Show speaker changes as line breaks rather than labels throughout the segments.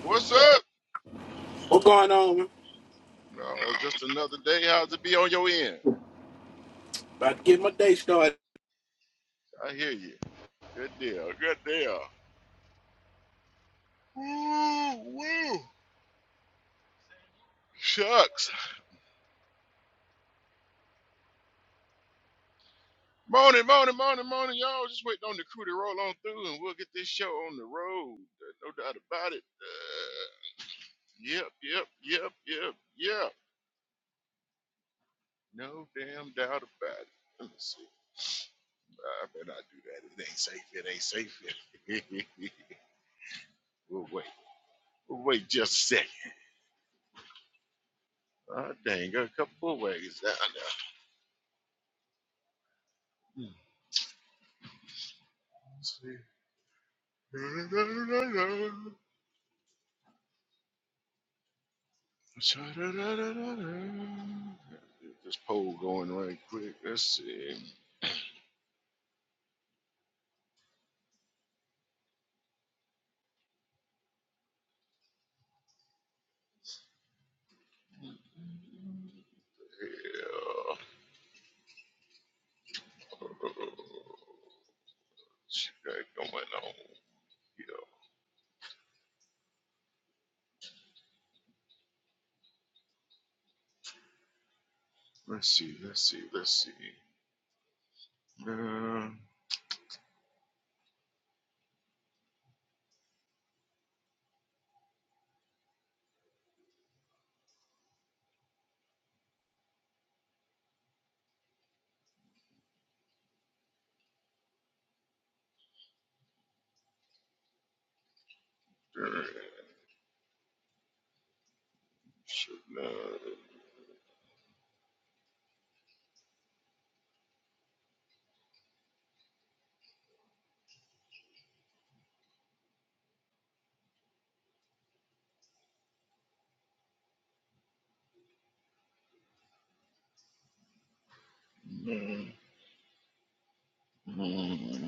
What's up?
What's going on? man?
No, just another day. How's it be on your end?
About to get my day started.
I hear you. Good deal. Good deal. Woo, woo. Shucks. Morning, morning, morning, morning, y'all. Just waiting on the crew to roll on through and we'll get this show on the road. Uh, No doubt about it. Uh, yep, yep, yep, yep, yep. No damn doubt about it. Let me see. I better not do that. It ain't safe. It ain't safe. we'll wait. We'll wait just a second. Ah, dang, got a couple more wagons down there. This poll going right quick. Let's see. Yeah. She got going on. Yeah. Let's see. Let's see. Let's see. Uh, should not. Mm, mm,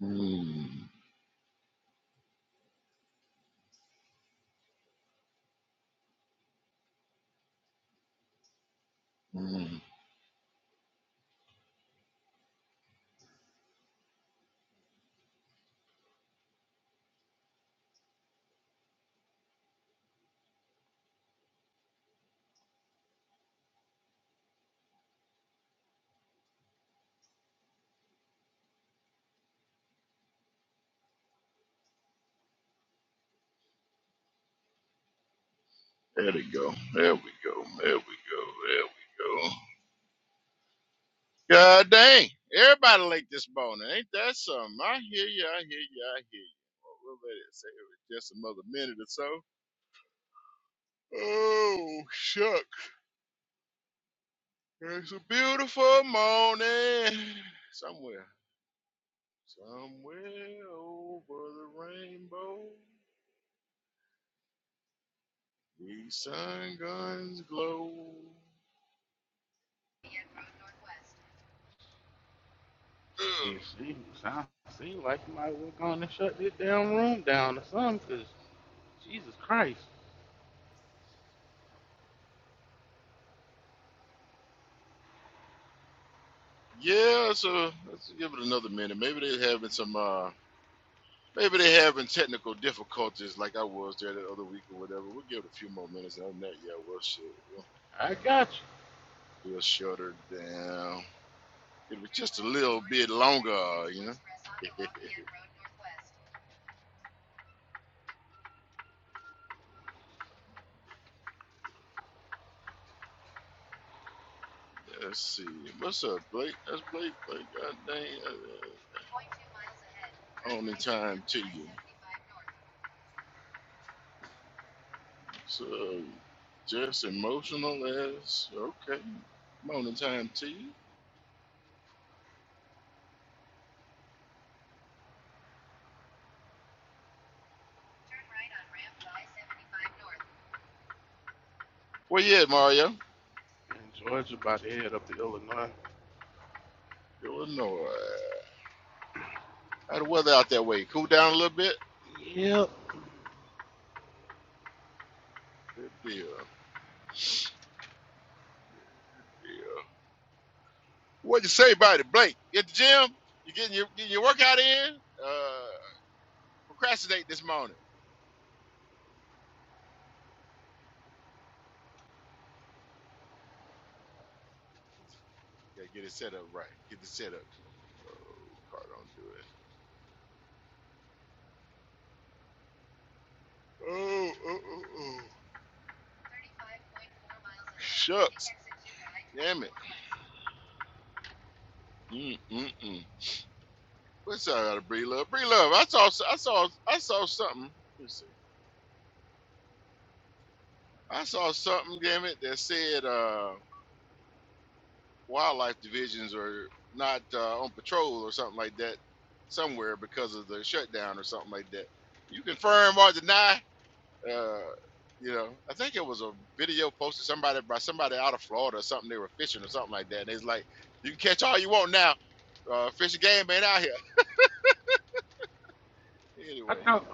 mm, mm, mm. There we go. There we go. There we go. There we go. God dang. Everybody like this bone. Ain't that something? I hear you. I hear you. I hear you. Well, we'll let it say it just another minute or so. Oh, shuck. It's a beautiful morning. Somewhere. Somewhere over the rainbow. The sun guns glow. Ugh.
Shit, seems sound seem like you might work on and shut this damn room down or something, 'cause Jesus Christ,
Yeah, so let's give it another minute. Maybe they're having some uh Maybe they're having technical difficulties like I was there the other week or whatever. We'll give it a few more minutes. Other than that, yeah, we'll, shut, we'll,
I got you.
we'll shut her down. It'll be just a little bit longer, you know? Let's see. What's up, Blake? That's Blake. Blake, God dang. Uh, uh, on in time to you. So, just emotional as. Okay. Morning time to you. Where you at, Mario?
And Georgia about to head up to Illinois.
Illinois. How the weather out that way? Cool down a little bit?
Yep.
Good deal. Good deal. What'd you say about it, Blake? You At the gym, you getting your getting your workout in? Uh, procrastinate this morning. Gotta get it set up right. Get it set up. Oh, car don't do it. Oh, oh, oh, oh. Shucks, damn it. Mm, mm, mm. What's up, out of Bree Love? Bree Love, I saw, I saw, I saw something. Let me see. I saw something, damn it, that said. uh wildlife divisions are not uh, on patrol or something like that somewhere because of the shutdown or something like that. You confirm or deny? Uh, you know, I think it was a video posted somebody by somebody out of Florida or something. They were fishing or something like that, and it's like you can catch all you want now. Uh, fishing game ain't out here
I
anyway.
thought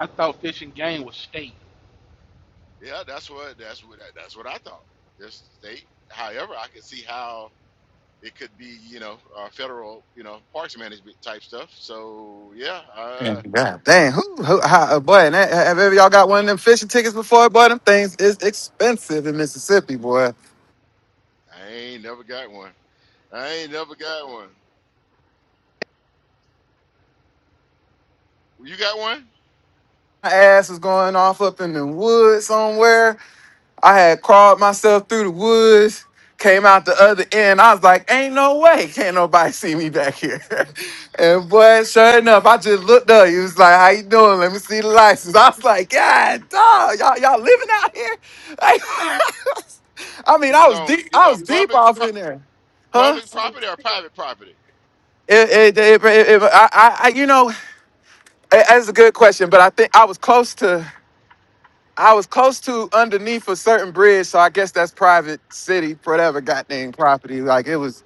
I thought fishing game was state.
Yeah, that's what that's what that's what I thought. Just state, however, I could see how it could be, you know, uh, federal, you know, parks management type stuff. So yeah, uh,
God dang, who, who how, uh, boy, and that, have ever y'all got one of them fishing tickets before? Boy, them things is expensive in Mississippi, boy.
I ain't never got one. I ain't never got one. Well, You got one?
My ass is going off up in the woods somewhere. I had crawled myself through the woods, came out the other end. I was like, ain't no way can't nobody see me back here. and boy, sure enough, I just looked up. He was like, how you doing? Let me see the license. I was like, God, dog, y'all, y'all living out here? Like, I mean,
You
I
was
was
on
deep,
you was
I
on
was deep
public
off
pro-
in there. Huh?
public property or private property?
It, it, it, it- it- I, I, I- you know, it- that's a good question, but I think I was close to. I was close to underneath a certain bridge, so I guess that's private city, whatever goddamn property. Like
Uh,
it was,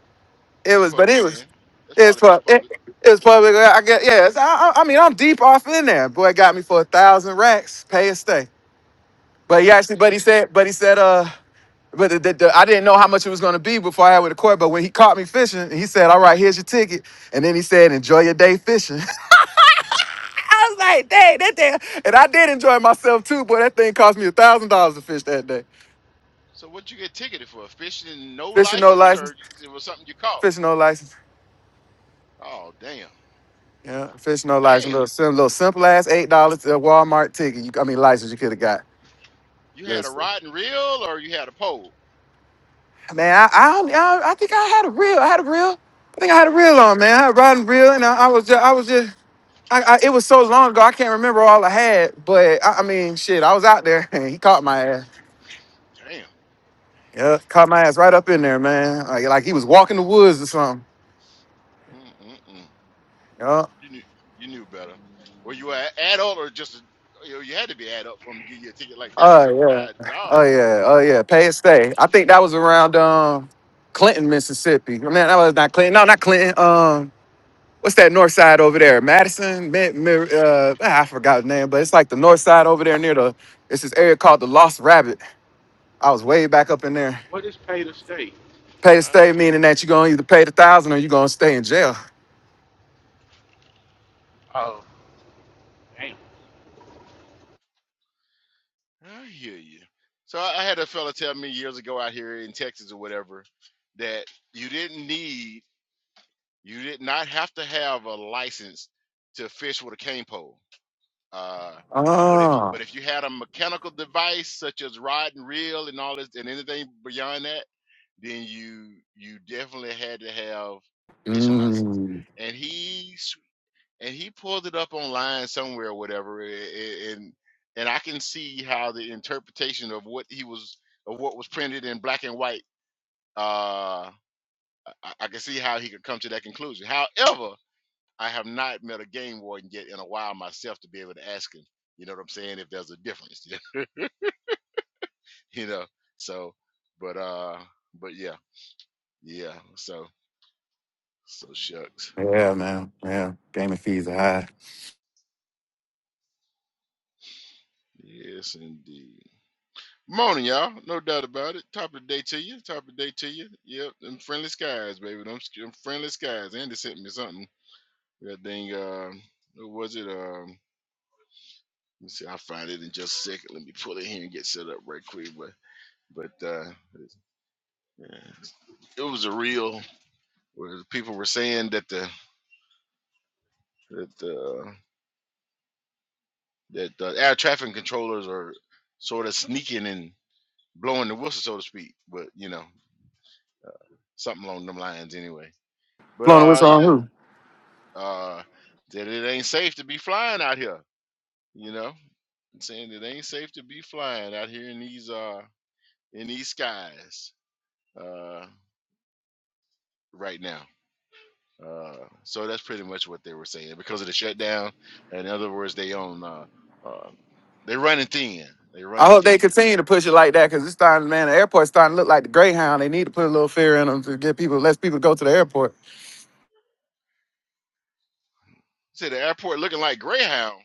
it
It's
was, but
public
it was,
then. That's
it's
probably it's
pub, it,
public.
it's public. I guess, yeah. It's, I, I I mean, I'm deep off in there. Boy got me for a thousand racks, pay and stay. But he
I
actually,
be
but he
damned.
said, but he said, uh, but the, the, the- I didn't know how much it was gonna be before I had with the court. But when he caught me fishing, he said, "All right, here's your ticket," and then he said, "Enjoy your day fishing." I was like, "Dang, that thing," and I did enjoy myself too. Boy, that thing cost me a thousand dollars to fish that day.
So what you get ticketed for? Fishing and no
Fishing no
license, or
license.
you- it was something you caught?
Fishing no license.
Oh damn,
Yeah, fishing no license.
damn!
Little, sim- little simple ass eight dollars Walmart ticket. You, I mean license you could have got.
You had a
Just-
rod and reel, or you had a pole?
man, I, I don't- I I think I had a reel. I had a reel. I think I had a reel
Okay,
on, man. I had a riding reel, and I, I was just I was just. I, I, it was so long ago, I can't remember all I had, but I, I mean, shit, I was out there and he caught my ass.
damn.
Yeah, caught my ass right up in there, man. Like, like he was walking the woods or something.
Mm-mm-mm.
Yeah.
You knew you knew better. Were you an adult or just a, you, know, you had to be adult for them to give you a ticket like that?
Oh
So
yeah,
God,
oh
dog.
yeah, oh yeah. Pay it stay. I think that was around um Clinton, Mississippi. No, Man, that was not Clinton. No, not Clinton. Um, what's that north side over there? Madison. Mi- Mi- uh, ah, I forgot the name, but it's like the north side over there near the. It's this area called the Lost Rabbit. I was way back up in there.
What is pay to state?
Pay to stay, meaning that you're gonna either pay the thousand or you're gonna stay in jail.
Oh, damn.
I hear you. So I I had a fella tell me years ago out here in Texas or whatever that you didn't need, you did not have to have a license to fish with a cane pole. Uh, but if you,
Oh.
but if you had a mechanical device such as rod and reel and all this and anything beyond that, then you you definitely had to have fishing license.
Mm.
And he and he pulled it up online somewhere or whatever and and i can see how the interpretation of what he was of what was printed in black and white uh i, I can see how he could come to that conclusion however i have not met a game warden yet in a while myself to be able to ask him you know what i'm saying if there's a difference you know so but uh but yeah yeah so so shucks
Yeah, man. Yeah. Gaming fees are high.
yes indeed Morning, y'all. No doubt about it. Top of the day to you. Top of the day to you. Yep, them friendly skies, baby. Them, sk- them friendly skies. Andy sent me something. That thing, uh, what was it? Um, let me see. I'll find it in just a second. Let me pull it here and get set up right quick. But, but uh, it's- yeah. it was a real. Where people were saying that the that the that the air traffic controllers are sort of sneaking and blowing the whistle, so to speak. But you know, something along them lines, anyway. But
Blowing the
uh,
whistle on
yeah.
who?
uh, that it ain't safe to be flying out here. You know, saying it ain't safe to be flying out here in these uh in these skies uh right now. Uh, so that's pretty much what they were saying because of the shutdown. In other words, they on uh, uh they're running thin. They're
I
running
hope they
thin.
continue to push it like that because it's starting, man. The airport's starting to look like the Greyhound. They need to put a little fear in them to get people, less people go to the airport.
See the airport looking like Greyhound.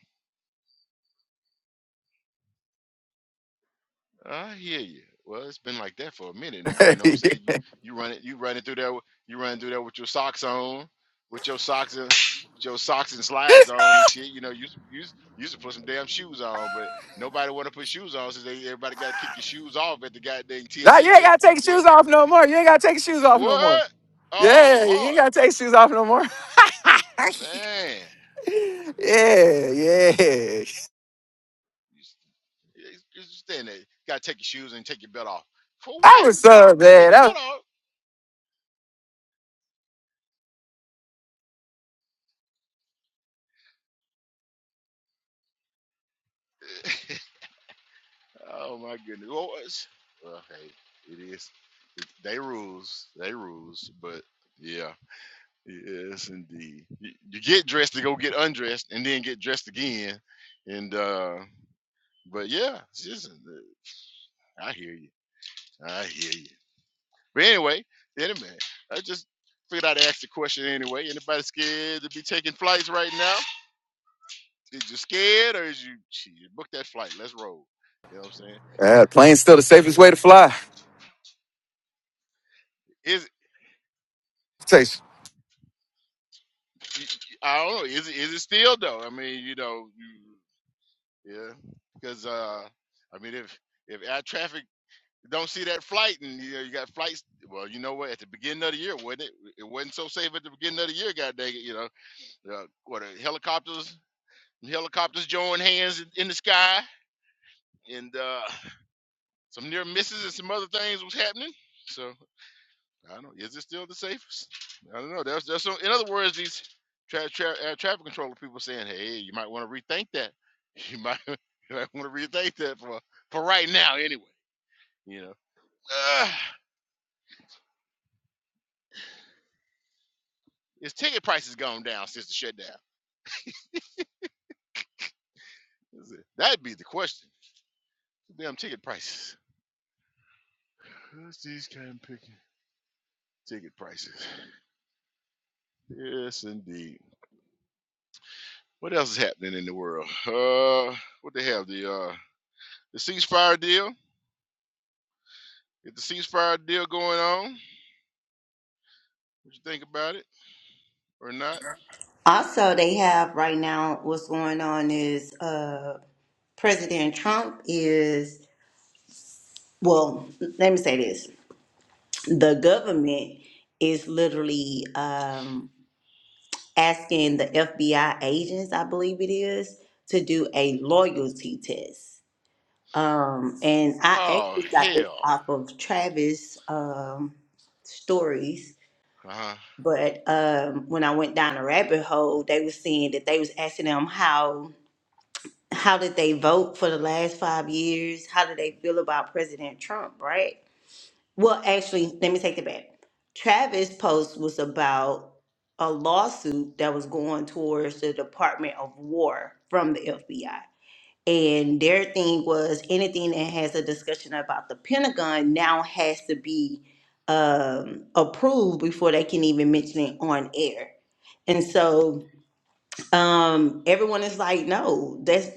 I hear you. Well, it's been like that for a minute now.
nah,
You know what I'm
you
saying?
ain't
You you run it you running through there you running through there with your socks on, with your socks and with your socks and slides on and shit. You know, you used to- you used you used to put some damn shoes on, but nobody want to put shoes on since they, everybody got to kick your shoes off at the goddamn TSA
gotta take your
checkpoint there.
shoes off no more. You ain't gotta take your shoes off no more.
What? Oh
Yeah, you
Lord,
ain't gotta take your shoes off no more.
man. Listen,
yeah, yeah.
you, s- you you stand there. You gotta take your shoes and take your belt off. For
That
what?
was so
I take
bad.
your
That
belt
was,
off. Oh my goodness. Well, it's, well hey, it is. It, they rules. They rules. But yeah, yes, indeed. You, you get dressed to go get undressed, and then get dressed again. And uh but yeah, it's just, uh, I hear you. I hear you. But anyway, anyway, I just figured I'd ask the question anyway. Anybody scared to be taking flights right now? Is you scared or is you shit, book that flight? Let's roll. You know what I'm saying?
yeah, plane's still the safest way to fly.
Is
Takes-
I don't know. Is it is it still though? I mean, you know, you, yeah, because uh, I mean, if if air traffic don't see that flight, and you know, you got flights. Well, you know what? At the beginning of the year, wasn't it? It wasn't so safe at the beginning of the year. God dang it! You know, uh, what uh, helicopters helicopters joined hands in in the sky, and uh, some near misses and some other things was happening. So. I don't. know. Is it still the safest? I don't know. That's that's. In other words, these tra- tra- uh, traffic controller people saying, "Hey, you might want to rethink that. You might you might want to rethink that for for right now, anyway." You know, uh, is ticket prices gone down since the shutdown? Is it- That'd be the question. Damn ticket prices. Who's these kind picking ticket prices? Yes, indeed. What else is happening in the world? Uh, what they have the uh the ceasefire deal? Get the ceasefire deal going on. What you think about it or not?
Also, they have right now what's going on is uh, President Trump is, well, let me say this the government is literally um, asking the FBI agents, I believe it is, to do a loyalty test. Um, and I
Oh
actually got this
hell.
off of Travis um, stories.
Uh-huh.
But um, when I went down a rabbit hole, they were saying that they was asking them how how did they vote for the last five years? How do they feel about President Trump, right? Well, actually, let me take that back. Travis' post was about a lawsuit that was going towards the Department of War from the FBI. And their thing was anything that has a discussion about the Pentagon now has to be um, approved before they can even mention it on air. And so um everyone is like no that's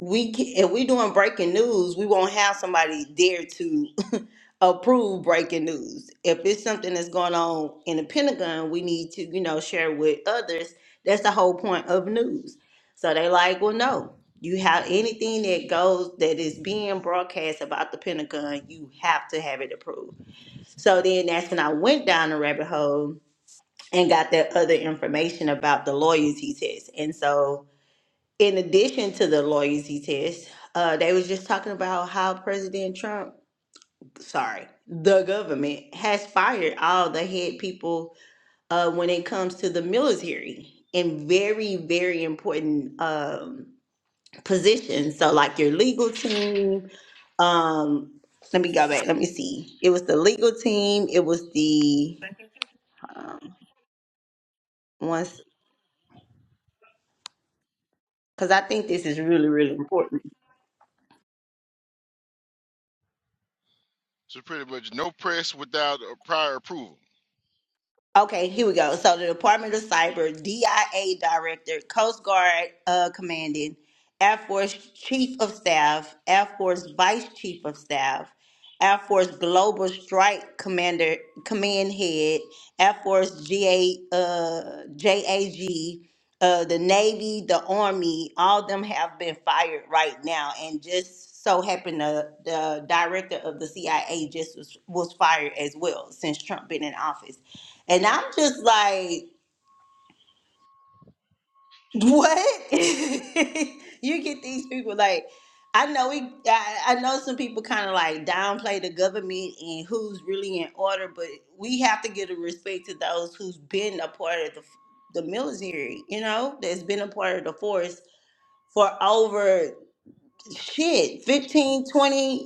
we ca- if we doing breaking news we won't have somebody there to approve breaking news if it's something that's going on in the pentagon we need to you know share with others that's the whole point of news so they like well no you have anything that goes that is being broadcast about the pentagon you have to have it approved so then that's when i went down the rabbit hole and got that other information about the loyalty test and so in addition to the loyalty test, uh, they was just talking about how President Trump, sorry, the government has fired all the head people uh, when it comes to the military in very, very important um, positions. So, like your legal team. Um, let me go back. Let me see. It was the legal team. It was the um, ones because I think this is really, really important.
So pretty much no press without a prior approval.
Okay, here we go. So the Department of Cyber, DIA Director, Coast Guard uh, Commanding, Air Force Chief of Staff, Air Force Vice Chief of Staff, Air Force Global Strike Commander, Command Head, Air Force GA, uh, JAG, uh, the Navy, the Army, all of them have been fired right now. And just so happened the, the director of the CIA just was, was fired as well since Trump been in office. And I'm just like, what? you get these people like, I know we, I, I know some people kind of like downplay the government and who's really in order, but we have to give a respect to those who's been a part of the the military, you know, that's been a part of the force for over shit fifteen, twenty,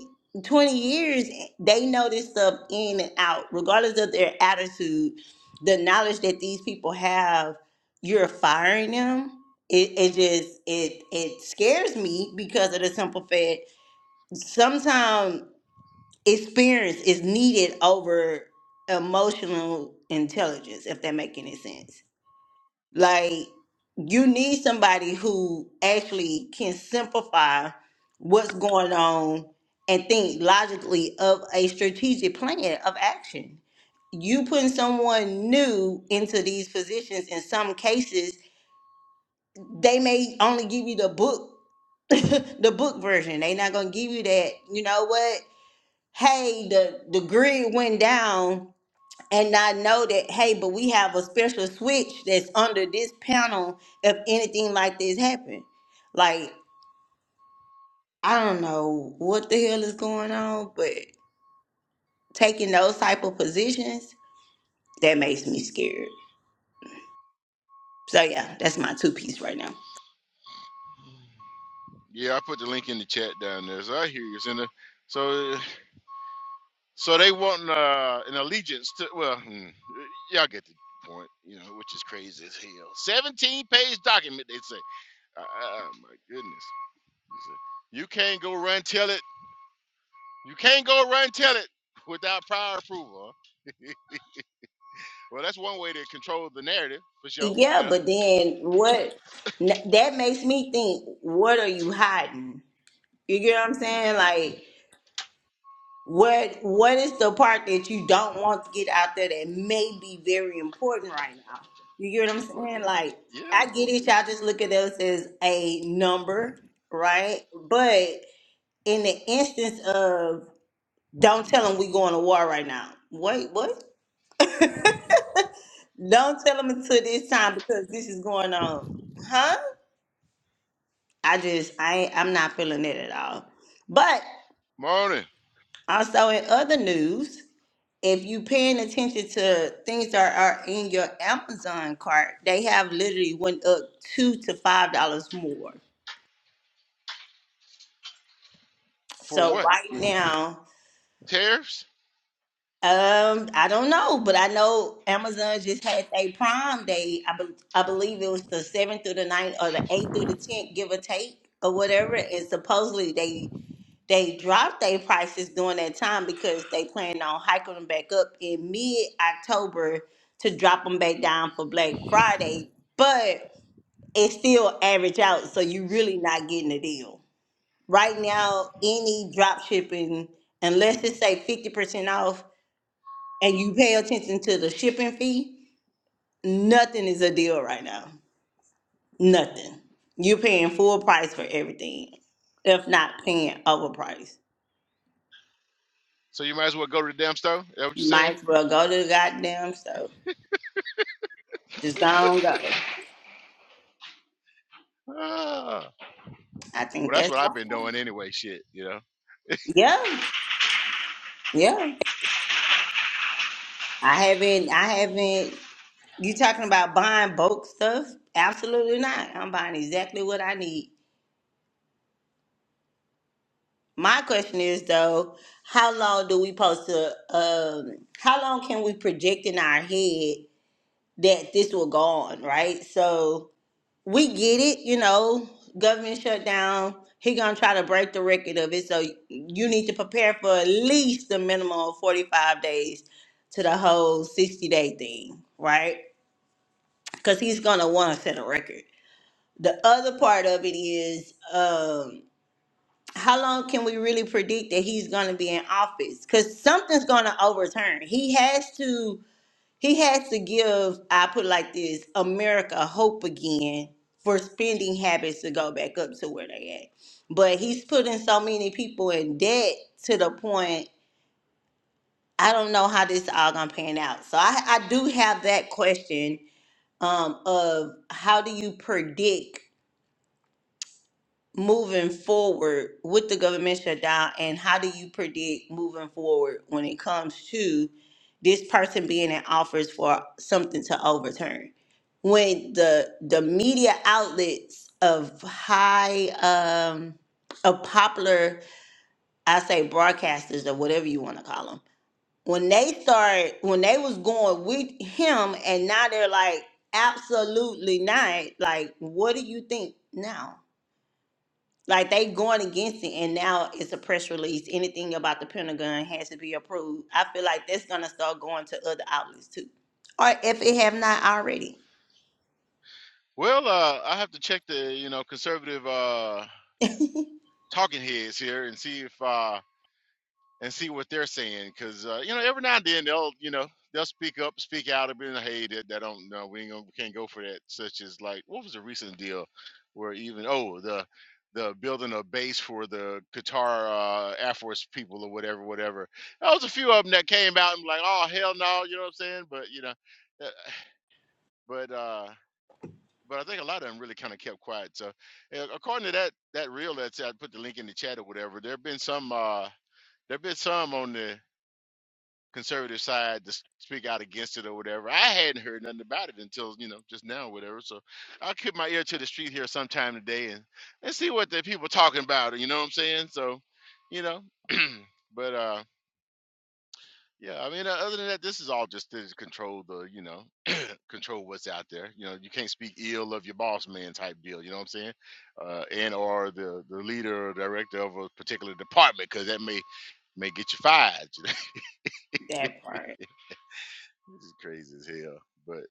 twenty years they know this stuff in and out regardless of their attitude the knowledge that these people have you're firing them it, it just it it scares me because of the simple fact sometimes experience is needed over emotional intelligence if that make any sense like you need somebody who actually can simplify what's going on and think logically of a strategic plan of action. You putting someone new into these positions in some cases, they may only give you the book the book version. They not gonna give you that, you know what? Hey, the the grid went down and I know that hey, but we have a special switch that's under this panel if anything like this happen. Like I don't know what the hell is going on, but taking those type of positions that makes me scared. So yeah, that's my two piece right now.
Yeah, I put the link in the chat down there. So I hear you. Send so so they want uh, an allegiance to well hmm, y'all get the point, you know, which is crazy as hell. Seventeen page document they say. Uh, oh my goodness. They say, You can't go run tell it. You can't go run tell it without prior approval. huh? Well that's one way to control the narrative for sure,
Yeah,
you know.
but then
But
what? n- That makes me think. What are you hiding? You get what I'm
mm,
saying? Like What what is the part that you don't want to get out there that may be very important right now? You get what I'm
Well,
saying? Like
yeah.
I get
well,
it, y'all just look at those as a number, right? But in the instance of don't tell them we going to war right now. Wait, what? Don't tell them until this time because this is going on, huh? I just I ain't, I'm not feeling it at all. But
Morning.
also in other news. if you paying attention to things that are in your Amazon cart, they have literally went up two to five dollars more.
For
So
what?
right now,
Tariffs?
um, I don't know, but I know Amazon just had a Prime Day. I, be- I believe it was the seventh through the ninth, or the eighth through the tenth, give or take, or whatever. And supposedly they They dropped their prices during that time because they plan on hiking them back up in mid October to drop them back down for Black Friday, but it still average out, so you really not getting a deal. Right now, any drop shipping, unless it's say 50% off and you pay attention to the shipping fee, nothing is a deal right now. Nothing. You're paying full price for everything, if not paying overpriced.
So you might as well go to the damn store? Is that what you're saying?
Might as well go to the goddamn stove. Just don't go.
Ah.
I think
Well, that's what
that's
I've
wrong.
been doing anyway, shit, you know?
Yeah, yeah. I haven't. I haven't. You talking about buying bulk stuff? Absolutely not. I'm buying exactly what I need. My question is though, how long do we post to? Um, how long can we project in our head that this will go on? Right. So we get it, you know, government shutdown. He gonna try to break the record of it. So you need to prepare for at least a minimum of 45 days to the whole 60 day thing, right? Because he's gonna wanna set a record. The other part of it is um how long can we really predict that he's gonna be in office? Because something's gonna overturn. He has to he has to give, I put it like this, America hope again for spending habits to go back up to where they at. But he's putting so many people in debt to the point I don't know how this all gonna pan out. So I, I do have that question um, of how do you predict moving forward with the government shutdown and how do you predict moving forward when it comes to this person being in office for something to overturn when the the media outlets of high um of popular i say broadcasters or whatever you want to call them when they start when they was going with him and now they're like absolutely not like what do you think now like they going against it, and now it's a press release. Anything about the Pentagon has to be approved. I feel like that's gonna start going to other outlets too, or if it have not already.
Well, uh, I have to check the, you know, conservative uh, talking heads here and see if uh, and see what they're saying because uh, you know every now and then they'll you know they'll speak up speak out and be like hey that, that don't know we ain't gonna, we can't go for that such as like what was the recent deal where even oh the the building a base for the Qatar uh, Air Force people or whatever whatever there was a few of them that came out and like oh hell no you know what I'm saying but you know uh, but uh but I think a lot of them really kind of kept quiet so uh, according to that that reel that's I put the link in the chat or whatever there have been some uh there have been some on the conservative side to speak out against it or whatever. I hadn't heard nothing about it until you know just now, or whatever. So I'll keep my ear to the street here sometime today and and see what the people talking about. You know what I'm saying? So, you know, but uh. Yeah, I mean, uh, other than that, this is all just to control the, you know, control what's out there. You know, you can't speak ill of your boss man type deal. You know what I'm saying? Uh, and or the the leader or director of a particular department because that may may get you fired.
That part.
This is crazy as hell. But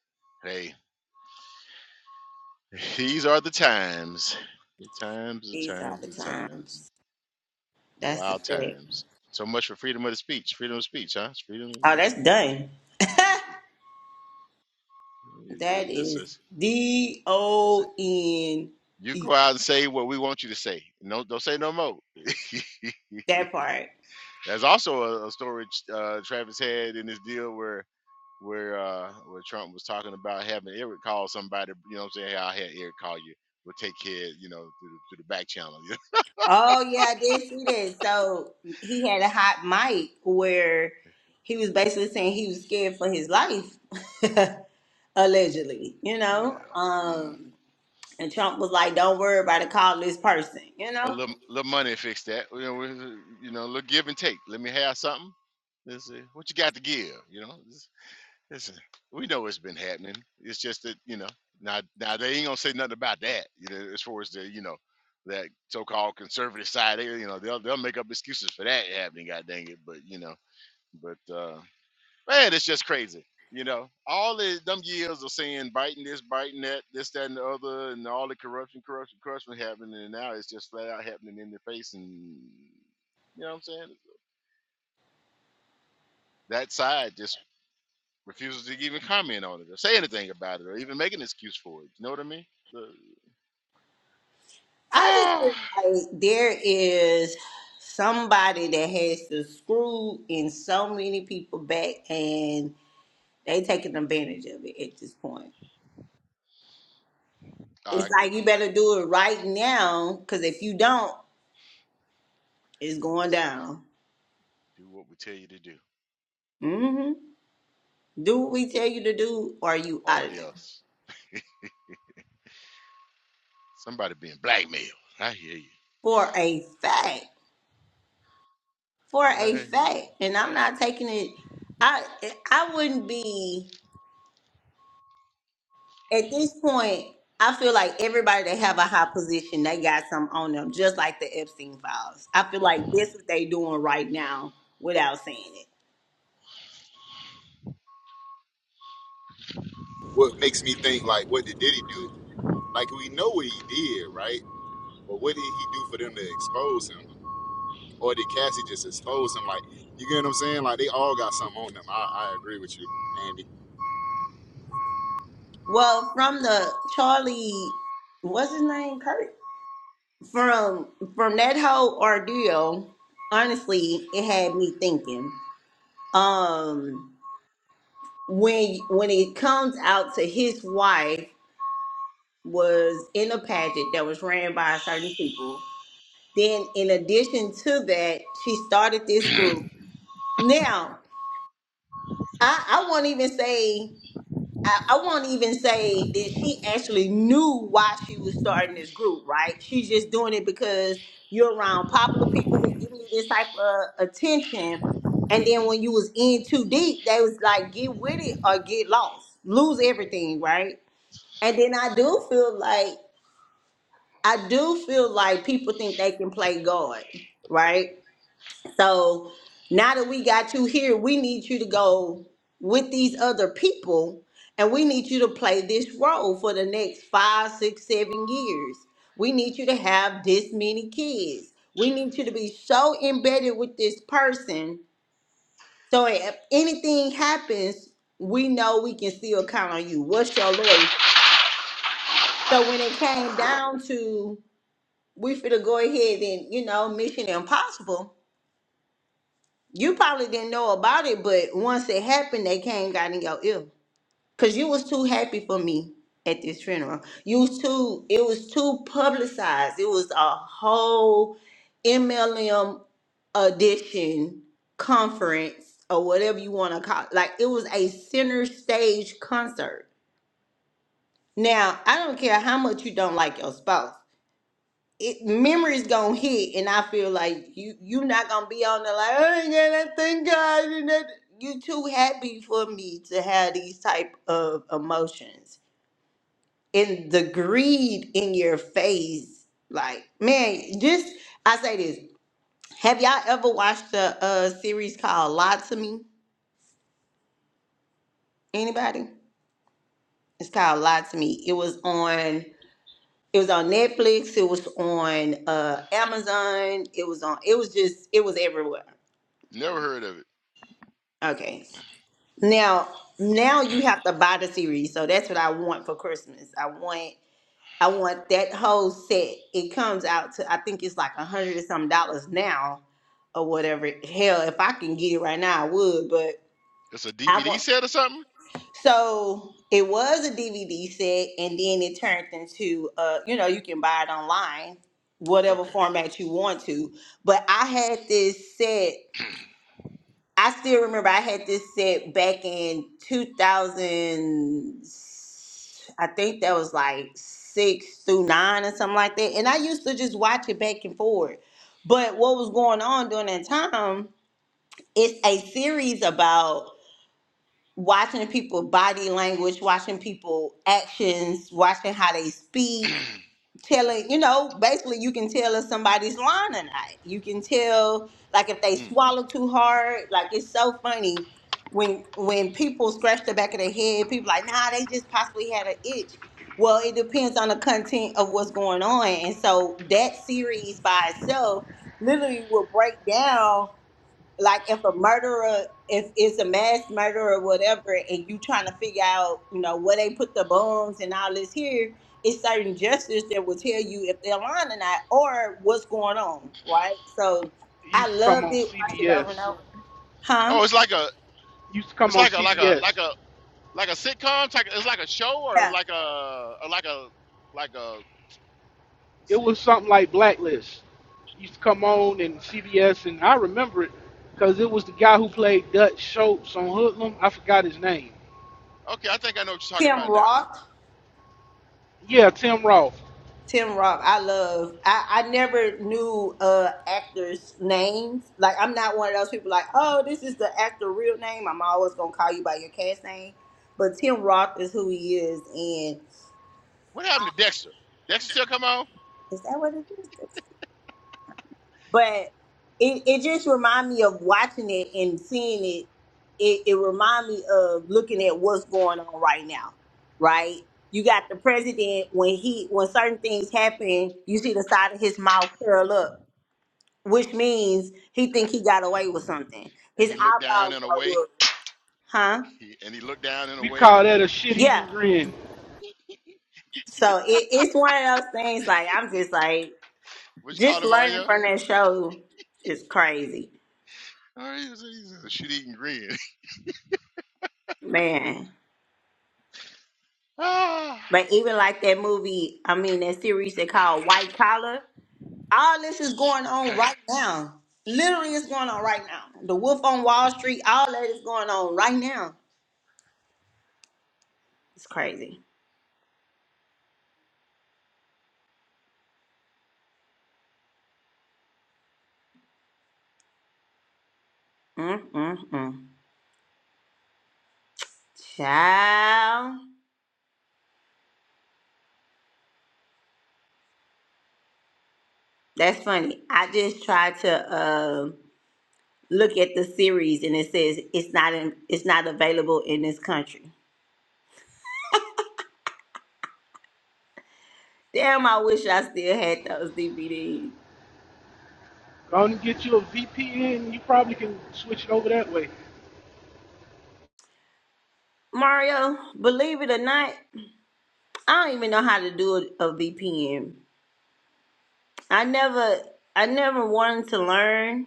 hey, these are the times. The times, the
These are
times,
the
the times.
times. That's the
Wild
fact.
times. So much for freedom of the speech. Freedom of speech, huh? It's freedom.
Oh, that's done. that
This
is
is.
D
this is,
O N
You
E.
go out and say what we want you to say. No, don't say no more.
That part.
There's also a, a story uh, Travis had in this deal where where uh, where Trump was talking about having Eric call somebody. You know what I'm saying? Hey, I'll have Eric call you. We'll take care. You know, through the, through the back channel. You
Oh yeah, I did see that. So he had a hot mic where he was basically saying he was scared for his life. allegedly, you
Yeah.
know.
Mm.
Um, and Trump was like, "Don't worry about it. Call this person," you
A
know.
little, little money fix that. You know, we- you know, a little give and take. Let me have something. Let's see what you got to give. You know, It's- it's, uh, we know it's been happening. It's just that you know now now they ain't gonna say nothing about that. You know, as far as the you know that so-called conservative side, they, you know, they'll they'll make up excuses for that happening. God dang it! But you know, but uh man, it's just crazy. You know, all the them years of saying biting this, biting that, this, that, and the other, and all the corruption, corruption, corruption happening, and now it's just flat out happening in their face. And you know what I'm saying? That side just refuses to even comment on it or say anything about it or even make an excuse for it. You know what I mean? The-
I just think like there is somebody that has to screw in so many people back, and they taking advantage of it at this point.
I
It's like
agree.
you better do it right now, because if you don't, it's going
It's
down.
a- do what we tell you to do,
hmm Do what we tell you to do, or you
or
out of there
else somebody being blackmailed. I hear you.
for a fact. for
I
a
hear
fact,
you.
and I'm not taking it. I I wouldn't be at this point. I feel like everybody that have a high position, they got some on them, just like the Epstein files. I feel like this is they doing right now without saying it.
what makes me think like what did Diddy do? Like we know what he did, right? But what did he do for them to expose him? Or did Cassie just expose him? Like you get what I'm saying? Like they all got something on them. I, I agree with you, Andy.
Well, from the Charlie, what's his name, Kurt? From from that whole ordeal, honestly, it had me thinking. Um, when when it comes out to his wife was in a pageant that was ran by certain people. Then, in addition to that, she started this group. Now, I, I won't even say I, I won't even say that she actually knew why she was starting this group. Right? She's just doing it because you're around popular people who give you this type of attention. And then when you was in too deep, they was like, get with it or get lost, lose everything. Right? And then I do feel like I do feel like people think they can play God, right? So now that we got you here, we need you to go with these other people and we need you to play this role for the next five, six, seven years. We need you to have this many kids. We need you to be so embedded with this person. So if anything happens, we know we can still count on you. What's your loyalty? So when it came down to we finna go ahead and you know Mission Impossible. You probably didn't know about it, but once it happened, they came got in your ear because you was too happy for me at this funeral. You was too. It was too publicized. It was a whole MLM edition conference or whatever you want to call. It. Like it was a center stage concert. Now I don't care how much you don't like your spouse. it memories gonna hit, and I feel like you you not gonna be on there like Oh ain't going thank God. and that- You too happy for me to have these type of emotions and the greed in your face. Like man, just I say this. Have y'all ever watched a, a series called "Lie to Me"? Anybody? It's called "Lie to Me." It was on. It was on Netflix. It was on uh, Amazon. It was on. It was just. It was everywhere.
Never heard of it.
Okay. Now, now you have to buy the series. So that's what I want for Christmas. I want I want that whole set. It comes out to I think it's like a hundred and some dollars now or whatever. Hell, if I can get it right now, I would, but
It's a
I
DVD
want
set or something?
so it was a DVD set and then it turned into uh, you know, you can buy it online, whatever
Okay.
format you want to. But I had this set I still remember I had this set back in 2000. I think that was like six through nine or something like that. And I used to just watch it back and forth. But what was going on during that time, it's a series about watching people body language, watching people actions, watching how they speak, telling, you know, basically you can tell if somebody's lying or not. You can tell like if they
Mm.
swallow too hard. Like it's so funny when when people scratch the back of their head, people like, nah, they just possibly had an itch. Well, it depends on the content of what's going on. And so that series by itself literally will break down like if a murderer if it's a mass murderer or whatever and you trying to figure out you know where they put the bombs and all this here it's certain justice that will tell you if they're lying or not or what's going on right so
It
i
used to come
loved
on
it watched it over and
CBS.
over huh
Oh, it's like a,
used to come
it's
on
like a, like a,
CBS.
like a, like a sitcom. Type, it's like a show or
yeah
like a, or like a, like a. Let's
It
see.
was something like Blacklist. It Used to come on and CBS, and I remember it because it was the guy who played Dutch Schultz on Hoodlum. I forgot his name.
Okay, I think I know what you're talking
tim
about now.
roth
Yeah, Tim Roth.
Tim Roth, I love. I, I never knew uh actors' names. Like I'm not one of those people like, oh, this is the actor real name. I'm always gonna call you by your cast name. But Tim Roth is who he is, and
What
I-
happened to Dexter? Dexter still come on?
is that what it is? But it, it just remind me of watching it and seeing it. It it remind me of looking at what's going on right now, right? You got the president when he when certain things happen, you see the side of his mouth curl up which means he think he got away with something.
And
His
he looked down
eyebrows
and
are
away.
up, huh?
He, and he looked down and
We
away.
call that a shit-eating
Yeah.
grin.
So it, it's one of those things. Like I'm just like
What you
just
call him,
learning
Mario?
from that show is crazy,
Oh, he's, he's a shit-eating grin.
man.
Ah,
But even like that movie, I mean that series they call White Collar. All this is going on
you
right now. Literally, it's going on right now. The Wolf on Wall Street. All that is going on right now. It's crazy. Mm mm mm. Child. That's funny. I just tried to uh, look at the series and it says it's not in, it's not available in this country. Damn, I wish I still had those DVDs.
Go on and get you a VPN. You probably can switch it over that way.
Mario, believe it or not, I don't even know how to do a, VPN. I never I never wanted to learn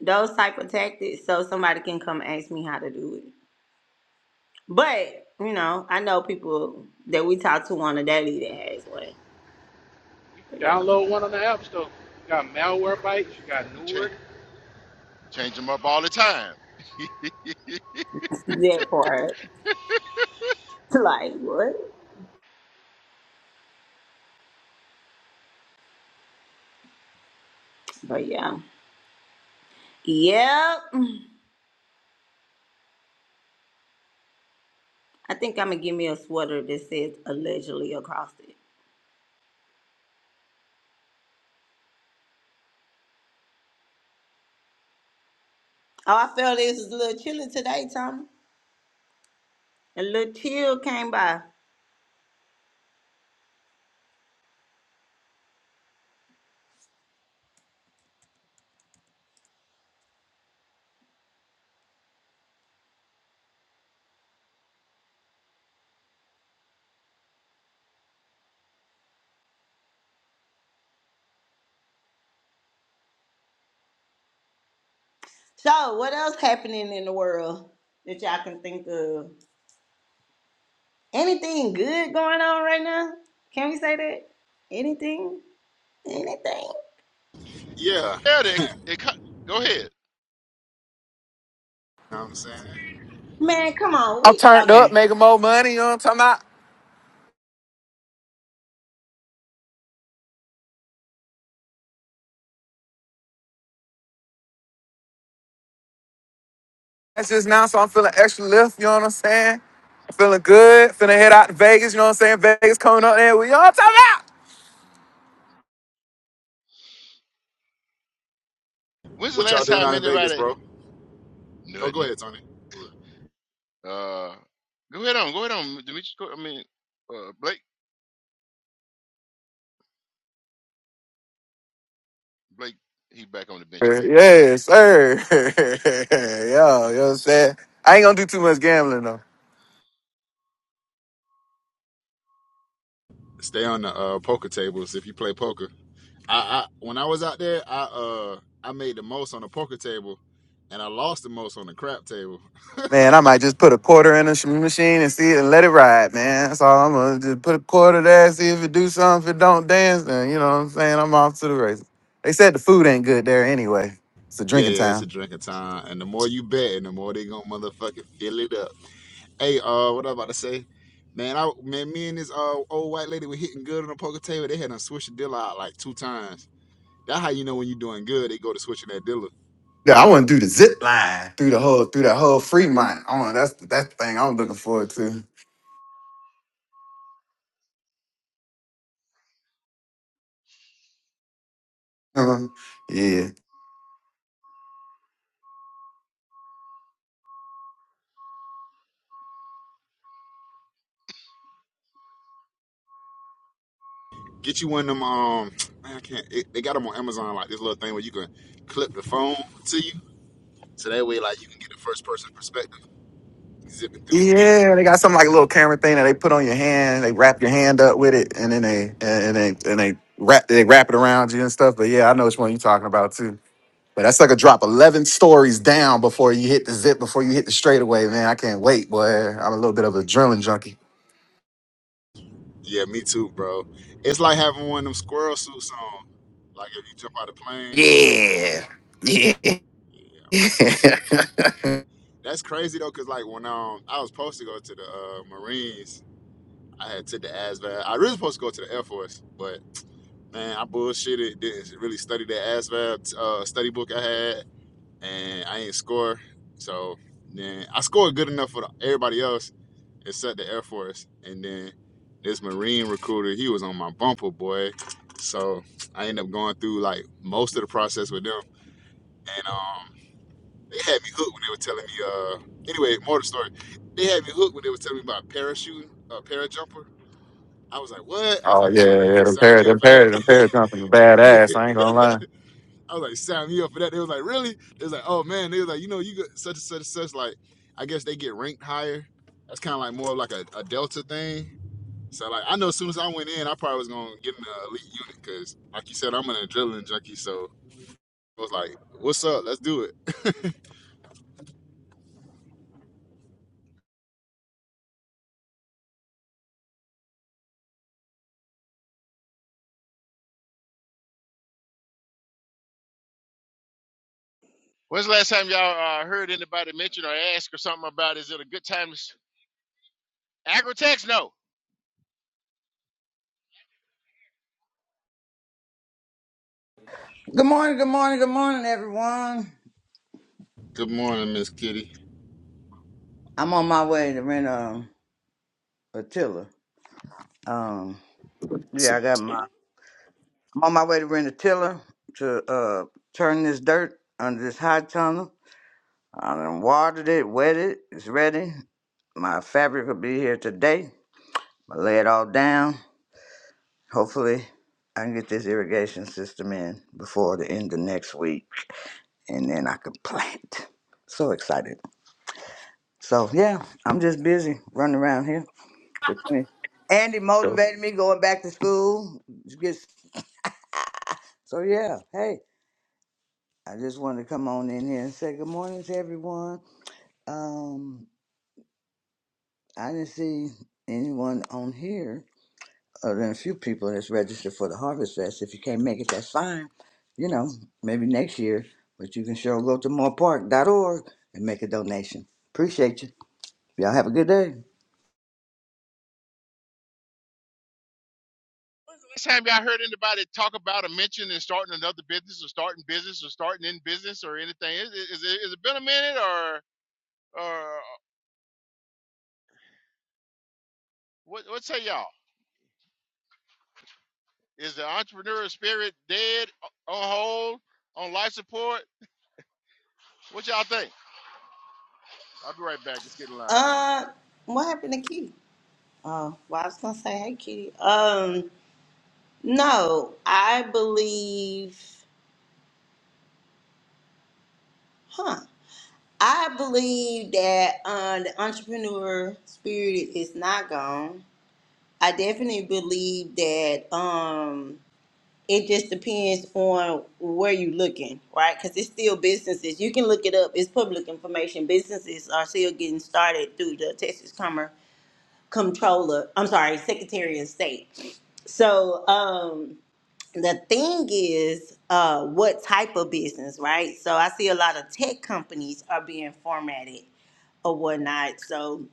those type of tactics so somebody can come ask me how to do it. But, you know, I know people that we talk to on a daily that has one.
You
But
can
yeah.
download one on the App Store. You got malware bites. You got
change,
Nord.
change him up all the time.
That part. Like what? But yeah. Yep. I think I'm gonna give me a sweater that says allegedly across it. Oh, I felt this was a little chilly today, Tommy. A little chill came by. So what else happening in the world that y'all can think of? Anything good going on right now? Can we say that? Anything? Anything?
Yeah, you know
yeah, they, they, co- go ahead.
what I'm saying.
Man, come on.
I'm
We
turned up,
okay.
making more money. You know what I'm talking about? That's just now, so I'm feeling extra lift, you know what I'm saying? I'm feeling good, finna head out to Vegas, you know what I'm saying? Vegas coming up there, we all talking
When's the
What y'all
last
doing
time
out in Vegas,
anybody?
bro? Go go
Nothing.
ahead, Tony.
Uh, go ahead on. Go ahead on, Demetrius. Go, I mean, uh, Blake. Blake, he back on the bench
about.
again.
Yeah, sir. Yo, you know what I'm saying? I ain't gonna do too much gambling though.
Stay on the uh, poker tables if you play poker. I, I when I was out there, I uh I made the most on the poker table, and I lost the most on the crap table.
Man, I might just put a quarter in a sh- machine and see it and let it ride, man. That's all I'm gonna just put a quarter there, see if it do something. If it don't dance, then you know what I'm saying? I'm off to the races. They said the food ain't good there anyway. It's a
Yeah,
drinking
yeah,
town.
it's a drink of time. And the more you bet, and the more they gonna motherfucking fill it up. Hey, uh, what I about to say? Man, I man, me and this uh old white lady were hitting good on the poker table. They had done switch the dealer out like two times. That's how you know when you're doing good, they go to switching that dealer.
Yeah, I want to do the zip line through the whole through that whole Fremont. I want that's that's the thing I'm looking forward to. Uh-huh. yeah,
Get you one of them, um, man, I can't it, they got them on Amazon like this little thing where you can clip the phone to you. So that way like you can get the first person perspective. Zipping through.
yeah. They got some like a little camera thing that they put on your hand. They wrap your hand up with it, and then they and, and they and they wrap they wrap it around you and stuff. But yeah, I know which one you're talking about too. But that's like a drop eleven stories down before you hit the zip before you hit the straightaway. Man, I can't wait, boy. I'm a little bit of a adrenaline junkie.
Yeah, me too, bro. It's like having one of them squirrel suits on. Like if you jump out of the plane.
Yeah, yeah.
Yeah. That's crazy though, cause like when um I was supposed to go to the uh, Marines, I had took the ASVAB. I really supposed to go to the Air Force, but man, I bullshitted. Didn't really study the ASVAB uh, study book I had, and I ain't score. So then I scored good enough for the, everybody else except the Air Force. And then this Marine recruiter, he was on my bumper boy, so I ended up going through like most of the process with them, and um they had me hooked when they were telling me. Uh, anyway, more of the story. They had me hooked when they were telling me about parachuting, uh, parajumper. I was like, what? I was
Oh
like, yeah,
yeah,
yeah, yeah.
yeah. them
Sign
pair,
me up
them
for that.
pair, them pair jumping is
yeah.
badass. I ain't gonna lie.
I was like, sign me up for that. They was like, really? They was like, oh man. They was like, you know, you got such and such and such. Like, I guess they get ranked higher. That's kind of like more of like a, a Delta thing. So like, I know as soon as I went in, I probably was gonna get in the elite unit because, like you said, I'm an adrenaline junkie. So I was like, what's up? Let's do it.
When's the last time y'all uh, heard anybody mention or ask or something about is it a good time? to s- Agri-tex? No.
Good morning, good morning, good morning, everyone.
Good morning, Miss Kitty.
I'm on my way to rent um, a tiller. Um, yeah, I got my. I'm on my way to rent a tiller to uh turn this dirt under this high tunnel. I done watered it, wet it. It's ready. My fabric will be here today. I lay it all down. Hopefully, I can get this irrigation system in before the end of next week, and then I can plant. So excited. So yeah, I'm just busy running around here. between Andy motivated me going back to school. Just- So yeah, hey, I just wanted to come on in here and say good morning to everyone. Um, I didn't see anyone on here other than a few people that's registered for the Harvest Fest. If you can't make it, that's fine. You know, maybe next year, but you can sure go to morepark dot org and make a donation. Appreciate you. Y'all have a good day.
When's the last time y'all heard anybody talk about or mention and starting another business or starting business or starting in business or anything? Is, is, is, it, is it been a minute or or what? What say y'all? Is the entrepreneurial spirit dead on hold on life support? What y'all think? I'll be right back. It's getting loud. Hang on.
Uh what happened to Kitty? Oh, well I was gonna say, hey Kitty. Um, no, I believe Huh. I believe that uh, the entrepreneur spirit is not gone. I definitely believe that um, it just depends on where you're looking, right? Because it's still businesses. You can look it up. It's public information. Businesses are still getting started through the Texas Commerce Comptroller. I'm sorry, Secretary of State. So um, the thing is, uh, what type of business, right? So I see a lot of tech companies are being formatted or whatnot. So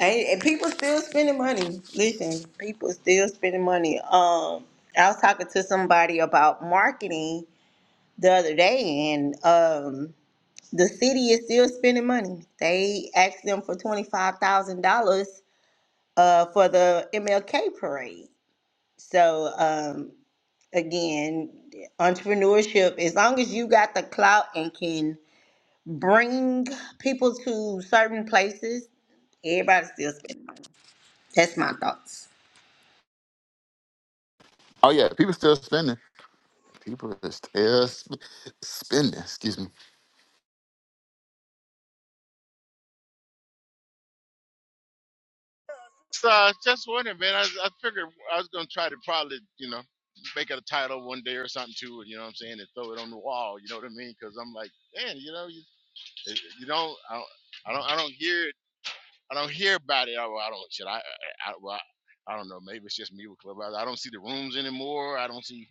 and, and people still spending money. Listen, people still spending money. Um, I was talking to somebody about marketing the other day, and um, the city is still spending money. They asked them for twenty five thousand dollars uh for the MLK parade. So um, again, entrepreneurship. As long as you got the clout and can bring people to certain places, everybody's still spending money. That's my thoughts.
Oh yeah, people still spending. People is tail sp- spinning. Excuse me.
So I just wondering, man. I, I figured I was gonna try to probably, you know, make it a title one day or something too. You know what I'm saying? And throw it on the wall. You know what I mean? Because I'm like, man, you know, you, eh, you don't, I don't, I don't, I don't hear, I don't hear about it. I, well, I don't. Should I? I, I, well, I don't know. Maybe it's just me with Clubhouse. I don't see the rooms anymore. I don't see,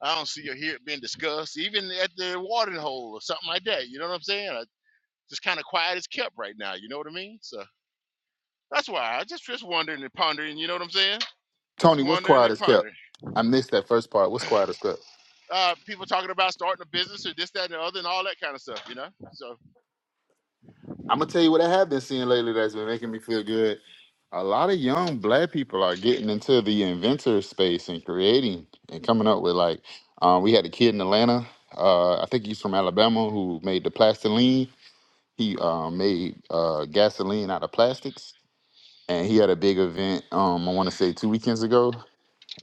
I don't see or hear it being discussed, even at the watering hole or something like that. You know what I'm saying? I, just kind of quiet as kept right now. You know what I mean? So that's why I just just wondering and pondering. You know what I'm saying? Just
Tony, what's
wondering
quiet
and
as kept?
pondering.
I missed that first part. What's quiet as kept?
Uh, people talking about starting a business or this, that, and the other, and all that kind of stuff, you know? So,
I'm gonna tell you what I have been seeing lately that's been making me feel good. A lot of young black people are getting into the inventor space and creating and coming up with like. Um, we had a kid in Atlanta. Uh, I think he's from Alabama who made the plastiline. He uh, made uh, gasoline out of plastics, and he had a big event. Um, I want to say two weekends ago,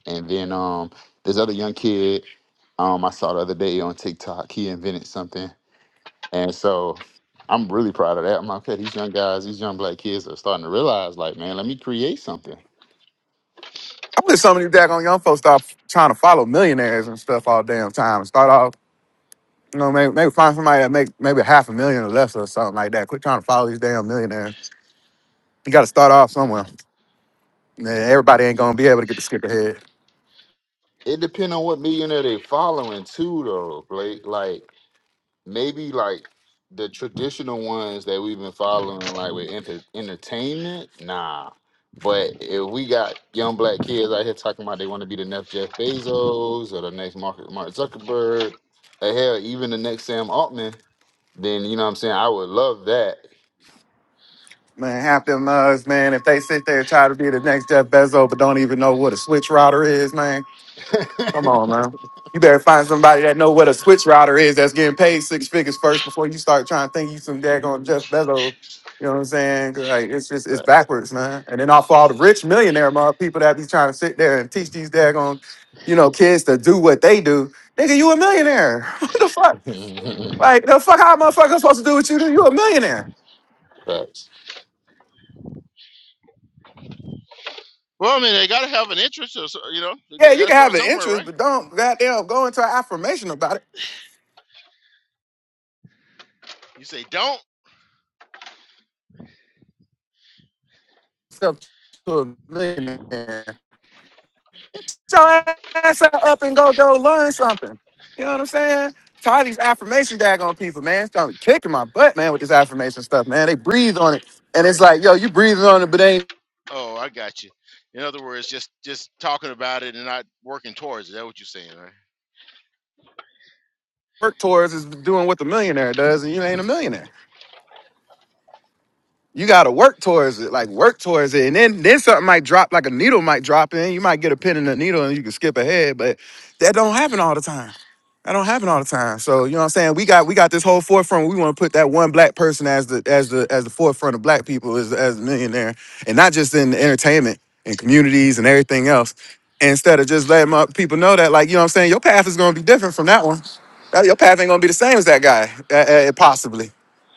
And then um, this other young kid um, I saw the other day on TikTok, he invented something. And so I'm really proud of that. I'm like, okay, these young guys, these young black kids are starting to realize, like, man, let me create something.
I wish some of you daggone young folks stop trying to follow millionaires and stuff all damn time. and Start off, you know, maybe, maybe find somebody that make maybe half a million or less or something like that. Quit trying to follow these damn millionaires. You got to start off somewhere. Man, everybody ain't gonna be able to get the skip ahead.
It depends on what millionaire they following too, though, Blake. Like, maybe like the traditional ones that we've been following, like with enter- entertainment, nah. But if we got young black kids out here talking about they want to be the next Jeff Bezos or the next Mark, Mark Zuckerberg, or hell, even the next Sam Altman, then you know what I'm saying? I would love that.
Man, half them mugs, man. If they sit there and try to be the next Jeff Bezos, but don't even know what a switch router is, man. Come on, man. You better find somebody that know what a switch router is that's getting paid six figures first before you start trying to think you some daggone Jeff Bezos. You know what I'm saying? 'Cause, Like it's just it's
Facts.
backwards, man. And then off all the rich millionaire mother people that be trying to sit there and teach these daggone, you know, kids to do what they do. Nigga, you a millionaire. what the fuck? Like the fuck how a motherfucker supposed to do what you do? You a millionaire.
Facts.
well, I mean, they got to have an interest, or, so, you know,
Yeah,
you
you
got to
can have
start
an
somewhere,
interest,
right?
but don't goddamn go into an affirmation about it.
You say, don't.
Step to a millionaire. your ass up and go go learn something. You know what I'm saying? Tired of these affirmation daggone people, man. It's gonna be kicking my butt, man, with this affirmation stuff, man. They breathe on it. And it's like, yo, you breathing on it, but ain't
Oh, I got you. In other words, just just talking about it and not working towards it. That's what you're saying, right?
work towards is doing what the millionaire does, and you ain't a millionaire. you gotta work towards it, like work towards it, and then then something might drop, like a needle might drop in. You might get a pin in the needle, and you can skip ahead, but that don't happen all the time. That don't happen all the time. So you know what I'm saying? We got we got this whole forefront. We want to put that one black person as the as the as the forefront of black people as as a millionaire, and not just in entertainment and communities and everything else. Instead of just letting my people know that, like you know what I'm saying, your path is gonna be different from that one. That- Your path ain't gonna be the same as that guy, uh, uh, possibly.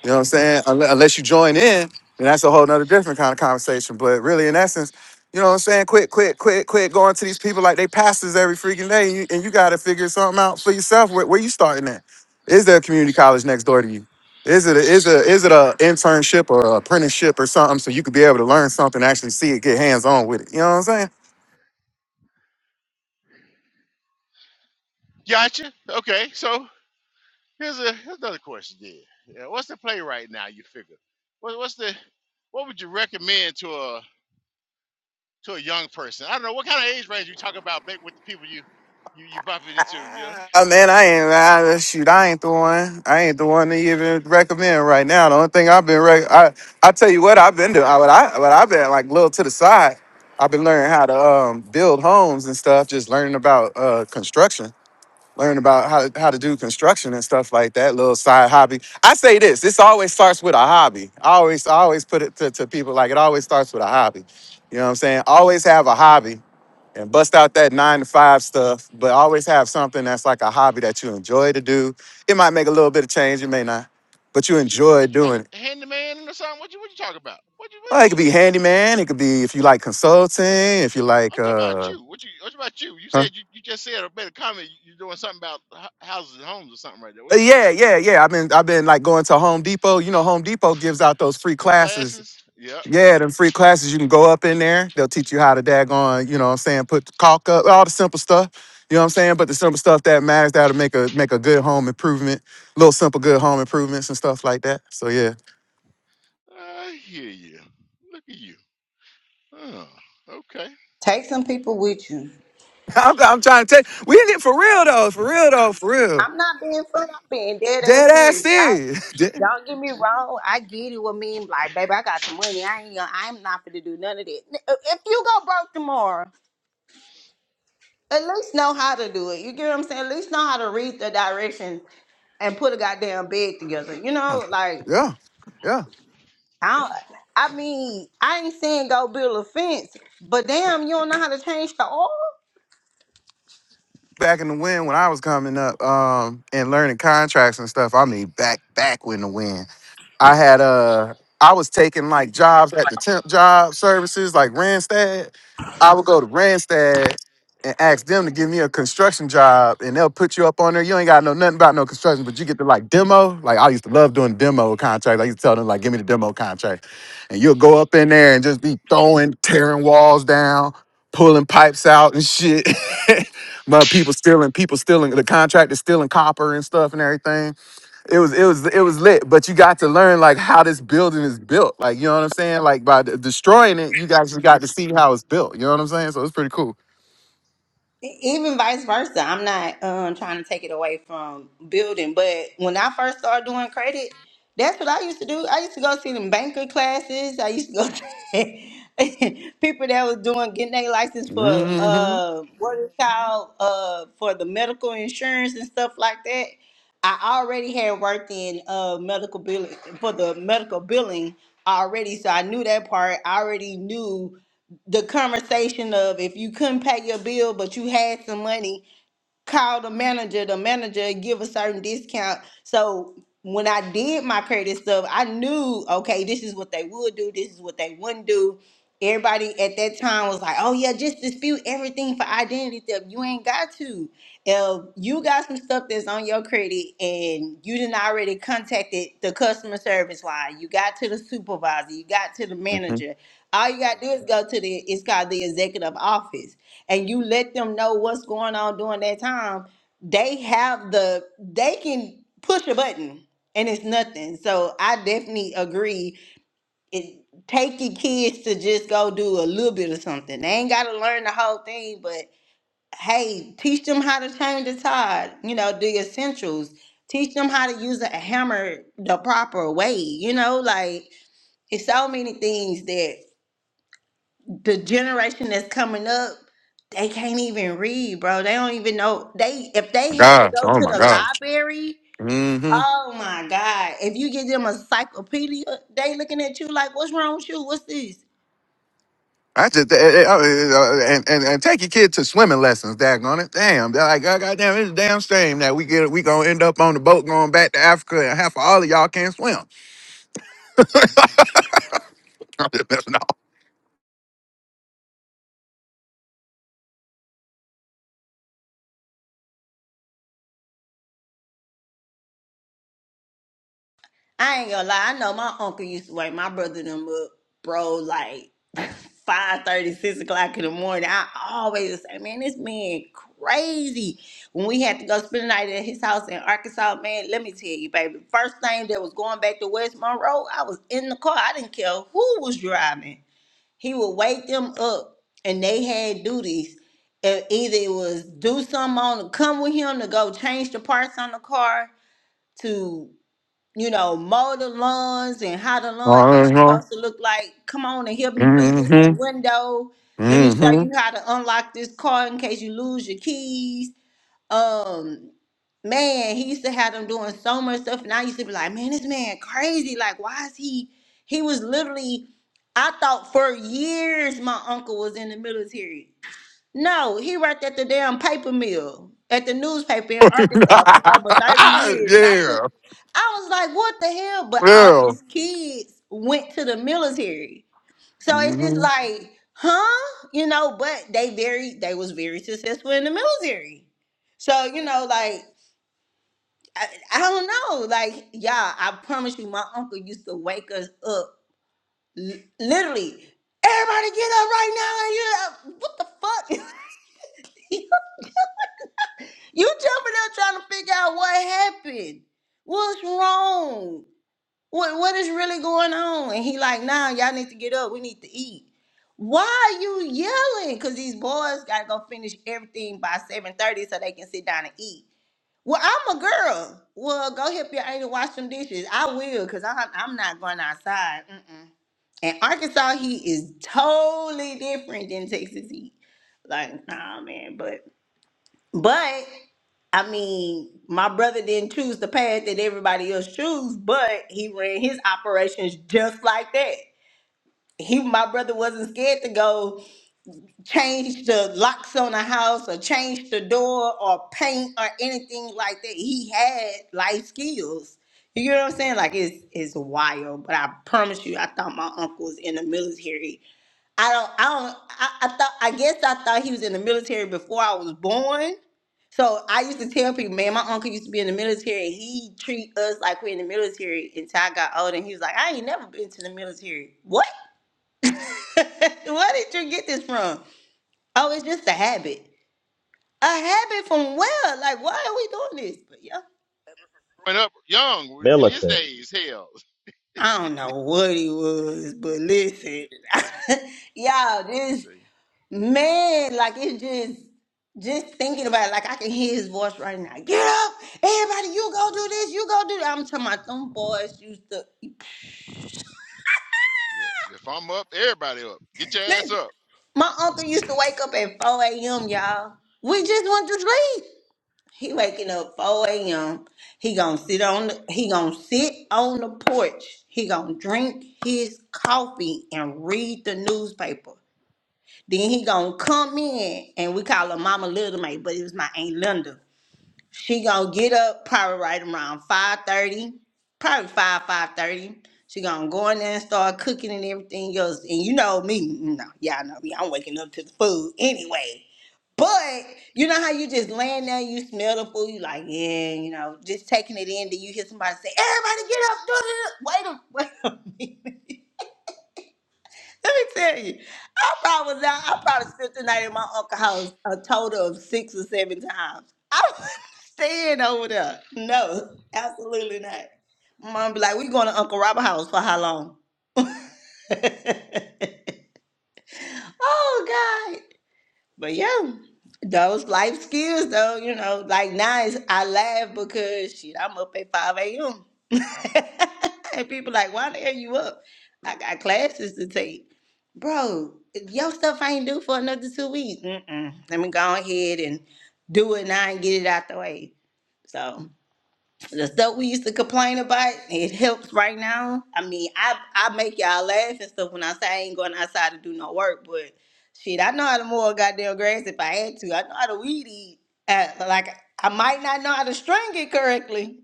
You know what I'm saying? Unle- Unless you join in. And that's a whole nother different kind of conversation. But really, in essence, you know what I'm saying? Quit, quit, quit, quit going to these people like they pastors every freaking day. And you, and you got to figure something out for yourself. Where, where you starting at? Is there a community college next door to you? Is it a, is a is it a internship or a apprenticeship or something so you could be able to learn something, actually see it, get hands on with it? You know what I'm saying?
Gotcha. Okay. So here's a here's another question. Then, yeah, what's the play right now? You figure. What, what's the what would you recommend to a to a young person? I don't know what kind of age range you talk about, Blake, with the people you you you bumping into. Yeah.
I man, I ain't I, shoot. I ain't the one. I ain't the one to even recommend right now. The only thing I've been, rec- I I tell you what I've been doing. I, what I what I've been like a little to the side. I've been learning how to um, build homes and stuff. Just learning about uh, construction, learning about how to, how to do construction and stuff like that. Little side hobby. I say this. This always starts with a hobby. I always I always put it to, to people like it always starts with a hobby. You know what I'm saying? Always have a hobby and bust out that nine to five stuff, but always have something that's like a hobby that you enjoy to do. It might make a little bit of change, it may not, but you
What you
enjoy doing
like
it.
handyman or something? What you what you talking about? What you what,
Well, it could
what?
be handyman, it could be if you like consulting, if you like
I'm talking about
uh
you. What you what about you? You
huh?
said you, you just said a better comment. You, you're doing something about hou- houses and homes or something right there.
Uh,
What what
Yeah,
what?
yeah, yeah. I've been I've been like going to Home Depot. You know, Home Depot gives out those free
Them
classes
classes? Yep.
Yeah, them free classes, you can go up in there. They'll teach you how to daggone, you know what I'm saying, put the caulk up, all the simple stuff. You know what I'm saying? But the simple stuff that matters, that'll make a make a good home improvement, little simple good home improvements and stuff like that. So yeah.
I hear you. Look at you. Oh, okay.
Take some people with you.
I'm, I'm trying to tell you, we in it for real though, for real though, for real.
I'm not being funny. I'm being dead
Dead
ass
ass
serious. I
serious.
don't get me wrong. I get it. with me. like, baby, I got the money. I ain't. gonna- I'm not finna do none of that. If you go broke tomorrow, at least know how to do it. You get what I'm saying? At least know how to read the directions and put a goddamn bed together. You know, like
yeah, yeah.
I. Don't, I mean, I ain't saying go build a fence, but damn, you don't know how to change the oil.
Back in the wind when I was coming up um, and learning contracts and stuff, I mean back, back when the wind. I had uh I was taking like jobs at the temp job services like Randstad. I would go to Randstad and ask them to give me a construction job and they'll put you up on there. You ain't got no nothing about no construction, but you get to like demo. Like I used to love doing demo contracts. I used to tell them like give me the demo contract. And you'll go up in there and just be throwing, tearing walls down, pulling pipes out and shit. My people stealing, people stealing the contract is stealing copper and stuff and everything it was it was it was lit but you got to learn like how this building is built like you know what i'm saying like by de- destroying it you guys just got to see how it's built you know what i'm saying so it's pretty cool
even vice versa i'm not um trying to take it away from building but when i first started doing credit that's what i used to do i used to go see them banker classes i used to go to people that was doing getting their license for
hmm
uh what is called uh for the medical insurance and stuff like that i already had worked in uh medical billing for the medical billing already so i knew that part i already knew the conversation of if you couldn't pay your bill but you had some money call the manager, the manager give a certain discount. So when I did my credit stuff, I knew okay, this is what they would do, this is what they wouldn't do. Everybody at that time was like, "Oh yeah, just dispute everything for identity theft. You ain't got to. If you got some stuff that's on your credit and you didn't already contacted the customer service line, you got to the supervisor, you got to the
hmm
manager. All you got to do is go to the. It's called the executive office and you let them know what's going on during that time, they have the they can push a button and it's nothing. So I definitely agree. It take your kids to just go do a little bit of something. They ain't gotta learn the whole thing, but hey, teach them how to change the tide, you know, the essentials. Teach them how to use a hammer the proper way, you know, like it's so many things that the generation that's coming up, they can't even read, bro. They don't even know they if they
my
had to
gosh
go
oh
to
my
the
gosh
library.
hmm
Oh my God! If you give them a encyclopedia, they looking at you like, "What's wrong with you? What's this?"
i just eh, eh, oh, eh, oh, eh, and, and and take your kid to swimming lessons daggone it damn they're like oh, goddamn it's a damn shame that we get we gonna end up on the boat going back to africa and half of all of y'all can't swim i'm just messing up
I ain't gonna lie. I know my uncle used to wake my brother and them up, bro, like five thirty, six o'clock in the morning. I always would say, man, this man crazy. When we had to go spend the night at his house in Arkansas, man, let me tell you, baby, first thing that was going back to West Monroe, I was in the car. I didn't care who was driving. He would wake them up, and they had duties. And either it was do something on, come with him to go change the parts on the car, to you know, mow the lawns and how the lawn actually
mm-hmm.
supposed to look like. Come on and help me fix this
Mm-hmm.
window. Let me show you how to unlock this car in case you lose your keys. Um, man, he used to have them doing so much stuff, and I used to be like, man, this man crazy. Like, why is he? He was literally. I thought for years my uncle was in the military. No, he worked at the damn paper mill at the newspaper in Arkansas for over 30
Mm-hmm.
years. And I
yeah
could I was like, what the hell? But all
Yeah.
his kids went to the military. So it's just
hmm
like, huh? You know, but they very they was very successful in the military. So, you know, like I, I don't know. Like, y'all, I promise you, my uncle used to wake us up. L- literally, everybody get up right now. And you know, what the fuck? You jumping up trying to figure out what happened. What's wrong? What what is really going on? And he like, nah, y'all need to get up. We need to eat. Why are you yelling? Cause these boys gotta go finish everything by 7:30 so they can sit down and eat. Well, I'm a girl. Well, go help your auntie wash some dishes. I will, cause I'm I'm not going outside. Mm-mm. And Arkansas heat is totally different than Texas heat. Like, nah, man, but but I mean, my brother didn't choose the path that everybody else chose, but he ran his operations just like that. He, my brother, wasn't scared to go change the locks on a house or change the door or paint or anything like that. He had life skills. You get what I'm saying? Like it's it's wild, but I promise you, I thought my uncle was in the military I don't, I don't, I, I thought, I guess I thought he was in the military before I was born. So I used to tell people, man, my uncle used to be in the military. He treat us like we're in the military until I got older. And he was like, I ain't never been to the military. What? Where did you get this from? Oh, it's just a habit. A habit from where? Like, why are we doing this? But yeah.
Growing up young in his
militant.
days, hell.
I don't know what he was, but listen, y'all.
Let's
this.
see.
Man, like it's just just thinking about it, like I can hear his voice right now. Get up, everybody, you go do this, you go do that. I'm talking about them boys used to
Yeah. If I'm up, everybody up. Get your ass
Listen,
up.
my uncle used to wake up at 4 a.m., y'all. We just went to sleep. He waking up 4 a.m. He gonna sit on the he gonna sit on the porch. He gonna drink his coffee and read the newspaper. Then he gonna come in and we call her Mama Little May, but it was my Aunt Linda. She gonna get up probably right around five thirty, probably five five thirty. She gonna go in there and start cooking and everything else. And you know me, you know, y'all know me. I'm waking up to the food anyway. But you know how you just laying there, you smell the food, you like, yeah, you know, just taking it in. Then you hear somebody say, "Everybody get up!" Do, it, Wait a, wait a minute. Let me tell you, I probably was out. I probably spent the night in my uncle's house a total of six or seven times. I was staying over there. No, absolutely not. Mom be like, "We going to Uncle Robert's house for how long?" oh but yeah, those life skills though, you know, like now it's, I laugh because shit, I'm up at 5 a.m. and people like, why the hell you up? I got classes to take. Bro, your stuff I ain't due for another two weeks. Mm-mm. Let me go ahead and do it now and get it out the way. So the stuff we used to complain about, it helps right now. I mean, I I make y'all laugh and stuff when I say I ain't going outside to do no work, but shit, I know how to mow a goddamn grass if I had to. I know how to weed eat. Uh, like I might not know how to string it correctly,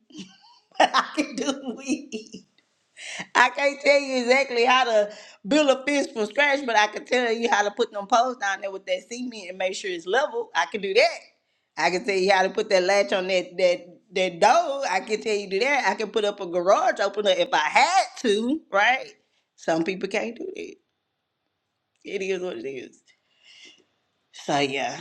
but I can do weed. I can't tell you exactly how to build a fish from scratch, but I can tell you how to put them poles down there with that cement and make sure it's level. I can do that. I can tell you how to put that latch on that that that door. I can tell you do that. I can put up a garage opener if I had to, right? Some people can't do that. It is what it is. So yeah.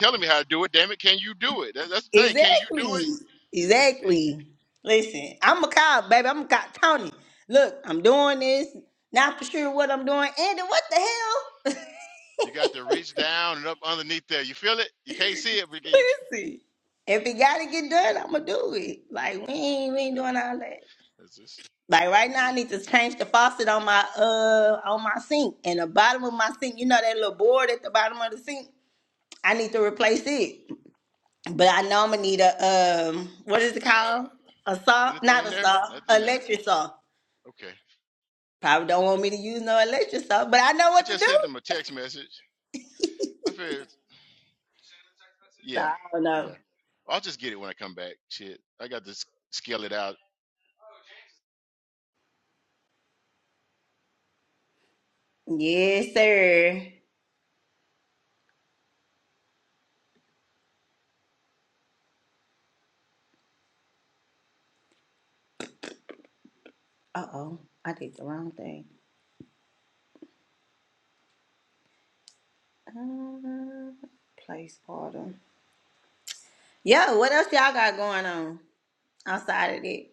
Telling me how to do it. Damn it, can you do it? That, that's the thing. Can you do
Exactly.
it?
Exactly. Listen, I'm a cop, baby. I'm a cop Tony. Look, I'm doing this. Not for sure what I'm doing. Andy, what the hell?
You got to reach down and up underneath there. You feel it? You can't see it, but you got
Listen, if it gotta get done, I'ma do it. Like we ain't
to
we
get
ain't
done.
doing all that.
Is this?
Like right
Is
now, I
this?
need to change the faucet on my uh on my sink and the bottom of my sink. You know that little board at the bottom of the sink. I need to replace it. But I know I'm gonna need a um what is it called?
Ugh.
A saw?
anything
Not
in
a
there?
saw.
Nothing there.
Electric saw.
Okay.
Probably don't want me to use no electric saw, but I know
I
what to
just
do.
sent him a text message. I figured,
So
yeah,
I don't know.
yeah. I'll just get it when I come back. Shit, I got to s- scale it out
Yes, sir. Uh oh, I did the wrong thing. Uh, place order. Yo, what else y'all got going on outside of that?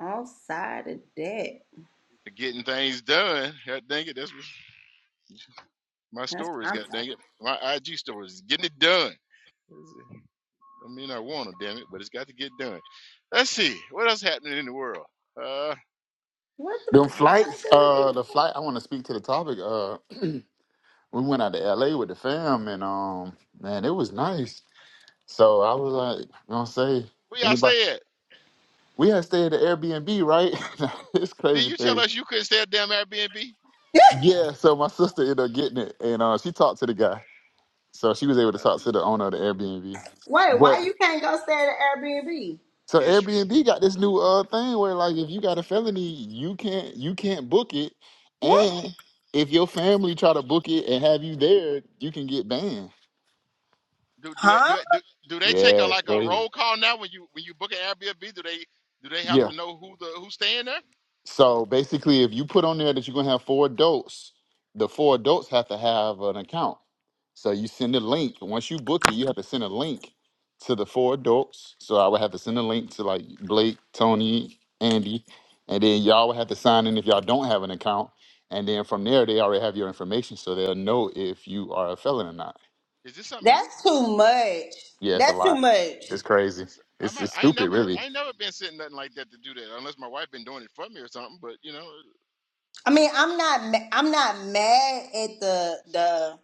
Outside of that,
getting things done. God dang it, that's what my
that's what
stories.
I'm
God
talking.
dang it, my IG stories, getting it done. I mean, I want to, damn it, but it's got to get done. Let's see what else happening in the world. Uh,
What the
Them
I don't
fuck
flights,
does it
know.
uh,
keep?
the
Going?
flight, I want to speak to the topic. Uh, we went out to LA with the fam and um, man, it was nice So I was like, you know what I'm saying?
Where y'all
Anybody?
stay at?
We had stayed at the Airbnb, right? it's
Did
crazy
you tell
thing.
us you couldn't stay at damn Airbnb?
Yeah, so my sister ended up getting it and uh, she talked to the guy. So she was able to
That'd
talk
be
to the owner of the Airbnb.
Wait, why
But
you can't go stay at an Airbnb?
so
history.
Airbnb got this new uh thing where like if you got a felony, you can't you can't book it.
What?
And if your family try to book it and have you there, you can get banned.
Do do it do
Huh?
it do, do they take a
Yeah,
like a
crazy.
roll call now when you when you book an Airbnb? Do they do they have
Yeah.
to know who the who's staying there?
So basically, if you put on there that you're gonna have four adults, the four adults have to have an account. So you send a link. Once you book it, you have to send a link to the four adults. So I would have to send a link to like Blake, Tony, Andy, and then y'all would have to sign in if y'all don't have an account. And then from there, they already have your information, so they'll know if you are a felon or not.
Is this something new?
That's too much.
Yeah, it's a
That's too
lot.
much.
It's
Is
crazy.
this, I'm
It's
not,
it's
I ain't
stupid,
never
really.
I ain't never been sitting nothing like that to do that unless my wife been doing it for me or something. But you know,
I mean, I'm not. ma- I'm not mad at the the.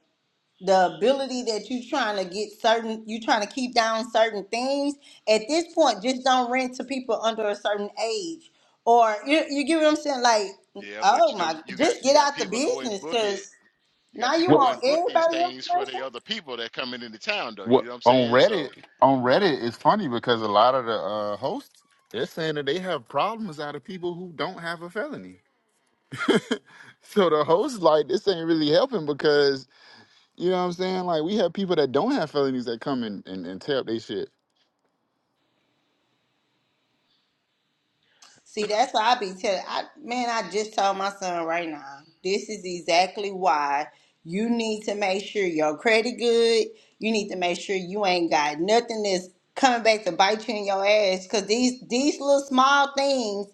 the ability that you trying to get certain you trying to keep down certain things at this point just don't rent to people under a certain age or you, you get what i'm saying like
yeah. But
oh
you know,
my
you, you got
just
you
get
got
out the
people go and
business
book it.
because
You got
now you
people
What?
go
want
and book these
everybody
things for
information
the other people that coming into town though. You
What
know what I'm
on
saying? So,
Reddit? On
you know,
Reddit, it's funny because a lot of the uh, hosts they're saying that they have problems out of people who don't have a felony. So the hosts like this ain't really helping because you know what I'm saying. Like we have people that don't have felonies that come and and, and tear up they shit.
See, that's why I be telling. I man, I just told my son right now. This is exactly why you need to make sure your credit good. You need to make sure you ain't got nothing that's coming back to bite you in your ass. Cause these these little small things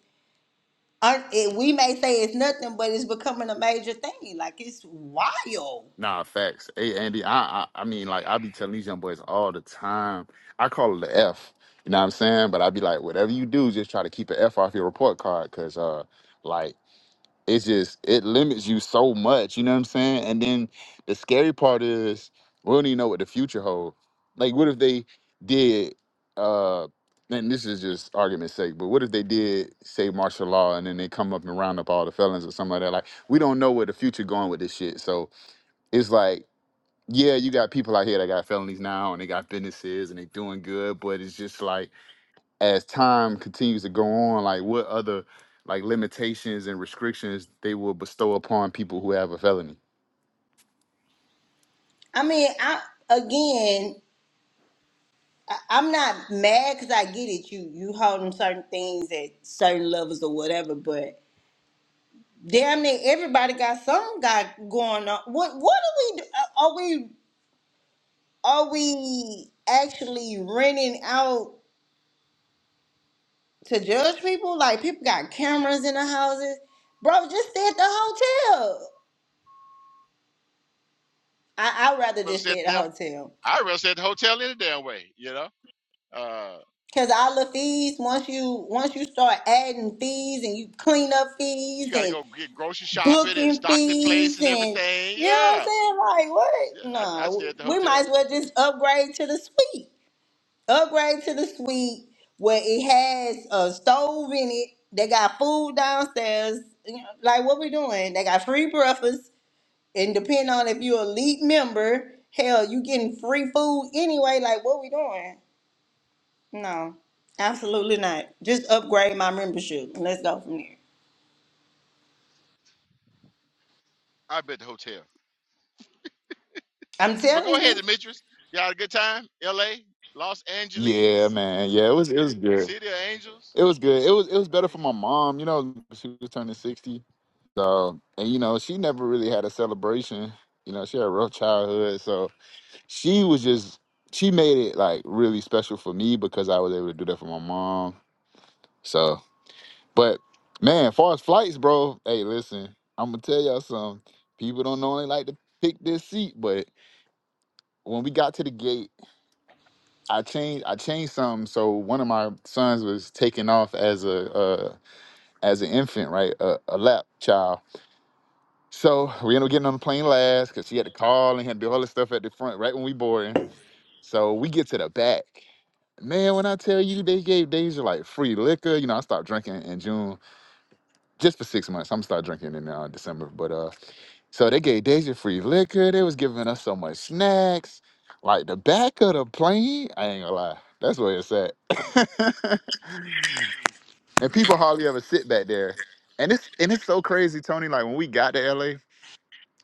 aren't. It, we may say it's nothing, but it's becoming a major thing. Like it's wild.
Nah, facts. Hey Andy, I, I I mean like I be telling these young boys all the time. I call it the F. You know what I'm saying? But I be like, whatever you do, just try to keep an F off your report card, cause uh, like it's just it limits you so much you know what i'm saying and then the scary part is we don't even know what the future holds like what if they did uh and this is just argument's sake but what if they did say martial law and then they come up and round up all the felons or something like that like we don't know where the future going with this shit so it's like yeah you got people out here that got felonies now and they got businesses and they doing good but it's just like as time continues to go on, like what other like limitations and restrictions they will bestow upon people who have a felony.
I mean, I again. I- I'm not mad because I get it. You you holding certain things at certain levels or whatever, but damn near everybody got some got going on. What what are we do- are we are we actually renting out to judge people? Like people got cameras in the houses, bro. Just stay at the hotel. I I'd rather
brother
just
said
stay at
damn
the hotel.
I'd rather stay at the hotel any damn way, you know? Uh,
Cause all the fees, once you once you start adding fees and you clean up fees
you got to go
and
get grocery shopping and
booking
stock the
fees
place and
and
everything.
you know what I'm
Yeah.
saying, like what?
Yeah, I, I'd stay
No,
at the
we
hotel.
might as well just upgrade to the suite. upgrade to the suite where it has a stove in it. They got food downstairs. You know, like what we doing? They got free breakfast, and depending on if you're a elite member, hell, you getting free food anyway. Like what we doing? No, absolutely not. Just upgrade my membership and let's go from there.
I'd be at the hotel.
I'm
But go
telling
ahead,
you.
Demetrius. You all had a good time? L.A., Los
Yeah,
Angeles,
man. Yeah, it was it was good.
City of Angels?
It was good. It was it was better for my
Hey,
mom, you know, she was turning sixty. So and you know, she never really had a celebration. You know, she had a rough childhood. So she was just she made it like really special for me because I was able to do that for my mom. So. But man, far as flights, bro, hey, listen, I'm gonna tell y'all something. People don't normally like to pick this seat, but when we got to the gate, I changed I changed something. So one of my sons was taking off as a uh, as an infant, right, a, a lap child. So we ended up getting on the plane last because she had to call and had to do all this stuff at the front right when we boarding. So we get to the back. Man, when I tell you they gave Deja like free liquor, you know, I stopped drinking in June just for six months. I'm gonna start drinking in uh, December, but uh, so they gave Deja free liquor. They was giving us so much snacks, like the back of the plane. I ain't gonna lie, that's where it's at. and people hardly ever sit back there. And it's and it's so crazy, Tony. Like when we got to LA,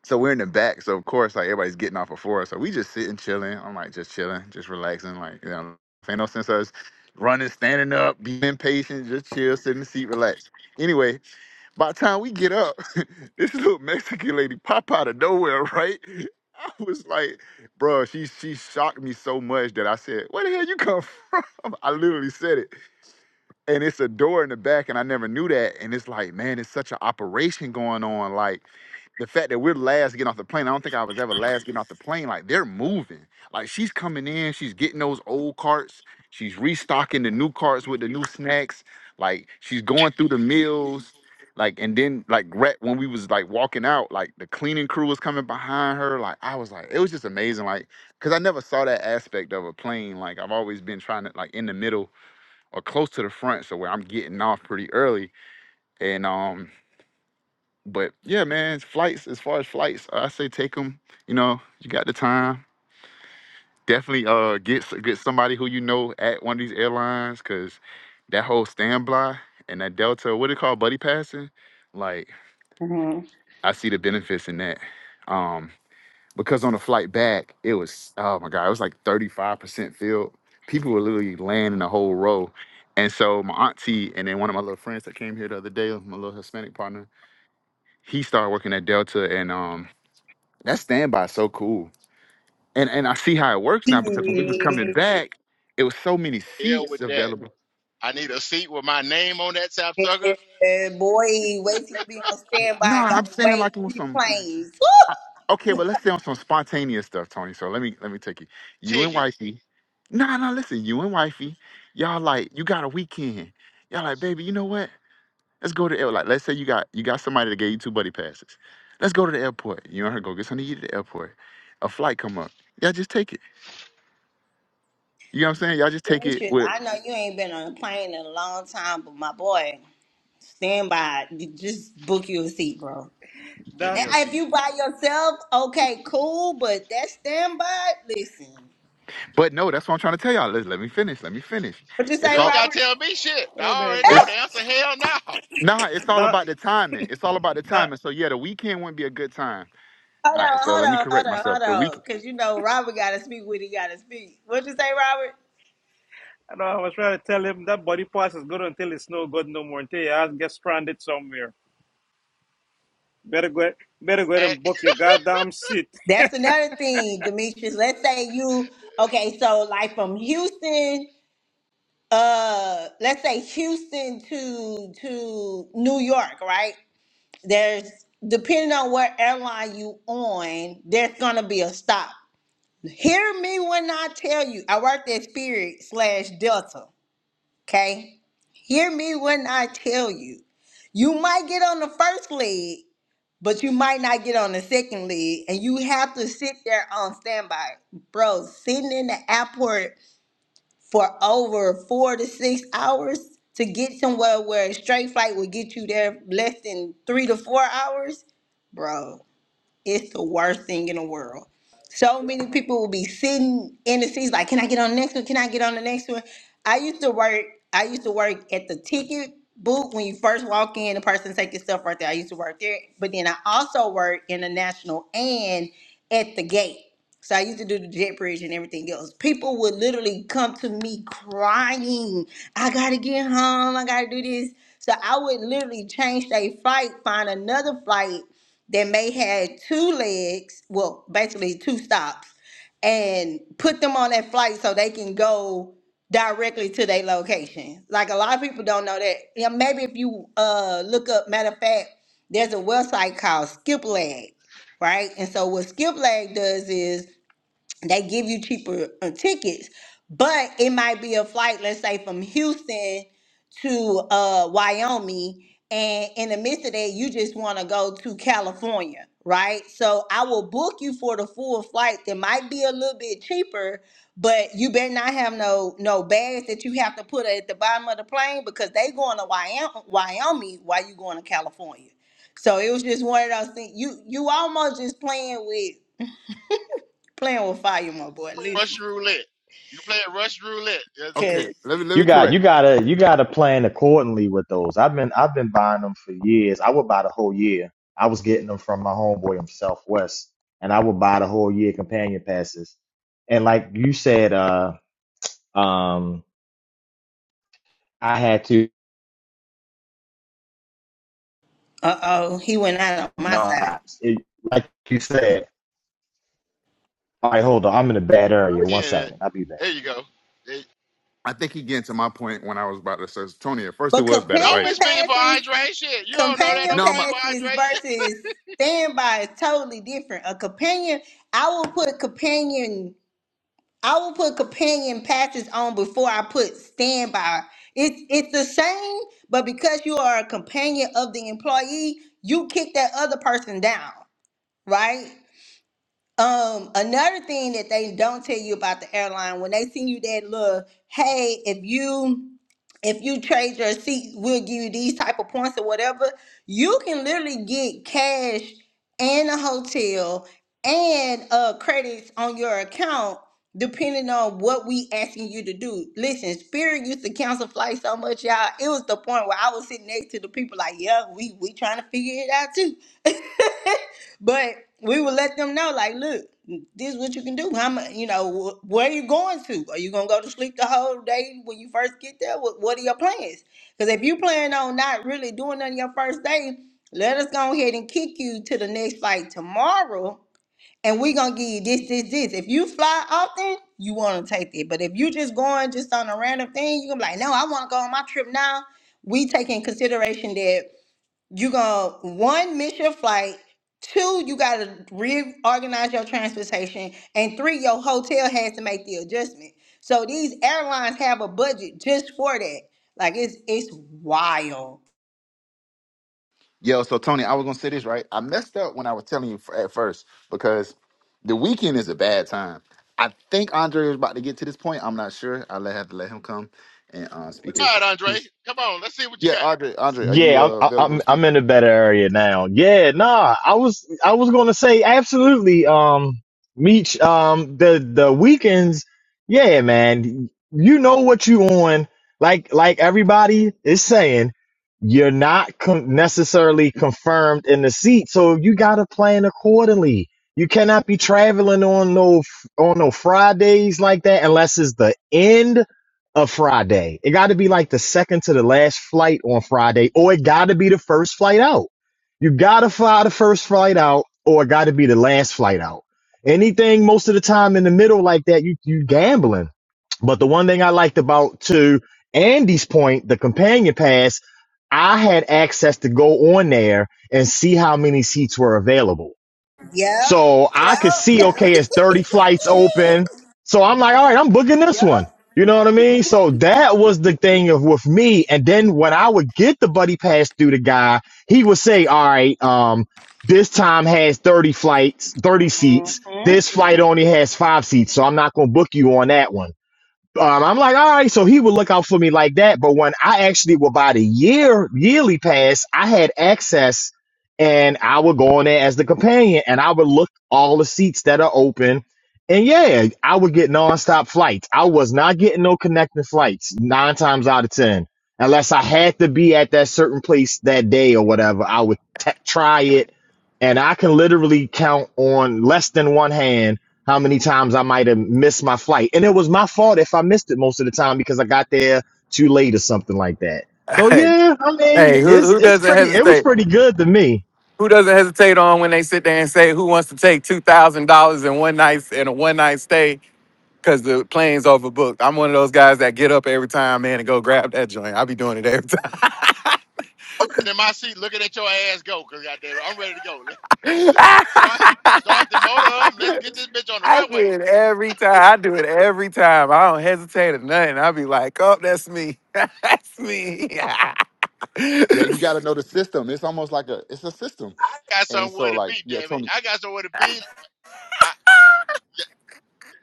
so we're in the back, so of course like everybody's getting off before us. So we just sitting, chilling. I'm like just chilling, just relaxing. Like you know, ain't no sense of us running, standing up, being impatient, just chill, sit in the seat, relax. Anyway, by the time we get up, this little Mexican lady pop out of nowhere, right? I was like, bro, she she shocked me so much that I said, where the hell you come from? I literally said it and it's a door in the back and i never knew that and it's like man it's such an operation going on like the fact that we're last getting off the plane i don't think i was ever last getting off the plane like they're moving like she's coming in she's getting those old carts she's restocking the new carts with the new snacks like she's going through the meals like and then like rat when we was like walking out like the cleaning crew was coming behind her like i was like it was just amazing like because i never saw that aspect of a plane like i've always been trying to like in the middle or close to the front, so where I'm getting off pretty early. And um, but yeah, man, flights as far as flights, I say take them. You know, you got the time. Definitely uh get s- get somebody who you know at one of these airlines, cause that whole standby and that Delta, what it called, buddy passing. Like
hmm
I see the benefits in that. Um. because on the flight back, it was oh my god, it was like 35% filled. People were literally laying in a whole row. And so my auntie and then one of my little friends that came here the other day, my little Hispanic partner, he started working at Delta and um that standby is so cool. And and I see how it works now because when we was coming back, it was so many
hell
seats
with that.
available.
I need a seat with my name on that sapsucker
Yeah, boy, wait till you be on
No,
standby.
I'm
Gotta
saying
wait
like it was
three
some
planes.
Okay, but let's stay on some spontaneous stuff, Tony. So let me let me take you. You and
ticket.
wifey. No, no, listen, you and wifey, y'all like, you got a weekend. Y'all like, baby, you know what? Let's go to the air- like let's say you got you got somebody that gave you two buddy passes. Let's go to the airport. You and her go get something to eat at the airport. A flight come up. Y'all just take it. You know what I'm saying? Y'all just take it
Demetrius,
with
I know you ain't been on a plane in a long time, but my boy, stand by. You Just book you a seat, bro.
Get
That,
me
And
a
If
seat.
you by yourself, okay, cool, but that standby, listen.
but no, that's what I'm trying to tell y'all. Let, let me finish. Let me finish.
What you
It's
You
say,
ain't
all
got to
Robert?
tell me shit.
hey
I
man,
already know
that,
it's
the answer. Hell no.
nah, it's all
that,
about the timing. It's all about the
that,
timing. So yeah, the weekend wouldn't be a good time.
Hold
All right,
on,
so
hold
let me
on, hold
correct
on,
myself.
hold
The week
on. Because you know Robert got to speak what he got to speak. What you say, Robert?
I know I was trying to tell him that body pass is good until it's no good no more, until your ass gets stranded somewhere. Better go, better go ahead
At
and book your goddamn seat.
That's another thing, Demetrius. Let's say you, okay, so like from Houston, uh, let's say Houston to to New York, right? there's depending on what airline you on, there's gonna be a stop. Hear me when I tell you. I worked at Spirit slash Delta. Okay. Hear me when I tell you. You might get on the first leg, but you might not get on the second leg, and you have to sit there on standby, bro. Sitting in the airport for over four to six hours to get somewhere where a straight flight would get you there less than three to four hours, bro. It's the worst thing in the world. So many people will be sitting in the seats like, can I get on the next one? Can I get on the next one? I used to work, I used to work at the ticket booth when you first walk in, the person take your stuff right there. I used to work there. But then I also worked in the national and at the gate. So I used to do the jet bridge and everything else. People would literally come to me crying, I gotta get home, I gotta do this. So I would literally change a flight, find another flight that may had two legs, well, basically two stops, and put them on that flight so they can go directly to their location. Like a lot of people don't know that. Yeah, maybe if you uh look up, matter of fact, there's a website called Skip Leg, right? And so what Skip Leg does is they give you cheaper uh, tickets, but it might be a flight, let's say from Houston to uh, Wyoming, and in the midst of that, you just want to go to California, right? So I will book you for the full flight that might be a little bit cheaper, but you better not have no no bags that you have to put at the bottom of the plane because they going to Wyoming, Wyoming while you going to California. So it was just one of those things. You you almost just playing with playing with fire, my boy. Listen.
Russian roulette. You play at Russian roulette.
Cause
Okay, let me let
You
me
got you
correct.
gotta you gotta plan accordingly with those. I've been I've been buying them for years. I would buy the whole year. I was getting them from my homeboy from Southwest, and I would buy the whole year companion passes. And like you said, uh, um, I had to
uh oh, he went
um,
out on my
no,
side.
I- it, like you said. All right, hold on. I'm in a bad area. One
Yeah,
second. I'll be back.
there you go. There-
I think he getting to my point when I was about to say Tony. At first, it
But
was bad
Don't be
companion
advice.
speaking for
passes,
Andre. Shit, you don't know that. Don't
companion
be
No, I'm
speaking
not-
for
passes
Andre yet.
versus standby is totally different. A companion, I will put companion, I will put companion passes on before I put standby. It's it's the same, but because you are a companion of the employee, you kick that other person down, right? Um, another thing that they don't tell you about the airline when they send you that little, hey, if you if you trade your seat, we'll give you these type of points or whatever. You can literally get cash and a hotel and uh credits on your account depending on what we asking you to do. Listen, Spirit used to cancel flights so much, y'all. It was the point where I was sitting next to the people like, yeah, we we trying to figure it out too. But we would let them know, like, look, this is what you can do. How much, you know, wh- where are you going to? Are you gonna go to sleep the whole day when you first get there? What, what are your plans? Because if you plan on not really doing nothing your first day, let us go ahead and kick you to the next flight tomorrow, and we gonna give you this, this, this. If you fly often, you want to take it. But if you just going just on a random thing, you gonna be like, no, I want to go on my trip now. We take in consideration that you gonna one miss your flight two you gotta reorganize your transportation and three your hotel has to make the adjustment so these airlines have a budget just for that like it's it's wild
yo. So Tony, I was gonna say this right. I messed up when I was telling you f- at first because the weekend is a bad time. I think Andre is about to get to this point. I'm not sure. I let have to let him come and uh,
All
speak his.
right, Andre,
Yes.
come on. Let's see what you
Yeah,
got.
Andre,
Just
Andre, are you
Yeah,
uh,
I'm
available to
I'm
speak?
I'm in a better area now. Yeah, nah, I was I was gonna say absolutely. Um, Meech, um, the the weekends, yeah, man, you know what you on. Like like everybody is saying, you're not con- necessarily confirmed in the seat, so you gotta plan accordingly. You cannot be traveling on no on no Fridays like that unless it's the end of Friday. It got to be like the second to the last flight on Friday, or it got to be the first flight out. You got to fly the first flight out, or it got to be the last flight out. Anything most of the time in the middle like that, you you gambling. But the one thing I liked about to Andy's point, the companion pass, I had access to go on there and see how many seats were available.
yeah
So I
yeah
could see, okay, it's 30 flights open. So I'm like, all right, I'm booking this
yeah
one. You know what I mean? So that was the thing of with me. And then when I would get the buddy pass through the guy, he would say, all right, um, this time has 30 flights, 30 seats.
Mhm.
This flight only has five seats. So I'm not going to book you on that one. Um, I'm like, all right, so he would look out for me like that. But when I actually would buy the year yearly pass, I had access and I would go in there as the companion and I would look all the seats that are open. And yeah, I would get nonstop flights. I was not getting no connecting flights nine times out of ten. Unless I had to be at that certain place that day or whatever, I would t- try it. And I can literally count on less than one hand how many times I might have missed my flight. And it was my fault if I missed it most of the time because I got there too late or something like that. So
Hey,
yeah, I mean,
hey, who
it's
who
it's
doesn't
pretty it was
hesitate?
pretty good to me.
Who doesn't hesitate on when they sit there and say, "Who wants to take two thousand dollars in one night in a one night stay?" Because the plane's overbooked. I'm one of those guys that get up every time, man, and go grab that joint. I be doing it every time.
Sitting in my seat, looking at your ass go. Cause goddamn, it, I'm ready to go. Let's- Start, start the motor up. And let's get this bitch on the
I
runway.
do it every time. I do it every time. I don't hesitate or nothing. I be like, "Oh, that's me. that's me."
Yeah, you got to know the system. It's almost like a it's a system.
I got
And
somewhere
so,
to be.
like, yeah,
Damn it,
Tony,
I got somewhere to be. I, y-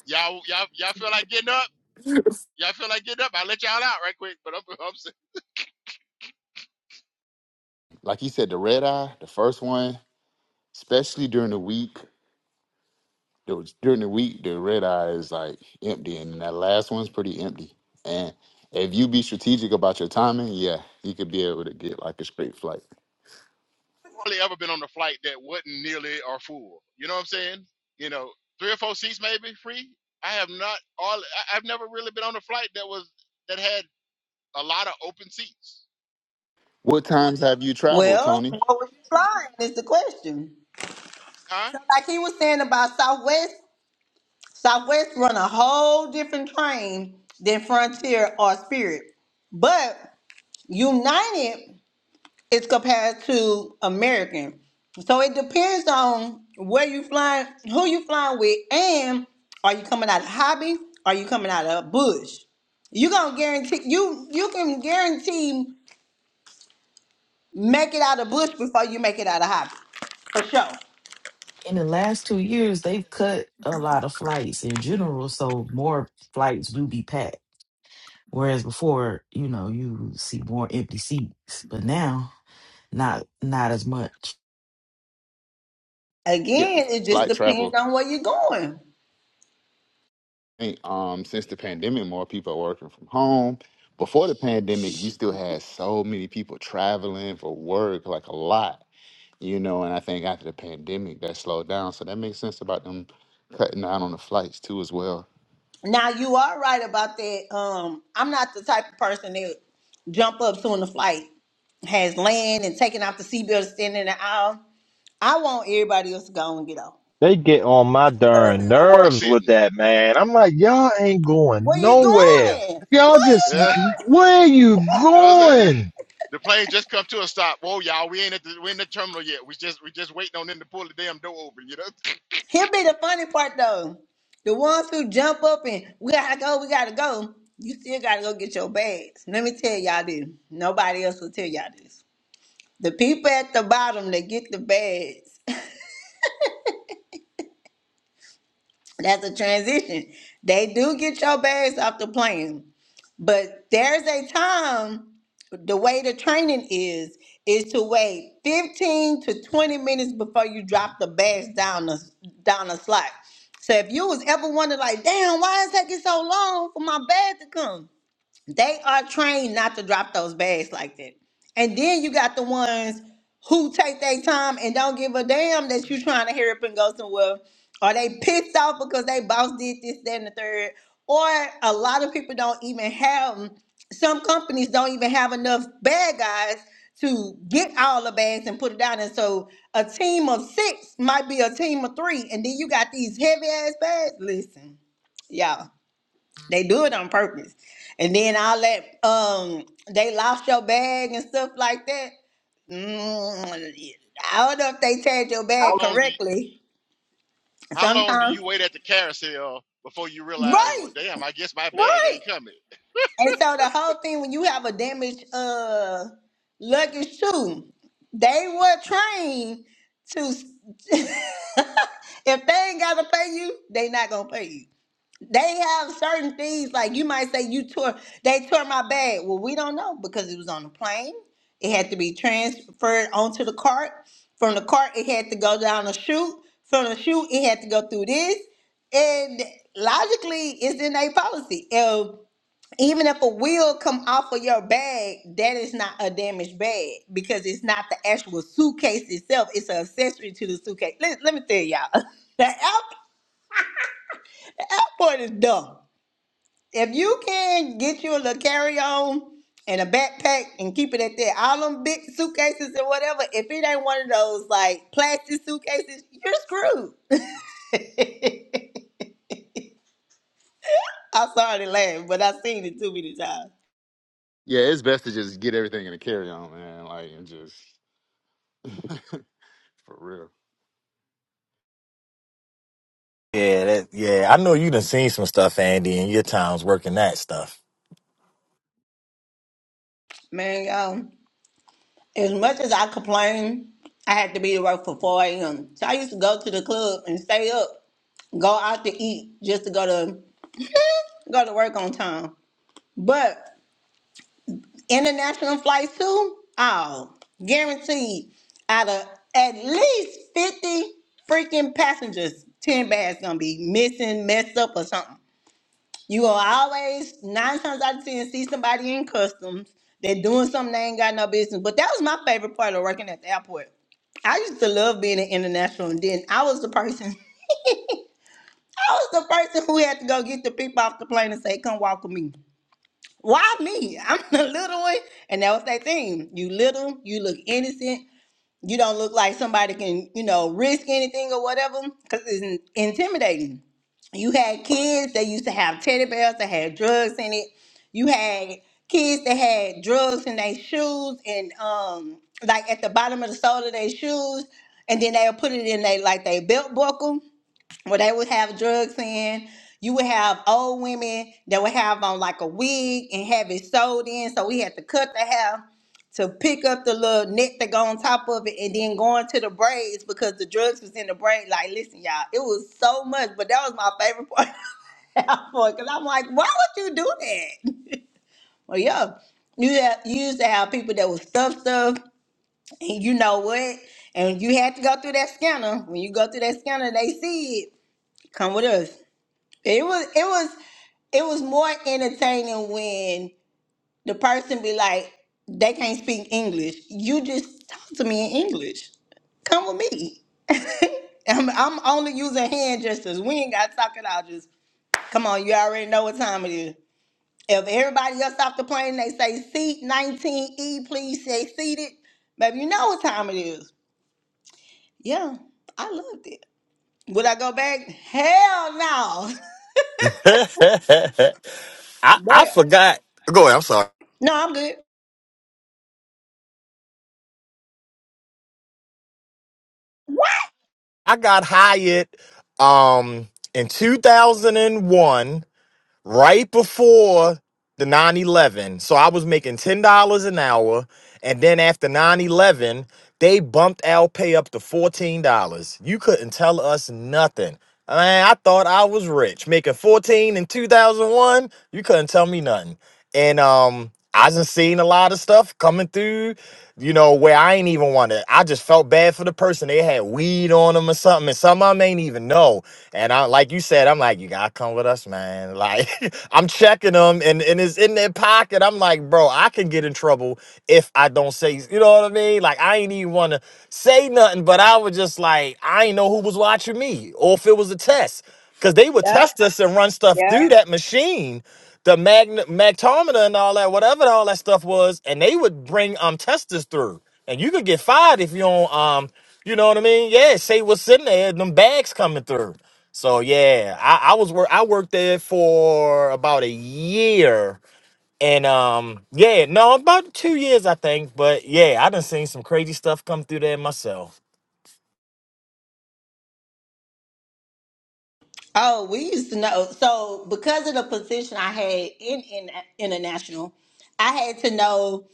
y'all, y'all, y'all feel like getting up? Y'all feel like getting up? I'll let y'all out right quick. But I'm, I'm
like he said, the red eye, the first one, especially during the week. those during the week the red eye is like empty and that last one's pretty empty and if you be strategic about your timing yeah you could be able to get like a straight flight
hardly ever been on a flight that wasn't nearly or full. You know what I'm saying? You know, three or four seats maybe free. I have not all. I- I've never really been on a flight that was that had a lot of open seats.
what times have you traveled
well
tony
what was you flying is the question
Huh?
so like he was saying about southwest southwest run a whole different train than frontier or spirit but united It's compared to American. So it depends on where you flying, who you flying with, and are you coming out of hobby? Are you coming out of bush? You gonna guarantee you you can guarantee make it out of bush before you make it out of hobby for sure.
in the last two years, they've cut a lot of flights in general, so more flights do be packed. Whereas before, you know, you see more empty seats, but now not not as much.
yeah
Again, it just
flight
depends
travel
on where you're going.
I think, um since the pandemic more people are working from home before the pandemic you still had so many people traveling for work like a lot you know and i think after the pandemic that slowed down so that makes sense about them cutting down on the flights too as well
Now you are right about that. Um, I'm not the type of person that jump up soon the flight has land and taking off the seatbelt, standing in the aisle. I want everybody else to go and get off.
They get on my
'Cause
darn
Depends on where I'm
nerves with
sitting.
that, man. I'm like, y'all ain't going
Where you
nowhere.
going?
Y'all
Where you
just
Yeah,
going?
where you
you know what I'm saying?
going?
The plane just come to a stop. Whoa, y'all, we ain't at the we in the terminal yet. We just we just waiting on them to pull the damn door open. You know?
Here be the funny part though. The ones who jump up and we gotta go, we gotta go. You still gotta go get your bags. Let me tell y'all this. Nobody else will tell y'all this. The people at the bottom that get the bags That's a transition. They do get your bags off the plane, but there's a time. The way the training is is to wait 15 to 20 minutes before you drop the bags down the down the slot. So if you was ever wondering, like, damn, why is it taking so long for my bag to come? they are trained not to drop those bags like that. And then you got the ones who take their time and don't give a damn that you trying to hurry up and go somewhere, or they pissed off because they boss did this, that, and the third. Or a lot of people don't even have some companies don't even have enough bad guys to get all the bags and put it down. And so a team of six might be a team of three, and then you got these heavy ass bags. Listen, y'all. They do it on purpose. And then all that um they lost your bag and stuff like that. Mm, I don't know if they tagged your
How
bag
long do you,
correctly.
how long do
Sometimes
you wait at the carousel before you realize? Well,
right,
damn, I guess my bag
right.
ain't coming.
And so the whole thing when you have a damaged uh luggage too, they were trained to if they ain't gotta pay you, they not gonna pay you. They have certain things like you might say you tore they tore my bag. Well, we don't know because it was on the plane. It had to be transferred onto the cart. From the cart, it had to go down a chute. From the chute, it had to go through this. And logically, it's in a policy. If, even if a wheel come off of your bag, that is not a damaged bag because it's not the actual suitcase itself. It's an accessory to the suitcase. Let, let me tell y'all, the airport is dumb if you can get you a little carry-on and a backpack and keep it at that, all them big suitcases and whatever, if it ain't one of those like plastic suitcases, you're screwed. I'm sorry to laugh, but I've seen it too many times.
Yeah, it's best to just get everything in a carry on, man. Like and just for real.
Yeah, that, yeah. I know you done seen some stuff, Andy, in your times working that stuff.
Man, um, as much as I complain, I had to be to work for 4 a.m. So I used to go to the club and stay up, go out to eat just to go to go to work on time. But International flights too? Oh, guaranteed. Out of at least 50 freaking passengers, 10 bags gonna be missing, messed up, or something. You will always, nine times out of 10, see somebody in customs. They're doing something they ain't got no business. But that was my favorite part of working at the airport. I used to love being an international, and then I was the person. I was the person who had to go get the people off the plane and say, "Come walk with me." Why me? I'm the little one. And that was that thing. You little, you look innocent. You don't look like somebody can, you know, risk anything or whatever because it's in- intimidating. You had kids that used to have teddy bears that had drugs in it. You had kids that had drugs in their shoes and um like at the bottom of the sole of their shoes and then they'll put it in they like their belt buckle where they would have drugs in. You would have old women that would have on like a wig and have it sewed in. So we had to cut the hair to pick up the little net that go on top of it and then go into the braids because the drugs was in the braid. Like, listen, y'all, it was so much, but that was my favorite part because I'm like, why would you do that? Well, yeah, you, have, you used to have people that would stuff stuff, and you know what? And you had to go through that scanner. When you go through that scanner, they see it. Come with us. It was it was it was more entertaining when the person be like, they can't speak English. You just talk to me in English. Come with me. I'm, I'm only using hand gestures. We ain't got to talk it out. Just come on. You already know what time it is. If everybody else off the plane, they say seat 19E, please say seated. Baby, you know what time it is. Yeah, I loved it. Would I go back? Hell no.
I I
But
forgot. Go ahead. I'm sorry.
no, I'm good.
I got hired um in 2001, right before the 9/11. So I was making ten dollars an hour, and then after 9/11, they bumped our pay up to fourteen dollars. You couldn't tell us nothing. Man, I thought I was rich. Making 14 in 2001, you couldn't tell me nothing. and um I done seen a lot of stuff coming through, you know, where I ain't even want to. I just felt bad for the person. They had weed on them or something, and some of them ain't even know. And I, like you said, I'm like, you gotta come with us, man. Like I'm checking them, and and it's in their pocket. I'm like, bro, I can get in trouble if I don't say, you know what I mean? Like I ain't even want to say nothing, but I was just like, I ain't know who was watching me, or if it was a test. Because they would
Yep.
test us and run stuff
Yeah.
through that machine, the magn- magtometer and all that, whatever all that stuff was, and they would bring um testers through. And you could get fired if you don't um, you know what I mean? Yeah, say what's in there, them bags coming through. So yeah, I, I was work I worked there for about a year. And um, yeah, no, about two years I think. But yeah, I done seen some crazy stuff come through there myself.
Oh, we used to know. So because of the position I had in, in international, I had to know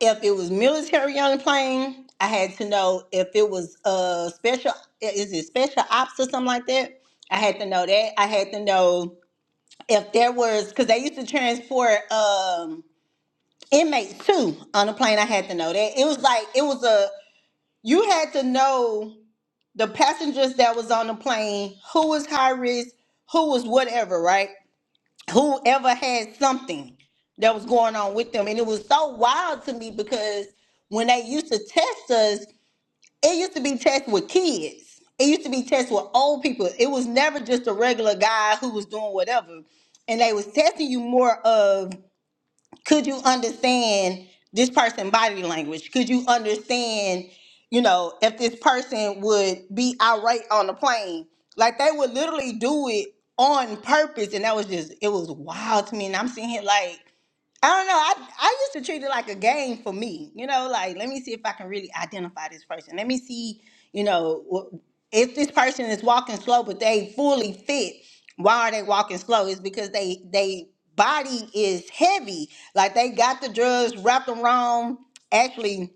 if it was military on the plane. I had to know if it was uh special is it special ops or something like that. I had to know that. I had to know if there was because they used to transport um inmates too on the plane. I had to know that. It was like it was a you had to know the passengers that was on the plane, who was high risk, who was whatever, right? Whoever had something that was going on with them. And it was so wild to me because when they used to test us, it used to be tests with kids. It used to be tests with old people. It was never just a regular guy who was doing whatever. And they was testing you more of could you understand this person's body language? Could you understand, you know, if this person would be outright on the plane? Like they would literally do it on purpose, and that was just it was wild to me. And I'm sitting here like. I don't know. I I used to treat it like a game for me. You know, like let me see if I can really identify this person. Let me see, you know, wh- if this person is walking slow but they fully fit. Why are they walking slow? It's because they they body is heavy. Like they got the drugs wrapped around. Actually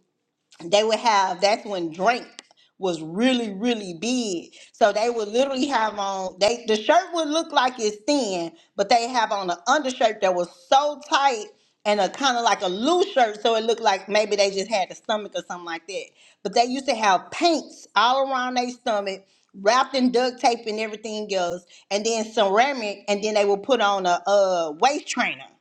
they would have that's when drink was really really big so they would literally have on they the shirt would look like it's thin but they have on an undershirt that was so tight and a kind of like a loose shirt so it looked like maybe they just had a stomach or something like that but they used to have paints all around their stomach wrapped in duct tape and everything else and then ceramic and then they would put on a uh waist trainer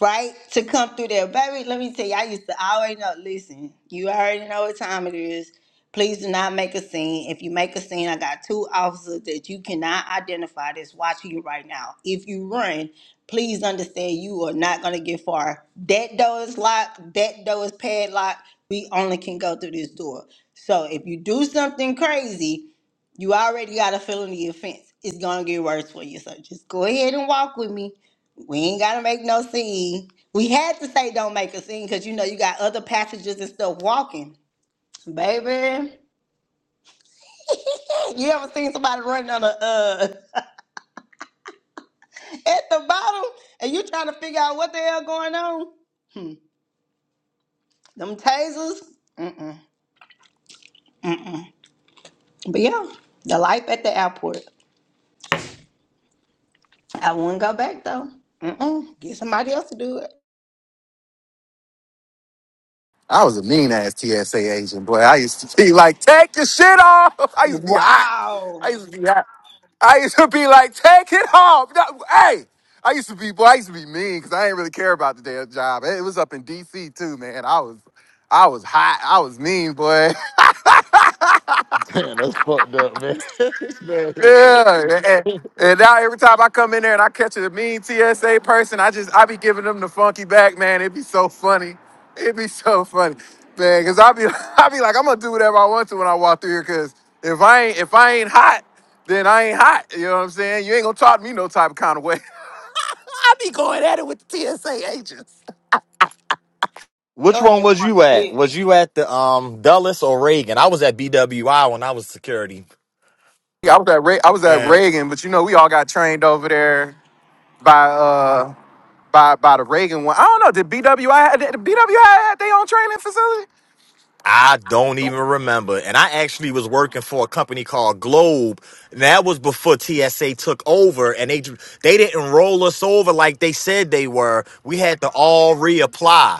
right? To come through there. Baby, let me tell you, I used to I already know, listen, you already know what time it is. Please do not make a scene. If you make a scene, I got two officers that you cannot identify that's watching you right now. If you run, please understand you are not going to get far. That door is locked, that door is padlocked. We only can go through this door. So if you do something crazy, you already got a felony offense. It's going to get worse for you. So just go ahead and walk with me we ain't gotta make no scene. We had to say don't make a scene because you know you got other passengers and stuff walking. Baby, you ever seen somebody running on the uh at the bottom and you trying to figure out what the hell going on? Hmm. Them tasers. Mm-mm. But yeah, the life at the airport. I wouldn't go back though. Mm-mm. Get somebody else to do it.
I was a mean ass TSA agent, boy. I used to be like, take your shit off. I used to be hot. I
Wow.
used to be hot. I used to be like, take it off. No, hey, I used to be, boy. I used to be mean because I didn't really care about the damn job. It was up in D.C. too, man. I was, I was hot. I was mean, boy.
Damn, that's fucked up, man. This man- ain't good.
Yeah, and, and- now every time I come in there and I catch a mean TSA person, I just I be giving them the funky back, man. It'd be so funny. It'd be so funny, man. Cause I be I be like I'm gonna do whatever I want to when I walk through here. Cause if I ain't if I ain't hot, then I ain't hot. You know what I'm saying? You ain't gonna talk to me no type of kind of way. I be going at it with the TSA agents.
Which
Your ass
one was
want
you
to
at?
jail.
Was you at the um Dulles or Reagan? I was at BWI when I was security,
Yeah, I was at Re- I was at
and
Reagan, but you know we all got trained over there by uh. by by the Reagan one. I don't know. Did BWI had- did BWI had their own training facility?
I don't even remember. And I actually was working for a company called Globe. And that was before TSA took over, and they they didn't roll us over like they said they were. We had to all reapply.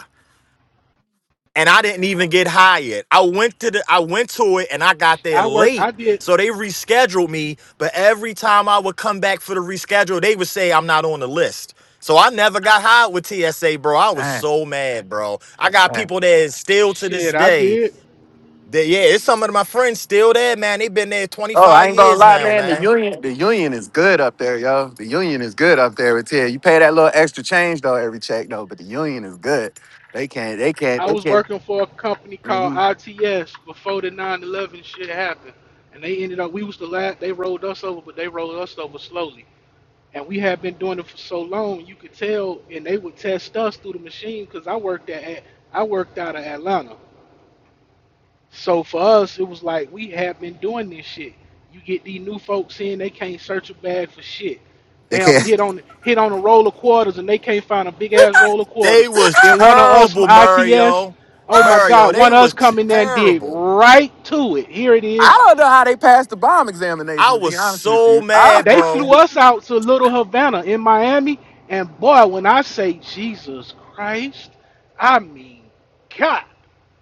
and I didn't even get hired. I went to the I went to it and I got there
I worked.
late.
I did.
So they rescheduled me, but every time I would come back for the reschedule, they would say I'm not on the list. So I never got hired with TSA, bro. I was so mad, bro. I got
Man.
people that is still to this
Shit, I
day
did.
that yeah, it's some of my friends still there, man. They've been there
Oh, I
25
ain't gonna
years
lie,
now,
man. The
man.
union, the union is good up there, yo. The union is good up there. It's here. You pay that little extra change though every check though, but the union is good. They can't. They can't.
I
They
was
can't.
working for a company called
mhm.
ITS before the 9/11 shit happened, and they ended up. We was the last. They rolled us over, but they rolled us over slowly. And we had been doing it for so long, you could tell. And they would test us through the machine because I worked at I worked out of Atlanta. So for us, it was like we have been doing this shit. You get these new folks in, they can't search a bag for shit.
They
Damn,
can't.
hit on hit on a roll of quarters, and they can't find a big ass roll of
They
quarters.
was
Then one of us from
terrible,
ITS,
Mario.
oh my
Mario,
God,
they
one of us
was
come in there and dig
terrible.
right to it. Here it
I
is.
don't know how they passed the bomb
I
examination. To be
was
honest with
so
you, I,
mad,
They
bro.
flew us out to Little Havana in Miami, and boy, when I say Jesus Christ, I mean God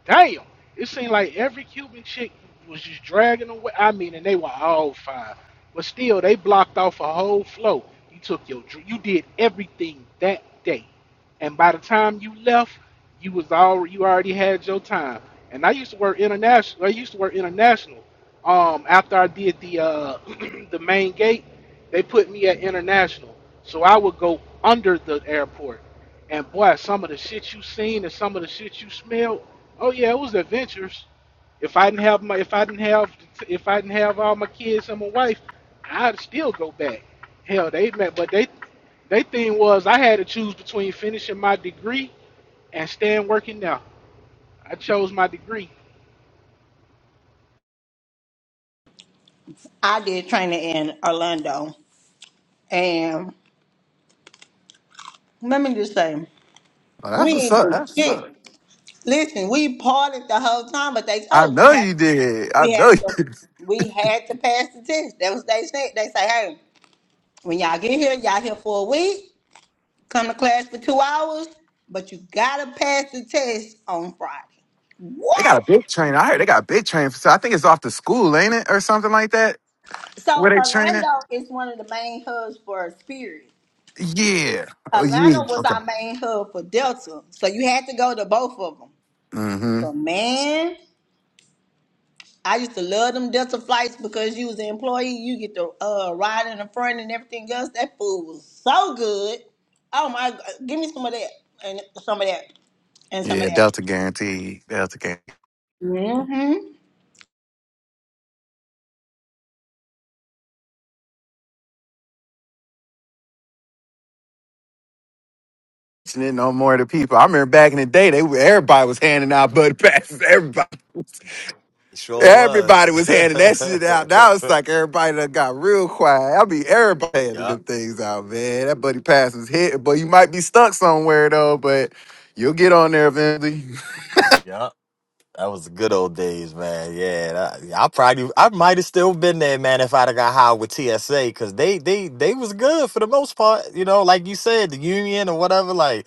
damn. It seemed like every Cuban chick was just dragging away. I mean, and they were all fine, but still, they blocked off a whole flow. You took your, dr- you did everything that day, and by the time you left, you was all, you already had your time. And I used to work international. I used to work international. Um, after I did the uh, the main gate they put me at international, so I would go under the airport. And boy, some of the shit you seen and some of the shit you smelled. Oh yeah, it was adventures. If I didn't have my, if I didn't have, if I didn't have all my kids and my wife, I'd still go back. Hell, they met, but they, they thing was I had to choose between finishing my degree and staying working now. I chose my degree.
I did training in Orlando, and let me just say.
oh, that's
We
what's
ain't
up.
do
That's what's up.
shit. Listen, we partied the whole time, but they
I
told we
know
had
you did. I
we
know
had
you.
to we had to pass the test. That was they said. They say, hey, when y'all get here, y'all here for a week. Come to class for two hours, but you gotta pass the test on Friday.
They got
What?
a big train. I heard they got a big train. So I think it's off the school, ain't it, or something like that? Where
So
they training?
Orlando is one of the main hubs for Spirit.
Yeah. Oh,
Atlanta
you.
was
Okay.
our main hub for Delta, so you had to go to both of them.
Mm-hmm.
But man. I used to love them Delta flights because you was an employee. You get to uh, ride in the front and everything else. That food was so good. Oh my! g- Give me some of that and some of that and some of
Yeah,
that.
Delta guaranteed. Delta guaranteed.
Mm-hmm.
And then no more to people. I remember back in the day, they were- everybody was handing out buddy passes. Everybody,
It sure
everybody
was.
was handing that shit out. Now it's like everybody that got real quiet. I mean, everybody handing
yep,
them things out, man. That buddy pass is hit, but you might be stuck somewhere though. But you'll get on there eventually.
yep. That was the good old days, man. Yeah, that- yeah, I probably, I might have still been there, man, if I'd have got high with TSA, because they, they, they was good for the most part. You know, like you said, the union or whatever. Like,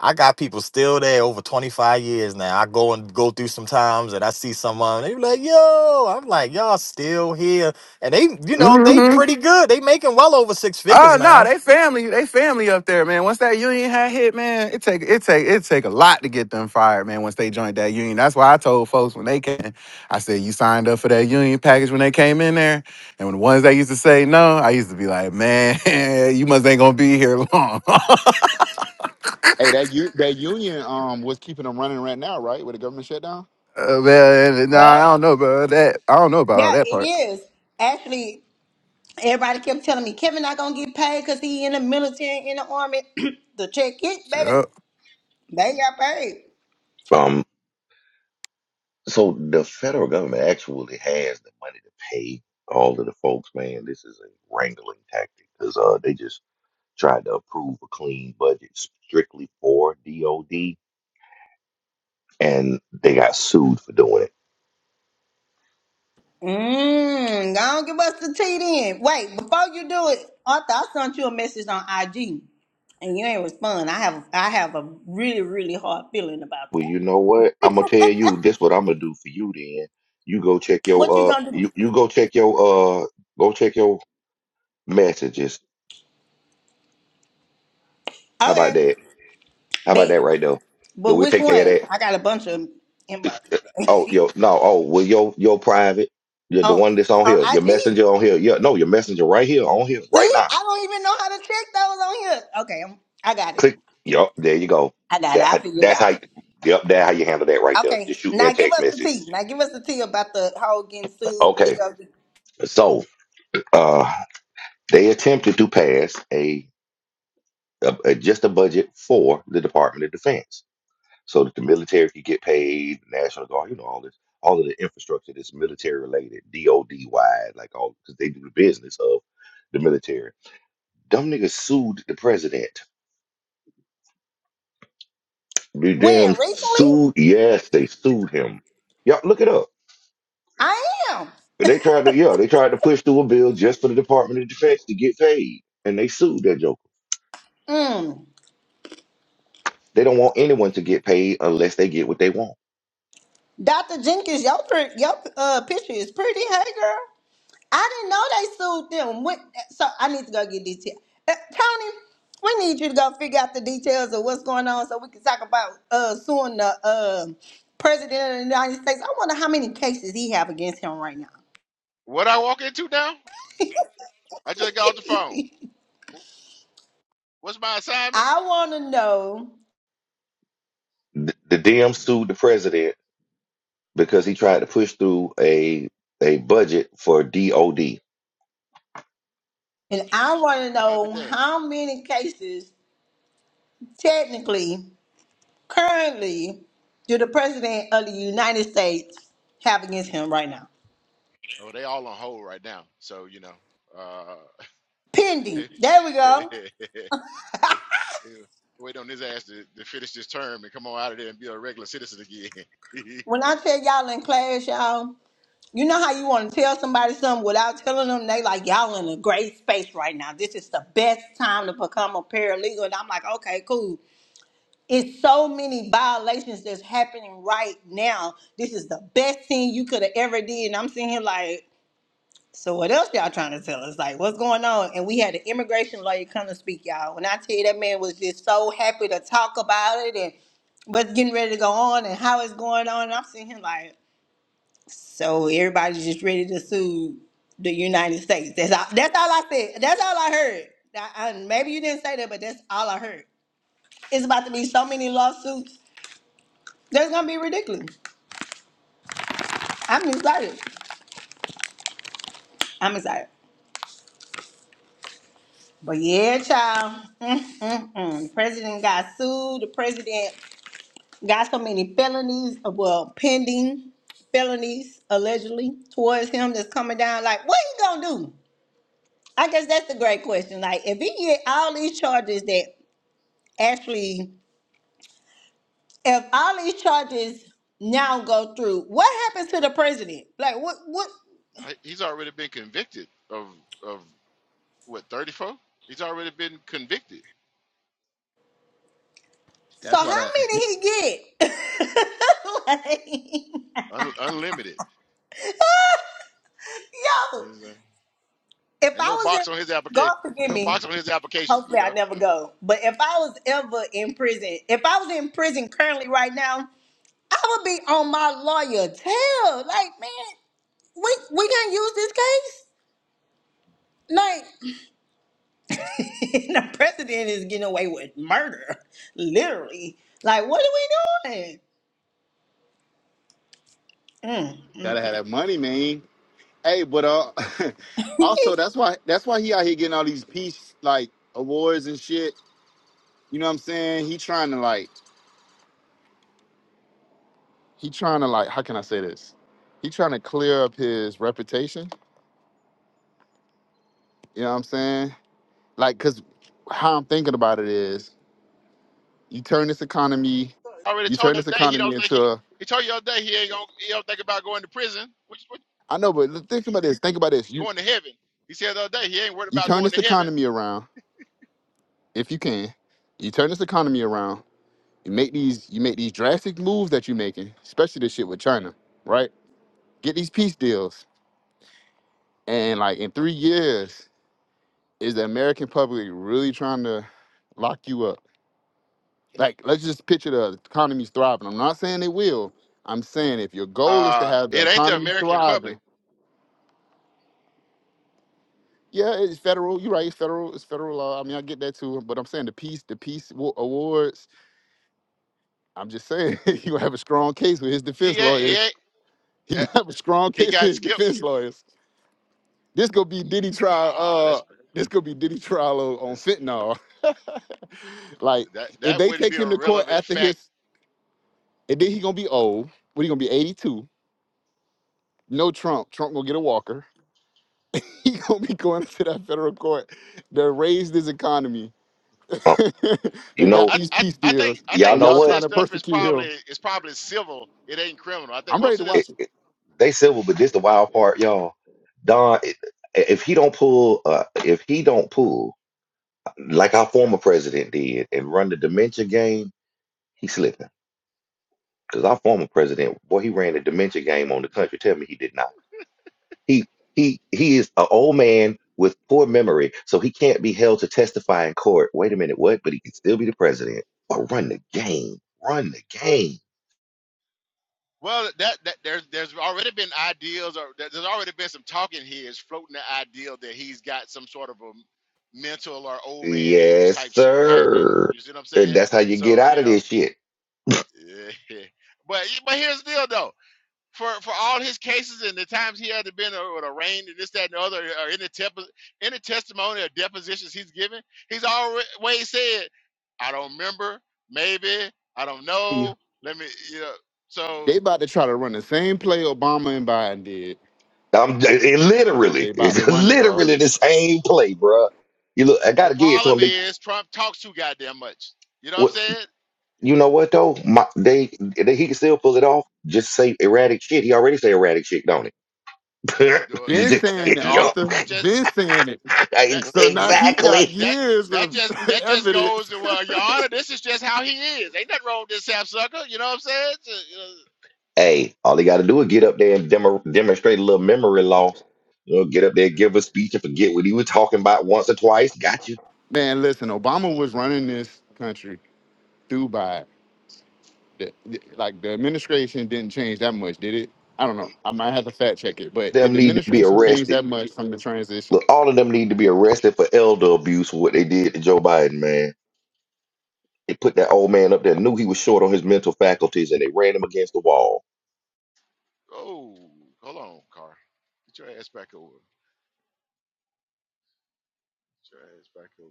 I got people still there over twenty five years now. I go and go through some times, and I see someone. They be like, "Yo," I'm like, "Y'all still here?" And they, you know, they
hmm
pretty good. They making well over six figures
Oh
now.
no, they family, they family up there, man. Once that union had hit, man, it take it take it take a lot to get them fired, man. Once they joined that union, that's why I told folks when they came, I said you signed up for that union package when they came in there, and when the ones that used to say no, I used to be like, man, you must ain't gonna be here long,
hey, that u- that union um was keeping them running right now, right? With the government shutdown.
Uh, man. Nah, I
Yep.
don't know about that. I don't know about all
Yeah,
that
it
part.
is. Actually, everybody kept telling me Kevin not gonna get paid because he in the military in the army. the check hit, baby.
Yup.
They got paid.
Um, so the federal government actually has the money to pay all of the folks, man. This is a wrangling tactic because uh, they just tried to approve a clean budget strictly for DOD, and they got sued for doing it.
Mmm, don't give us the tea then. Wait, before you do it, Arthur, I sent you a message on IG and you ain't respond. I have I have a really, really hard feeling about
Well, you
that.
know what? I'm gonna tell you this. What I'm gonna do for you then? You go check
What you
your uh,
gonna do?
you you go check your uh, go check your messages. How about
Okay,
that? How about
bet.
that right now? Do
But
we
which
take care of that?
one? I got a bunch of inbox.
Oh, yo, no. Oh, well, your your private, your the
on,
one that's on
on
here, your
IG?
messenger on here. Yeah, no, your messenger right here on here right
See,
now.
I don't even know how to check those on here. Okay, I'm, I got it.
Click. Yup, there you go.
I got
That
it. I
how-
figured it
that's
out.
how. Yep, that how you handle that right there.
Okay,
Just shoot me a
now give
text
us the
message.
tea. Now give us the tea about the whole getting sued.
Okay,
DOD.
so uh, they attempted to pass a, a, a just a budget for the Department of Defense, so that the military could get paid, the National Guard, you know, all this, all of the infrastructure that's military related, DoD wide, like all because they do the business of the military Them niggas sued the president. The
When?
damn
Recently?
sued. Yes, they sued him. Y'all look it up.
I am.
They tried to, yeah, they tried to push through a bill just for the Department of Defense to get paid, and they sued that joker.
Mm.
They don't want anyone to get paid unless they get what they want.
Dr. Jenkins, your, pr- your uh, picture is pretty. Hey, girl. I didn't know they sued them. What, so I need to go get details. Uh, Tony, we need you to go figure out the details of what's going on so we can talk about uh, suing the uh, president of the United States. I wonder how many cases he have against him right now.
What I walk into now? I just got off the phone. What's my assignment?
I want to know,
The, the DM sued the president because he tried to push through a a budget for DOD.
and I want to
I'll be
know
damned.
how many cases technically. currently do the president of the United States have against him right now?
Oh, they all on hold right now. So, you know, uh,
Pending. There we go.
wait on his ass to, to finish this term and come on out of there and be a regular citizen again.
When I tell y'all in class, y'all, you know how you want to tell somebody something without telling them they like y'all in a great space right now. This is the best time to become a paralegal. And I'm like, okay, cool. It's so many violations that's happening right now. This is the best thing you could have ever did. And I'm sitting here like, So what else y'all trying to tell us? Like what's going on? And we had an immigration lawyer come to speak, y'all. When I tell you that man was just so happy to talk about it and what's getting ready to go on and how it's going on. And I'm seeing him like, so everybody's just ready to sue the United States. That's all, that's all I said. That's all I heard. I, I- maybe you didn't say that, but that's all I heard. It's about to be so many lawsuits. That's gonna be ridiculous. I'm excited. I'm excited. But yeah, child. Mm-mm-mm. The president got sued. The president got so many felonies, uh, well, pending felonies allegedly towards him that's coming down. Like, what he gonna do? I guess that's the great question. Like, if he get all these charges that actually, if all these charges now go through, what happens to the president? Like, what? What?
He's already been convicted of, of what, 34? He's already been convicted,
So
That's
how
why that
many he get? like, yo,
un, unlimited. He's, uh,
if
ain't
I
no
was in,
box on his application.
God
and
forgive
no
me.
box on his applications, you
Hopefully, I
know.
never go. But if I was ever in prison, if I was in prison currently right now, I would be on my lawyer tail. Like, man, we we can use this case. Like, the president is getting away with murder, literally. Like, what are we doing? Mm,
gotta
mm, mm.
have that money, man. Hey, but uh, also that's why that's why he out here getting all these peace like awards and shit. You know what I'm saying? He trying to like he trying to like how can I say this? He trying to clear up his reputation. You know what I'm saying? like because how i'm thinking about it is you turn this economy
I already
you
told
turn
you
this
today he
economy
don't think
into
he,
a,
he told you the other day he ain't gonna, he don't think about going to prison. What, what
i know but look- think about this think about this you
going to heaven. He said the other day he ain't worried
you
about
turn
going
this
to heaven.
economy around if you can you turn this economy around you make these you make these drastic moves that you're making especially this shit with china right get these peace deals and like in three years is the american public really trying to lock you up like let's just picture the economy's thriving. I'm not saying it will. I'm saying if your goal is to
Uh,
have the
it ain't the
economy
American public.
thriving, yeah, it's federal. You're right. It's federal. It's federal law. I mean, I get that too. But I'm saying the peace, the peace wa- awards. I'm just saying he gonna have a strong case with his
He
defense
ain't, he
lawyers.
ain't
He
uh,
gonna have a strong
he
case with
got
his
skipped.
defense lawyers. This gonna be Diddy trial.
Nah, that's
Uh, this gonna be Diddy trial on, on
listen.
fentanyl. like
That
if
that
they
wouldn't be
take
a
him to court
relevant
after
fact.
his, and then he gonna be old. What he gonna be 82? No Trump. Trump gonna get a walker He gonna be going to that federal court that raised his economy,
Uh, you
that
I,
got
know,
I
these
I
peace
I think
deals,
I
y'all
think
and
know
y'all
most of
what?
trying
this
to
stuff is
persecute
probably
him.
is probably civil. It ain't criminal. I think
I'm ready
most of
to
this.
It,
watch it.
it- they civil, but this the wild part, y'all. Don, i- if he don't pull, uh, if he don't pull like our former president did and run the dementia game, he's slipping. Because our former president, boy, he ran the dementia game on the country. Tell me he did not. He he he is an old man with poor memory, so he can't be held to testify in court. Wait a minute, what? But he can still be the president. But run the game. Run the game.
Well, that, that there's there's already been ideas, or there- there's already been some talking heads floating the idea that he's got some sort of a mental or old man age
Yes,
type shit happening.
sir.
You see what I'm
And
saying?
that's how you get
So
out
you
of
know,
this shit.
Yeah. But yeah, but here's the deal though. For for all his cases and the times he had been or, or arraigned and this that and the other or in the temp- in the testimony or depositions he's given, he's always said, "I don't remember, maybe I don't
You-
know." Let me, you know. So
They about to try to run the same play Obama and Biden did.
I'm it literally,
They about to
it's
run it, bro.
literally the same play, bruh. You look, I
the
gotta give it to
problem
him. They,
is Trump talks too goddamn much. You know what I'm saying?
You know what though? My, they, they he can still pull it off. Just say erratic shit. He already say erratic shit, don't he?
Do-
Been
Just
That
saying
kid
it,
that
you up.
Arthur.
that's just
Been saying it.
that
Ex-
So
that
now he
that
got
exactly.
that
years
that
of
just that just goes
evidence.
to well, Your Honor, this is just how he is. Ain't nothing wrong with this sapsucker. You know what I'm saying? Just, you know,
Hey, all he got to do is get up there and demo, demonstrate a little memory loss. You know, get up there, give
yeah,
a speech, and forget what he was talking about
but,
once or twice. Got you.
Man, listen,
yeah,
Obama was running
he get.
this country through Biden. The- the- Like the administration didn't change that much, did it? I don't know. I might have to fact check it, but did
Them
the
need to be
administration change
arrested.
that much from the transition?
Look, all of them need to be arrested for elder abuse for what they did to Joe Biden, man. They put that old man up there, knew he was short on his mental faculties, and they ran him against the wall.
oh, hold on, car. Get your ass back over. Get your ass back over.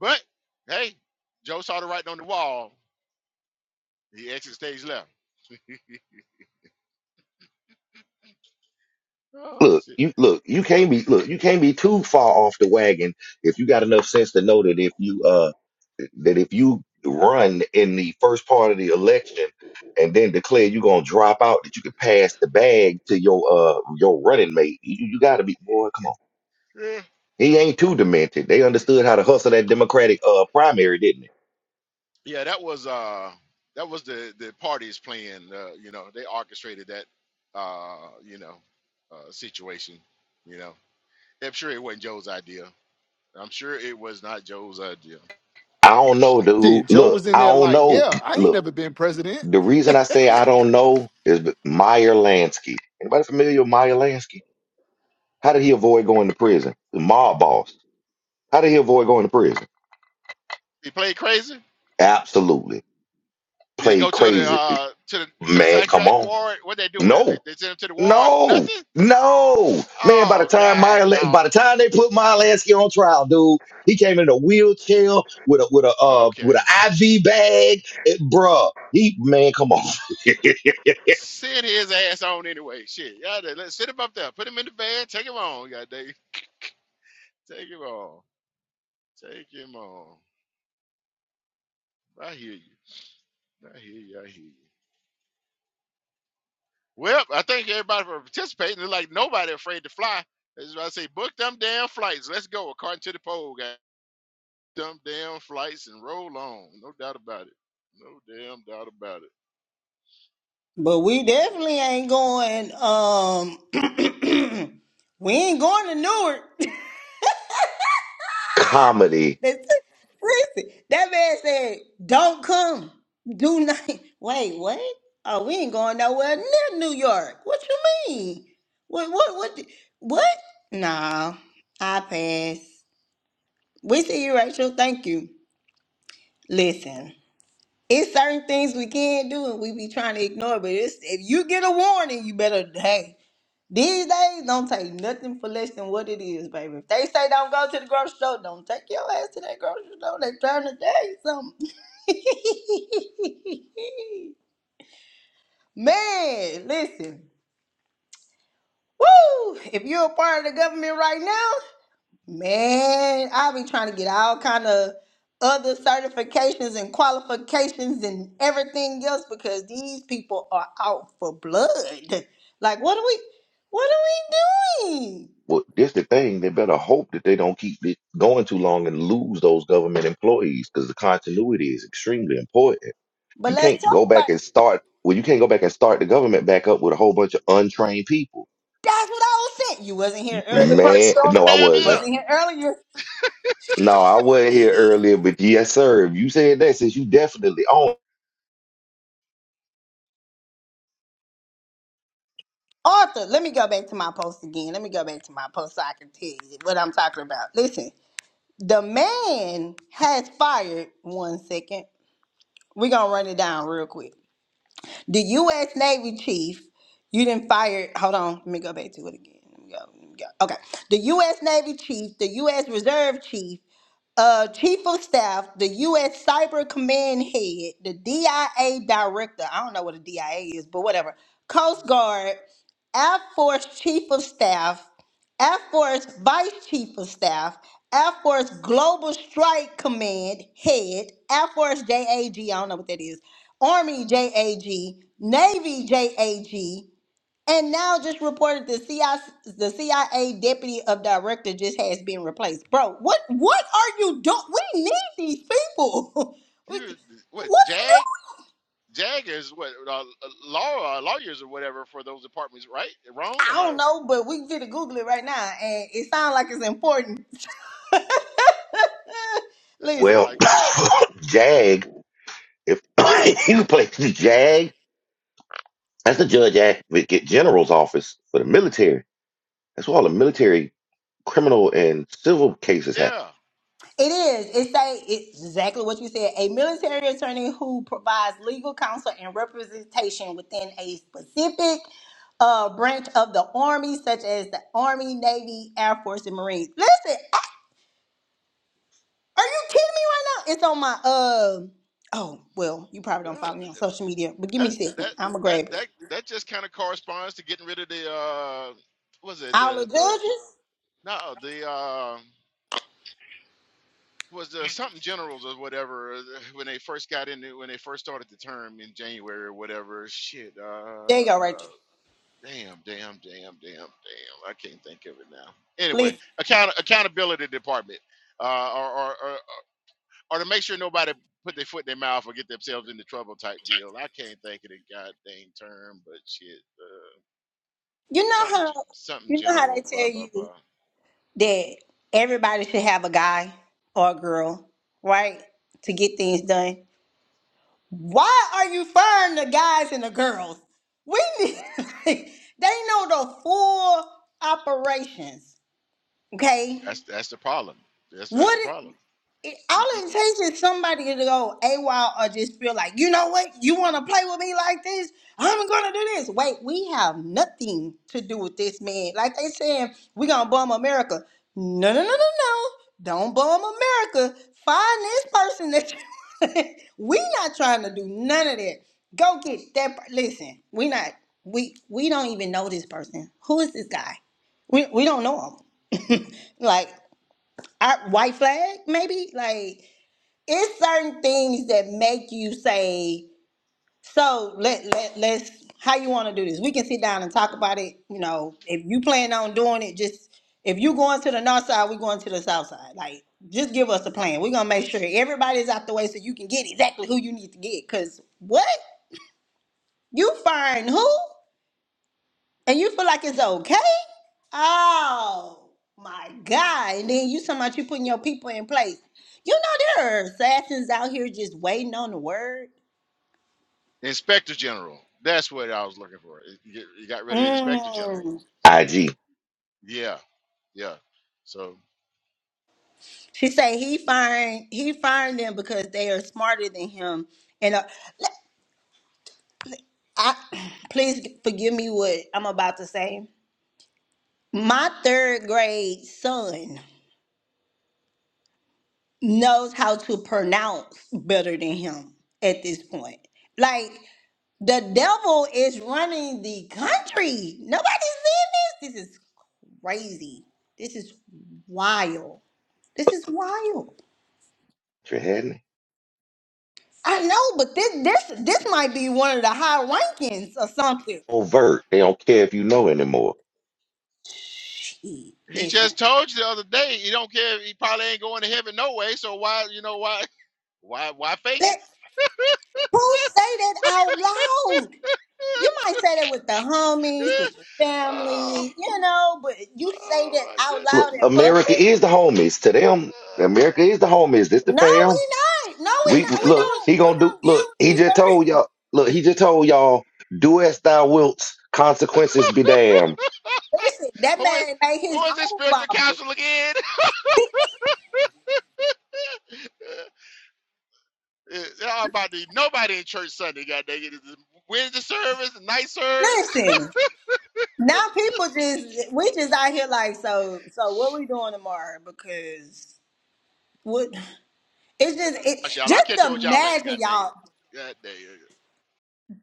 But hey, Joe saw the writing on the wall. He exit stage left. Oh
look,
shit.
you look, you can't be look, you can't be too far off the wagon if you got enough sense to know that if you uh that if you run in the first part of the election and then declare you're gonna drop out, that you can pass the bag to your uh your running mate. You, you gotta be boy, come on.
Yeah.
He ain't too demented. They understood how to hustle that Democratic uh primary, didn't they?
Yeah, that was uh that was the the parties playing. Uh, you know, they orchestrated that. Uh, you know, uh, situation. You know, I'm sure it wasn't Joe's idea. I'm sure it was not Joe's idea.
I don't know, dude.
Shit, Joe
Look,
was in
I
there
don't
like,
know.
yeah, I ain't
Look,
never been president.
the reason I say I don't know is be- Meyer Lansky. Anybody familiar with Meyer Lansky? How did he avoid going to prison? The mob boss. How did he avoid going to prison?
He played crazy.
Absolutely.
Did he
Played
go to the
crazy.
uh to the to the
Man, come
psychiatric
on.
ward? What they do with him? They,
No.
they sent him to the ward.
No.
Nothing.
No. Man, by the
Oh
time
God,
Meyer, by
dog.
the time they put Mylansky on trial, dude, he came in a wheelchair with a with a uh with
Okay.
an IV bag. It, bruh. He man, come on.
Send his ass on anyway. Shit. Yeah, they- let's sit him up there. Put him in the van. Take him on. God, they take him on. Take him on. I hear you. I hear you. I hear you. Well, I thank everybody for participating. It's like nobody afraid to fly. That's why I say book them damn flights. Let's go according to the poll, guys. Them damn flights and roll on. No doubt about it. No damn doubt about it.
But we
Yeah.
definitely ain't going. Um, we ain't going to Newark.
Comedy.
That's- Listen, that man said, "Don't come. Do not." Wait, what? Oh, we ain't going nowhere near New York. What you mean? What? What? What? What? Nah, I pass. We see you, Rachel. Thank you. Listen, it's certain things we can't do, and we be trying to ignore. But it's, if you get a warning, you better. hey. These days, don't take nothing for less than what it is, baby. If they say don't go to the grocery store, don't take your ass to that grocery store. They trying to tell you something. man, listen. Woo! If you're a part of the government right now, man, I'll be trying to get all kind of other certifications and qualifications and everything else because these people are out for blood. Like, what are we, what are we doing?
Well, this the thing. They better hope that they don't keep it going too long and lose those government employees because the continuity is extremely important
But
You
let's
can't
talk
go
about
back
it.
and start. Well, you can't go back and start the government back up with a whole bunch of untrained people.
That's what I was saying. You wasn't here
Really
earlier.
Man,
Oh
no, I
damn
wasn't.
yeah.
Wasn't here earlier.
No, I wasn't here
Mhm.
earlier, but yes, sir. If you said that, since you definitely own,
Arthur, let me go back to my post again. Let me go back to my post so I can tell you what I'm talking about. Listen, the man has fired one second. We're gonna run it down real quick. The US Navy chief, you didn't fire hold on, let me go back to it again. Let me go, let me go. Okay. The US Navy chief, the US Reserve Chief, uh, Chief of Staff, the U.S. Cyber Command Head, the DIA Director, I don't know what a DIA is, but whatever, Coast Guard, Air Force Chief of Staff, Air Force Vice Chief of Staff, Air Force Global Strike Command Head, Air Force JAG, I don't know what that is, Army JAG, Navy JAG, and now just reported the CIA, the CIA deputy of director just has been replaced. Bro, what what are you doing? We need these people.
He
we,
was what
what are you
Jag
doing?
Jag is what uh, uh, law uh, lawyers or whatever for those departments, right? Wrong?
I
Am I?
don't know, but we can finna Google it right now, and it sounds like it's important.
That
Listen,
sounds
well,
like
Jag. If you play the Jag, that's the judge advocate general's office for the military. That's where all the military criminal and civil cases happen.
yeah.
It is. It's a, it's exactly what you said. A military attorney who provides legal counsel and representation within a specific uh, branch of the Army, such as the Army, Navy, Air Force, and Marines. Listen, are you kidding me right now? It's on my, uh, oh, well, you probably don't
Well,
follow me on social media, but give
that
me a second.
that
I'm going to
that
grab it.
that that just kind of corresponds to getting rid of the uh what was it
All the
the the
judges,
no the uh was the something generals or whatever uh, when they first got in when they first started the term in January or whatever shit
there you go, Rachel.
uh damn damn damn damn damn I can't think of it now anyway
Listen,
account accountability department uh or or or, or to make sure nobody put their foot in their mouth or get themselves into trouble type deal I can't think of the goddamn term but shit uh,
you know
something
how,
ge- something
you know how they
general blah
tell
blah
you.
blah
that everybody should have a guy or a girl, right? To get things done. Why are you firing the guys and the girls? We need, they know the full operations, okay?
that's that's the problem that's that's the
What?
problem
it, all
Y- y-
it
y-
takes is somebody to go AWOL or just feel like, you know what, you want to play with me like this? I'm going to do this. Wait, we have nothing to do with this man. Like they saying, we going to bomb America. No, no, no, no, no. Don't bomb America. Find this person that you we not trying to do none of that. Go get that. per- Listen, we not, we, we don't even know this person. Who is this guy? We, we don't know him like I, white flag maybe like it's certain things that make you say, so let, let let's how you want to do this. We can sit down and talk about it. You know, if you plan on doing it, just if you going to the north side, we going to the south side. Like, just give us a plan. We're gonna make sure everybody's out the way so you can get exactly who you need to get. Cause what? You find who? And you feel like it's okay? Oh my God. And then you talking about you putting your people in place. You know there are assassins out here just waiting on the word.
inspector general that's what i was looking for it, you you got rid of the inspector general
Mm.
so
IG,
yeah yeah so
She say he fired he fired them because they are smarter than him. And uh, I, please forgive me what I'm about to say. My third grade son knows how to pronounce better than him at this point. Like the devil is running the country. Nobody's seeing this. This is crazy. This is wild. This is wild.
you had me.
I know, but this this this might be one of the high rankings or something.
Overt. They don't care if you know anymore.
Shit,
he
listen,
just told you the other day he don't care he probably ain't going to heaven no way so why you know why why why fake it
let, who say that out loud? You might say that with the homies, with your
oh,
family, you know, but you say
oh
that
my
out
look,
loud in
goodness
America
public?
is the homies to them. America
uh,
is the homies. This the
No, we
fam.
not. No,
We
I
we
we-
not.
said,
We
who
look.
is
don't.
He
We
gonna do.
don't deal
who,
Look,
with
he
you,
just
sir.
told y'all. Look, he just told y'all. Do as thou wilt. Consequences be damned.
Listen, that
who is
man made
who
his
is this
own
spiritual
Bible.
counsel again Eh, They're all about to nobody in church Sunday. God dang it! It's the Wednesday service, the night service.
Listen, now people just we just out here like so. So what we doing tomorrow? Because what? It's just it
Gosh, y'all, I'll
just
catch up with y'all later.
imagine
God dang it.
y'all.
God dang it.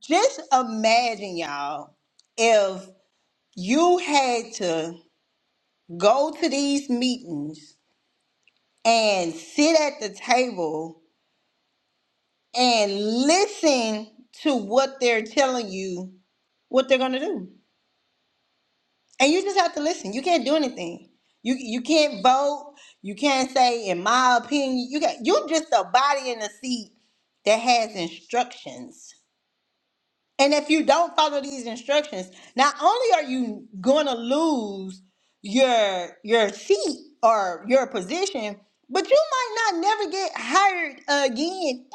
Just imagine y'all if you had to go to these meetings and sit at the table and listen to what they're telling you what they're gonna do. And you just have to listen. You can't do anything. You you can't vote. You can't say, in my opinion, you got you're just a body in a seat that has instructions And if you don't follow these instructions, not only are you going to lose your your seat or your position, but you might not never get hired again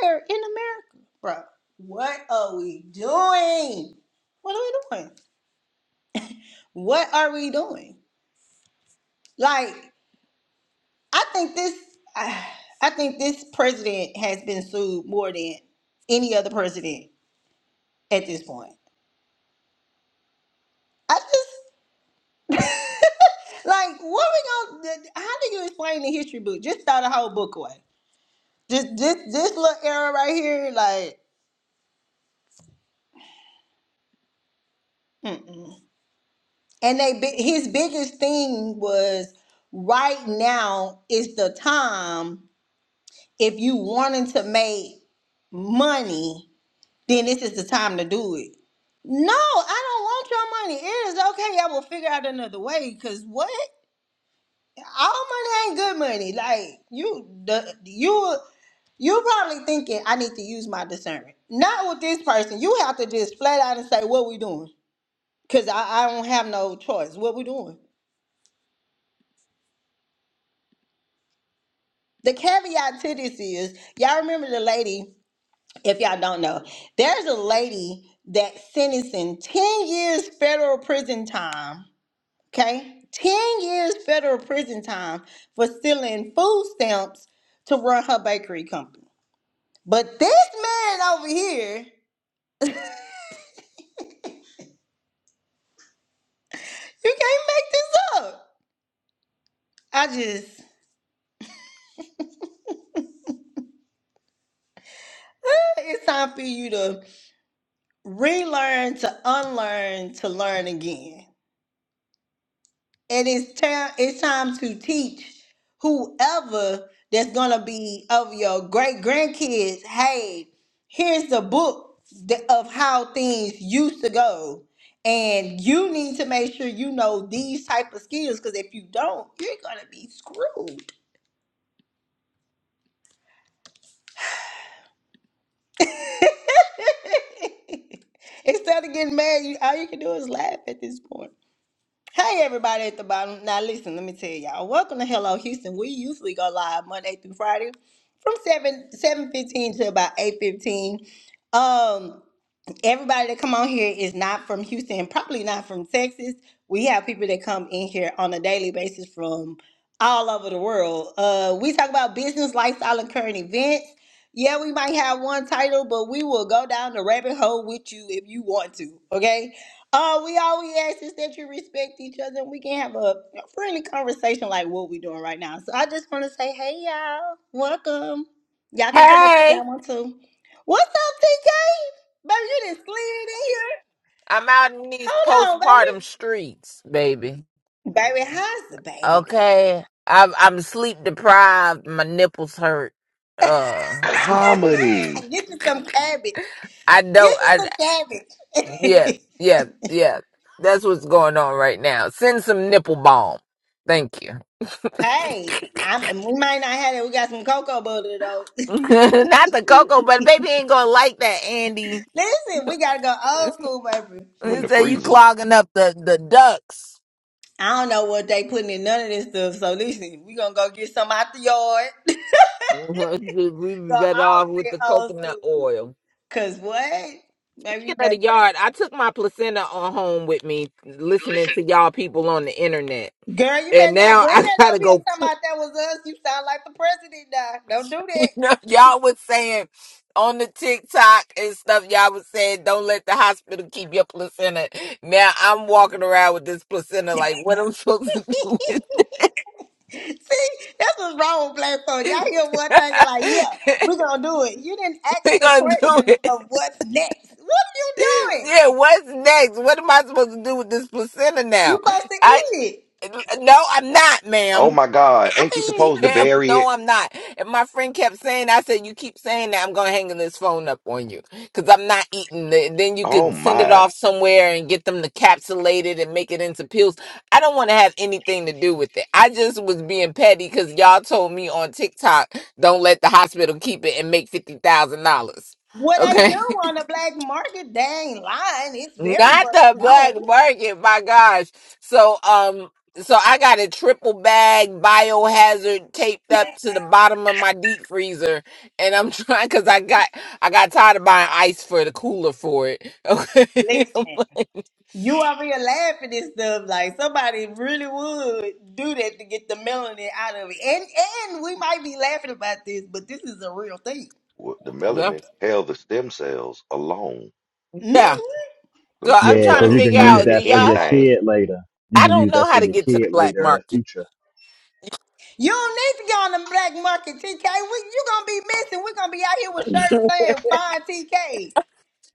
anywhere in America, bro. What are we doing? What are we doing? What are we doing? Like, I think this I, I think this president has been sued more than any other president at this point. I just Like, what we gonna? How do you explain the history book? Just throw the whole book away. Just this this little era right here, like. Mm-mm. And they bi- his biggest thing was right now is the time if you wanting to make money, then this is the time to do it. No, I don't want your money. It is okay. I will figure out another way. Cause what? all money ain't good money. Like you, the you, you probably thinking I need to use my discernment. Not with this person. You have to just flat out and say what we doing, cause I, I don't have no choice. What we doing? The caveat to this is y'all remember the lady. If y'all don't know, there's a lady that sentenced in ten years federal prison time. Okay, ten years federal prison time for stealing food stamps to run her bakery company. But this man over here, you can't make this up. I just, it's time for you to relearn, to unlearn, to learn again. And it's time, it's time to teach whoever that's gonna be of your great grandkids. Hey, here's the book th- of how things used to go. And you need to make sure you know these type of skills because if you don't, you're gonna be screwed. Instead of getting mad, you, all you can do is laugh at this point. Hey, everybody at the bottom. Now, listen, let me tell y'all. Welcome to Hello Houston. We usually go live Monday through Friday from 7 7 15 to about eight fifteen. Um, everybody that come on here is not from Houston, probably not from Texas. We have people that come in here on a daily basis from all over the world. Uh, we talk about business, lifestyle, and current events. Yeah, we might have one title, but we will go down the rabbit hole with you if you want to. Okay. Uh, we all we ask is that you respect each other and we can have a friendly conversation like what we're doing right now. So I just want to say, hey y'all, welcome. Y'all can come up if
Hey,
y'all want to. What's up, TK? Baby, you just slid in here.
I'm out in these
Hold on,
postpartum
baby.
streets, baby.
Baby, how's the baby
Okay,
doing?
I'm I'm sleep deprived. My nipples hurt. Uh,
Comedy.
Get you some cabbage.
I don't.
Get you
I
some
yeah,
cabbage.
yeah, yeah. That's what's going on right now. Send some nipple balm. Thank you. Not
hey, I'm, we might not have it. We got some cocoa butter though.
the cocoa, but baby ain't gonna like that, Andy.
listen, we gotta go old school, baby.
I'm in
He
the
said you
freezer.
clogging up the the ducks.
I don't know what they putting in none of this stuff. So listen, we gonna go get some out the yard.
we be
go
better
all
off
the
with
way
the
old
coconut
school.
oil.
Cause what? Baby,
Speaking
you
of the
better.
yard, I took my placenta on home with me, listening
go.
to y'all people on the internet,
Girl, you
and
better not
now
bring
I
that up
gotta
here
go.
talking about that was us. You sound like the president now. Don't do
You know, y'all was saying on the TikTok and stuff. Y'all was saying, "Don't let the hospital keep your placenta." Now I'm walking around with this placenta, like, what am I supposed to do
that.
with
See, that's what's wrong with black folks. Y'all hear one thing and like, yeah,
it?
we're gonna do it. You didn't
we
ask the
gonna do
question
it?
of what's next. What are you doing?
Yeah, what's next? What am I supposed to do with this placenta now?
You supposed to
I
eat it.
no, I'm not,
Oh
ma'am.
my God! Ain't you
I mean,
supposed to
Pam,
bury it?
no, I'm not. And my friend kept saying, I said, you keep saying that, I'm going to hang this phone up on you because I'm not eating it. Then you
Oh
could send it
my!
off somewhere and get them to capsulate it and make it into pills. I don't want to have anything to do with it. I just was being petty because y'all told me on TikTok, don't let the hospital keep it and make $50,000.
what they
Okay.
do on the black market, they ain't lying. It's very
Not
much
the black
known.
market, my gosh. So um so I got a triple bag biohazard taped up to the bottom of my deep freezer and I'm trying cuz I got I got tired of buying ice for the cooler for it. Okay.
Listen. You over here laughing and stuff like somebody really would do that to get the melanin out of it, and and we might be laughing about this, but this is a real thing.
What the melanin held the stem cells alone.
hmm
yeah.
Them
So I'm
stem
trying to
cells
figure
turn
out
into
do y'all ha-
anything.
I don't know how to get to the black market.
You don't need to go on the black market, TK. We, you gonna be missing. We're gonna be out here with shirts saying "Fine TK."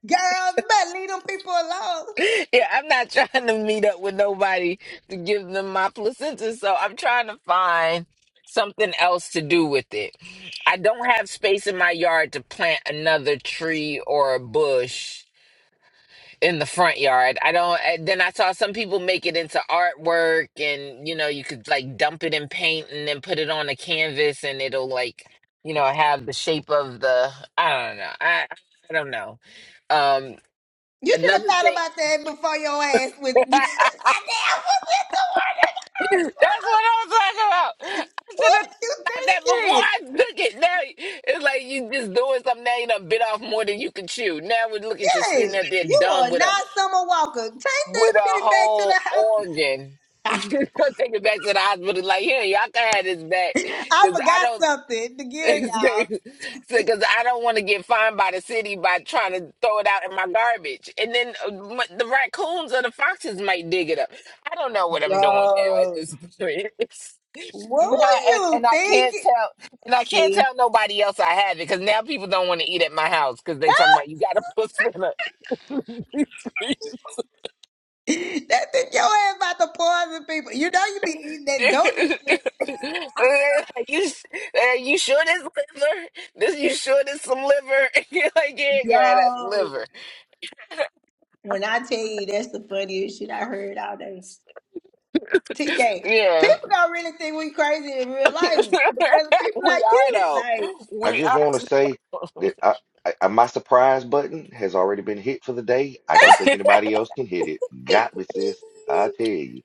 Girl, you better leave them people alone.
yeah, I'm not trying to meet up with nobody to give them my placenta, so I'm trying to find something else to do with it. I don't have space in my yard to plant another tree or a bush in the front yard. I don't and then I saw some people make it into artwork and you know, you could like dump it in paint and then put it on a canvas and it'll like, you know, have the shape of the I don't know. I I don't know. Um
You should have
another
thought
thing
about that before your ass with. Goddamn, what with the word?
That's what I'm talking about. I
What
should have thought
are you
about that before
thinking?
I took it. Now it's like you just doing something now you done bit off more than you can chew. Now we look at you
Hey,
sitting up there
you are
dumb with a
not Summer Walker. Take that
with a
shit back to
whole
the house.
organ. Gonna take it back to the hospital. Like, here, y'all can have this back
I
because I
forgot
don't.
something to give
because
y'all.
I don't want to get fined by the city by trying to throw it out in my garbage, and then uh, m- the raccoons or the foxes might dig it up. I don't know what I'm doing now at
Bro,
this point. It's- You
what
know,
were
and,
you
and I can't
thinking?
tell, and I can't
See,
tell nobody else I have it because now people don't want to eat at my house because they talking about you got a pussy. in a.
that bitch, your ass about to poison people. You know you be eating that golden shit.
like, you, s- uh, you sure this liver? This you sure this some liver? like yeah, girl, that's
Yo,
liver.
when I tell you that's the funniest shit I heard all day. TK,
Yeah.
people gonna really think we crazy in real life because of people
we
like
are
you.
though.
Like,
I
We
just
are
want to say that I, I, I- my surprise button has already been hit for the day. I don't think anybody else can hit it. Got me, sis. I tell you.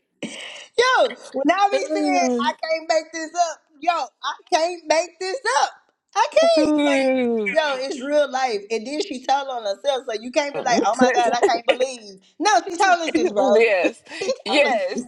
Yo, when I be saying I can't make this up, yo, I can't make this up. I can't. Like, yo, it's real life. And then she told on herself, so you can't be
though.
like, oh my God, I can't believe. No, she told us this, bro.
yes.
she told us
Yes.
this.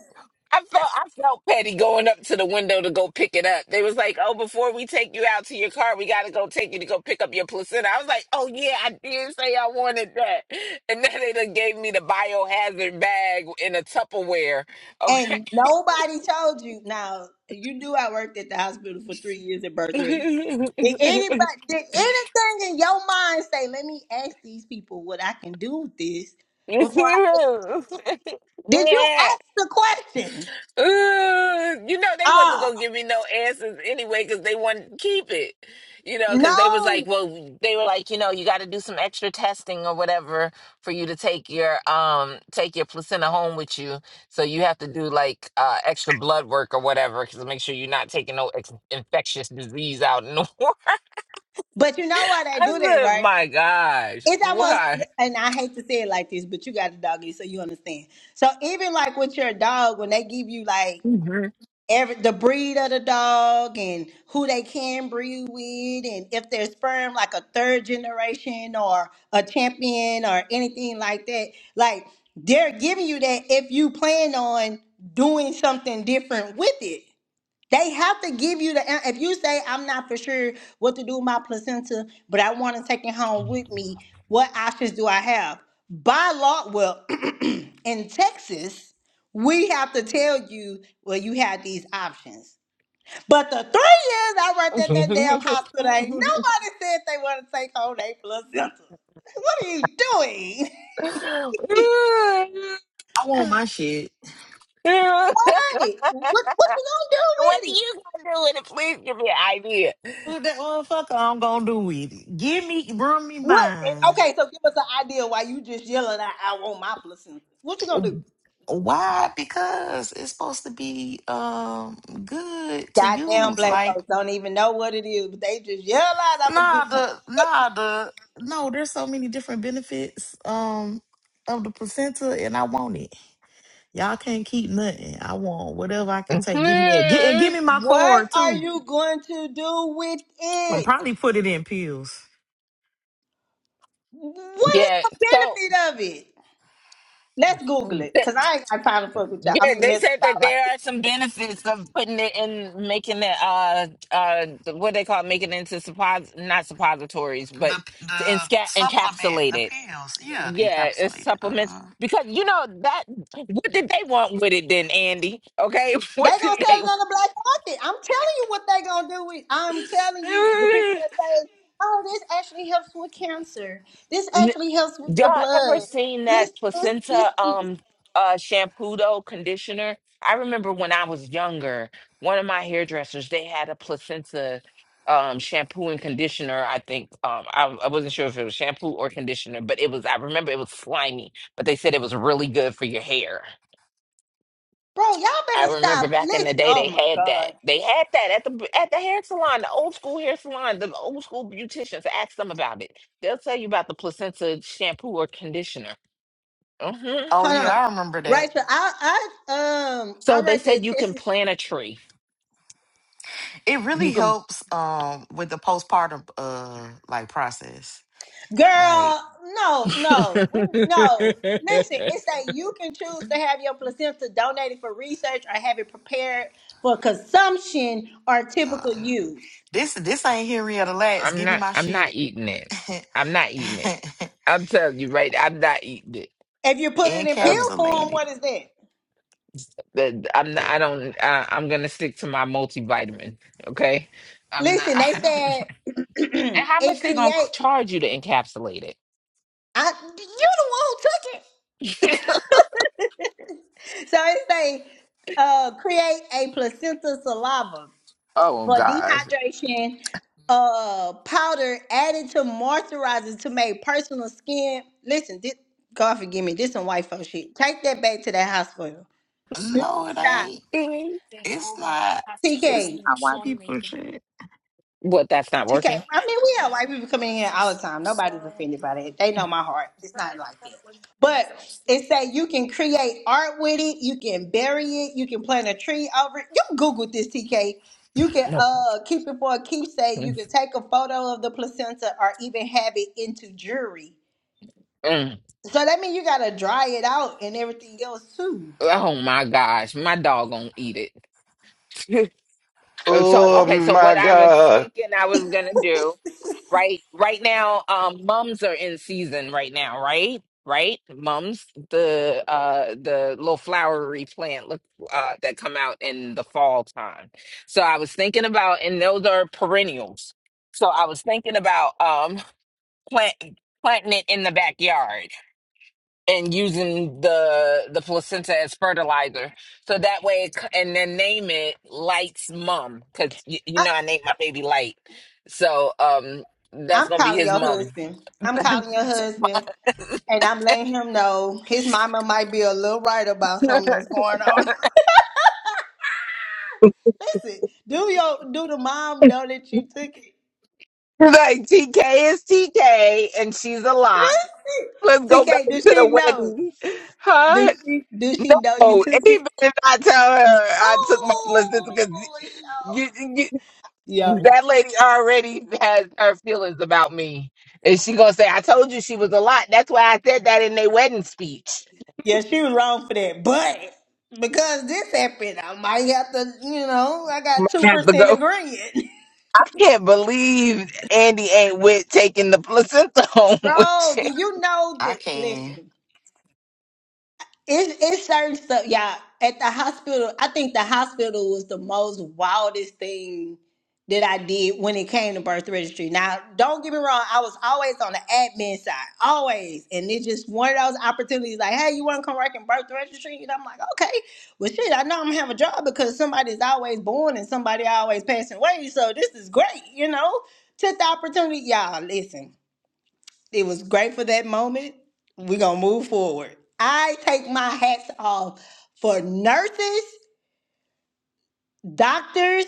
I felt I felt petty going up to the window to go pick it up. They was like, Oh, before we take you out to your car, we gotta go take you to go pick up your placenta. I was like, Oh yeah, I did say I wanted that. And then they done gave me the biohazard bag in a Tupperware.
And nobody told you. Now, you knew I worked at the hospital for three years at birth registry. Did
Okay.
anybody, did anything in your mind say, let me ask these people what I can do with this
you
before I,
know
did you ask the question?
they wasn't
Ah.
gonna give me no answers anyway because they wanted to keep it you know because they was like
No,
well they were like you know you got to do some extra testing or whatever for you to take your um take your placenta home with you so you have to do like uh extra blood work or whatever because make sure you're not taking no ex- infectious disease out in the world
but you know why they
i
do that,
said
right?
my gosh
It's almost,
why
and I hate to say it like this, but you got a doggy, so you understand. So even like with your dog, when they give you like every the breed of the dog and who they can breed with, and if they're sperm like a third generation or a champion or anything like that, like they're giving you that if you plan on doing something different with it. They have to give you the. an- If you say I'm not for sure what to do with my placenta, but I want to take it home with me, what options do I have? By law, well, in Texas, we have to tell you, well, you have these options. But the three years I worked at that damn hospital, ain't nobody said they want to take home their placenta. What are you doing?
I want my
What
shit.
Why? What what you gonna do with
do
it?
you gonna do with it? Please give me an idea.
What that motherfucker I'm gonna do with it? Give me, bring me
What?
mine.
Okay, so give us an idea why you just yelling out, I want my placenta. What you gonna do?
Why? Because it's supposed to be um good to
Goddamn
use.
black
Like
folks don't even know what it is, but they just yell out, I'm gonna get
Nah,
my.
the nah the no. There's so many different benefits um of the placenta, and I want it. Y'all can't keep nothing. I want whatever I can take. Give me that. Get, and give
Mhm.
me my
What
cord
are
too.
you going to do with
I'm
it?
probably put it in pills.
What is
Yeah.
the
So,
benefit of it? Let's Google it,
th-
cause I ain't got time to fuck with y'all. I
yeah,
mean,
they
mess with
said that
y'all like
there
this.
are some benefits of putting it in, making it, uh, uh, the- what they call it, making it into suppos, not suppositories, but
The
to
the
insca-
supplement,
encapsulate
the
it.
pills. Yeah, the
Yeah, it's
encapsulated.
supplements
Uh-huh.
because you know that. What did they want with it then, Andy? Okay,
They
what did
gonna sell
they?
it on the black market. I'm telling you what they gonna do. With, I'm telling you, the people that say, "Oh, this actually helps with cancer. This actually helps with
Y'all
the
ever
blood.
seen
This,
that
this, this,
placenta
this."
um uh shampoo though conditioner? I remember when I was younger, one of my hairdressers, they had a placenta um shampoo and conditioner, I think. Um I, I wasn't sure if it was shampoo or conditioner, but it was I remember it was slimy, but they said it was really good for your hair.
Bro, y'all
I
better
remember
stop.
back in the
Listen.
day
Oh
they
my
had that.
god.
They had that at the at the hair salon, the old school hair salon, the old school beauticians. Ask them about it. They'll tell you about the placenta shampoo or conditioner. Mhm.
Oh
Hold
yeah,
on.
I remember that.
Right. So I, I, um,
So
I
they
write
said
that
you can
test.
plant a tree.
It
You
really
can.
helps um with the postpartum uh like process. Like
Girl, no, no, no. Listen, it's that you can choose to have your placenta donated for research or have it prepared for consumption or typical
uh,
use.
this this ain't Henrietta Lacks.
I'm
Give me
not.
my
I'm not
shit.
eating it. I'm not eating it. I'm telling you, right? I'm not eating it.
If you put it in
Um,
pill form,
Encapsulated.
what is that?
that- I'm not. I don't. Uh, I'm gonna stick to my multivitamin. Okay. I'm not.
Listen, they
I don't.
said
And how much
it
they gonna c-
create.
charge you to encapsulate
I, you the one who took it.
it?
So it say uh, create a placenta saliva.
oh
for
God.
dehydration, uh, powder added to moisturizers to make personal skin. Listen, this, God forgive me, this some white folks shit. Take that back to that hospital. You
No, it
stop.
ain't. It's not. It's
TK.
not white people shit.
What? That's not
TK,
working.
I mean, we have white people coming in here all the time. Nobody's offended by that. They know my heart. It's not like that. But it's that you can create art with it. You can bury it. You can plant a tree over it. You Google this, TK. You can
No.
uh keep it for a keepsake. You
Mm.
can take a photo of the placenta or even have it into jewelry.
Mm.
So that means you gotta dry it out and everything else too.
Oh my gosh, my dog gonna eat it.
So
so
Oh
okay,
Uh-uh.
so
my
what I was
God.
thinking I was gonna do, right? Right now, um, mums are in season right now, right? Right? Mums, the uh the little flowery plant look uh that come out in the fall time. So I was thinking about and those are perennials. So I was thinking about um plant planting it in the backyard. and using the the placenta as fertilizer. So that way, it, c- and then name it Light's mom because you, you
I,
know I named my baby Light. So um, that's
I'm
gonna be
calling
his
your
mom.
husband. I'm
like
calling your husband And I'm letting him know his mama might be a little right about something that's going on. Listen, do your do the mom know that you took it?
TK is TK, and she's a lot. Let's
Listen,
go back
TK,
to
does
the
she know?
wedding, huh?
Does she does she know you
Oh, and
took
even
it?
anybody I tell her I took my placenta
Oh,
because.
yo, yo,
That lady already has her feelings about me. And she gonna say, I told you she was a lot. That's why I said that in their wedding speech.
yeah, she was wrong for that, but because this happened, I might have to, you know, I got
You
two
might have to
percent
go.
agreement.
I can't believe Andy ain't with taking the placenta home with
Bro,
you.
do you know
I
the?
can.
Listen, It's it's certain stuff, y'all. At the hospital, I think the hospital was the most wildest thing that I did when it came to birth registry. Now, don't get me wrong, I was always on the admin side, always, and it's just one of those opportunities. Like, hey, you want to come work in birth registry? And I'm like, okay, well, shit, I know I'm gonna have a job because somebody's always born and somebody always passing away, so this is great, you know. Took the opportunity, y'all. Listen, it was great for that moment. We're gonna move forward. I take my hats off for nurses, doctors,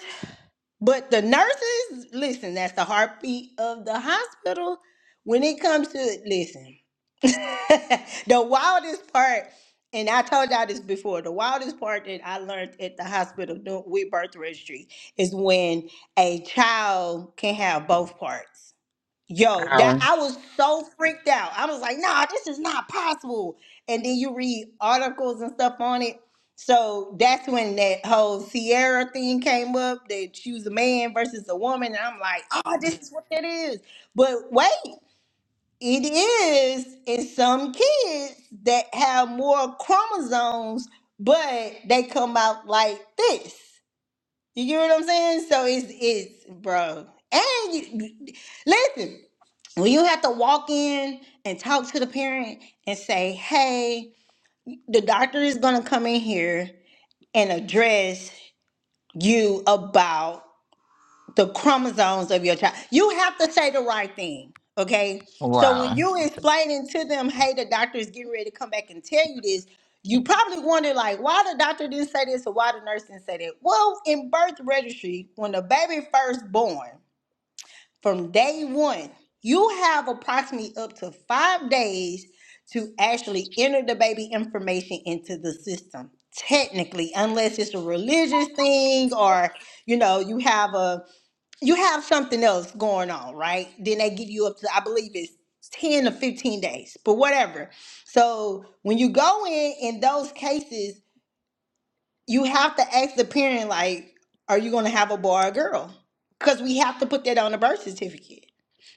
but the nurses, listen, that's the heartbeat of the hospital. When it comes to listen, the wildest part, and I told y'all this before, the wildest part that I learned at the hospital doing with birth registry is when a child can have both parts. Yo, that
Wow.
I was so freaked out. I was like, nah, this is not possible. And then you read articles and stuff on it. So that's when that whole Sierra thing came up that she was a man versus a woman. And I'm like, oh, this is what that is. But wait, it is in some kids that have more chromosomes, but they come out like this. You get what I'm saying? So it's it's bro. And you you- listen when you have to walk in and talk to the parent and say, hey, the doctor is going to come in here and address you about the chromosomes of your child. You have to say the right thing, okay? So when
Wow.
you explaining to them, hey, the doctor is getting ready to come back and tell you this, you probably wonder like why the doctor didn't say this or why the nurse didn't say that. Well, in birth registry, when the baby first born, from day one, you have approximately up to five days to actually enter the baby information into the system. Technically, unless it's a religious thing or you know you have a you have something else going on, right? Then they give you up to I believe it's ten or fifteen days, but whatever. So when you go in in those cases, you have to ask the parent like are you going to have a boy or a girl because we have to put that on the birth certificate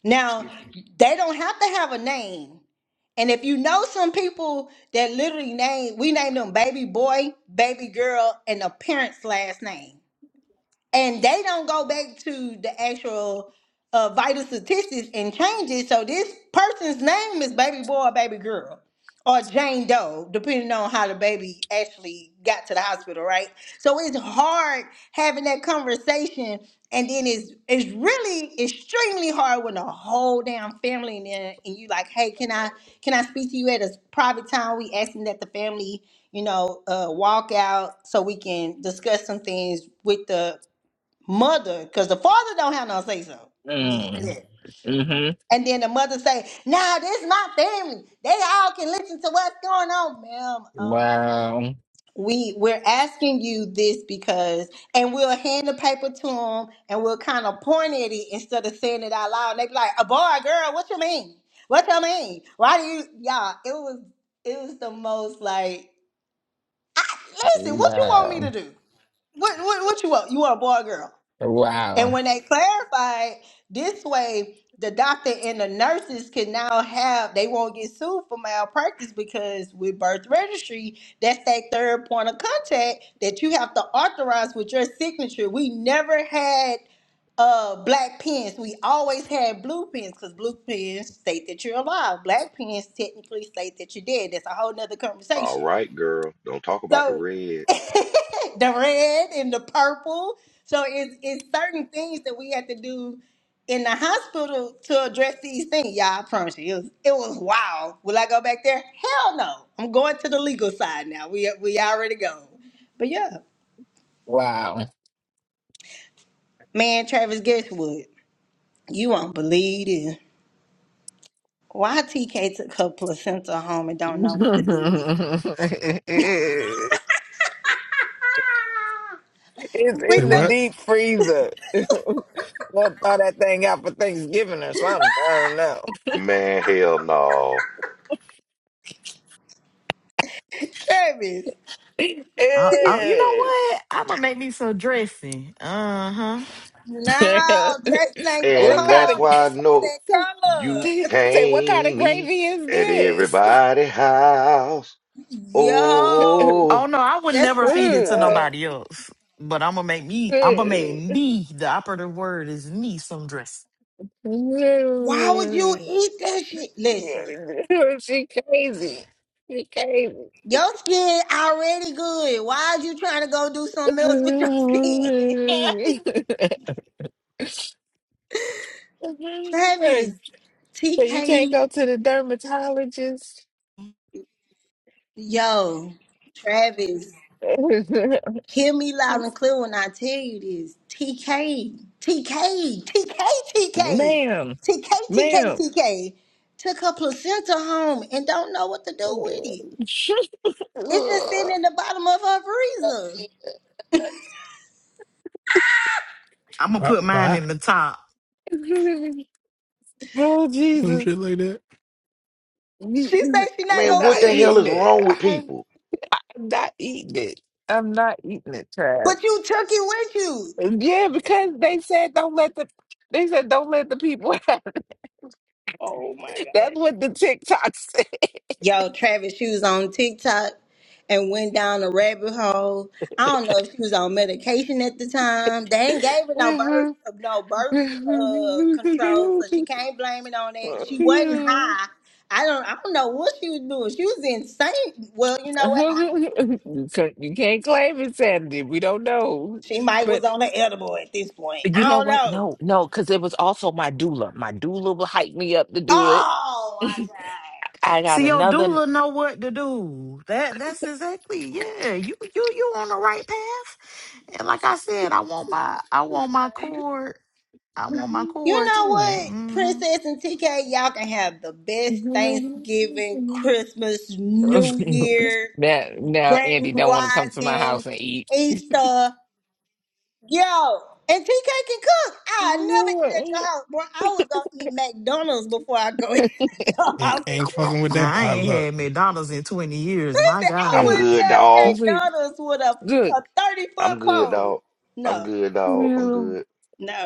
now they don't have to have a name and if you know some people that literally name we name them baby boy baby girl and the parent's last name and they don't go back to the actual uh, vital statistics and change it. So this person's name is baby boy or baby girl or Jane Doe, depending on how the baby actually got to the hospital, right? So it's hard having that conversation, and then it's it's really extremely hard when the whole damn family in there, and you like, hey, can I can I speak to you at a private time? We asking that the family you know, uh, walk out so we can discuss some things with the mother, because the father don't have no say so. Let me
Mm.
say that.
hmm
And then the mother say, "Nah, this is my family. They all can listen to what's going on, ma'am." Um,
Wow.
we we're asking you this because, and we'll hand the paper to them, and we'll kind of point at it instead of saying it out loud. And they be like, "A boy, girl, what you mean? What you mean? Why do you, y'all?" It was it was the most like, listen, what you want me to
Wow.
do? What what what you want? You want a boy, or girl?
Wow.
And when they clarified this way, the doctor and the nurses can now have they won't get sued for malpractice because with birth registry, that's that third point of contact that you have to authorize with your signature. We never had uh black pens. We always had blue pens because blue pens state that you're alive. Black pens technically state that you're dead. That's a whole nother
All
conversation.
right, girl. Don't talk about the
So
red.
the red and the purple. So it's it's certain things that we had to do in the hospital to address these things. Y'all, I promise you, it was it was wild. Will I go back there? Hell no. I'm going to the legal side now. We we already go. But yeah,
Wow.
man, Travis, guess what? You won't believe this. Why TK took her placenta home and don't know what to do with it?
It's
We
Say
in the
tell
what?
deep freezer. Gonna throw that thing out for Thanksgiving or something. I don't know.
Man, hell no.
Travis.
Oh, oh, you know
Eh.
what? I'm gonna make me some dressing. Uh huh.
No, Jason ain't that
what
And
kind
that's
hard.
of
why I
It's not
know you
say,
that color.
say what kind of
can't eat
gravy is
at
this?
everybody's house.
Yo,
Oh,
Oh no, I would
that's
never
like,
feed it to
Mm,
yo,
nobody else. But I'm gonna make me. I'm gonna make me. The operative word is me some dressing.
why would you
mm.
eat that shit? Listen,
Mm. she crazy. She crazy.
your skin already good. Why are you trying to go do something
so
else with your skin? like, Travis,
you can't
TK,
go to the dermatologist.
yo, Travis. Hear me loud and clear when I tell you this. TK, TK, TK, TK,
Ma'am,
TK, TK,
ma'am.
TK took her placenta home and don't know what to do with
oh
it. It's just sitting in the bottom of her freezer.
I'm gonna
Why?
put mine
why?
in the top.
Some shit
Jesus,
like that.
Me-
She says she not
I'm
man,
gonna
what
not
the
eat
hell
eating
it,
is
it.
wrong with
I'm
people?
I'm not eating it. I'm not eating it, Trav.
but you took it with you.
Yeah, because they said don't let the they said don't let the people have it.
Oh my god.
That's what the TikTok said.
Yo, Travis, she was on TikTok and went down a rabbit hole. I don't know if she was on medication at the time. They ain't gave her no birth, no
you
birth uh, control, so she can't blame it on that. She wasn't high. I don't, I don't know what she was doing. She was insane. Well, you know what? I don't know.
can't you can't claim insanity. We don't know.
She might was on the edible at this point.
You
I
know
don't
what?
know.
No, no, because it was also my doula. My doula will hype me up to do it.
Oh my god.
I got
See your
another.
doula know what to do. That that's exactly yeah. You you you on the right path. And like I said, I want my I want my cord. I want my
You
cord
know
too.
what,
hmm
Princess and TK, y'all can have the best Thanksgiving, Christmas, New Year,
now, now
Grand
Andy don't want to come to my
Rising,
house and eat.
Easter. Yo, and TK can cook. I never eat at your house. Bro, I was gonna eat McDonald's before I go eat at your
Ain't,
house at
ain't
this
fucking with that
Now
point.
I ain't
potluck.
had McDonald's in twenty years. My
Listen, I
I'm
God.
wouldn't
good, dog.
touch McDonald's with a,
Good.
a 30 foot
I'm good,
pole.
dog. I'm
No,
good, dog. I'm good.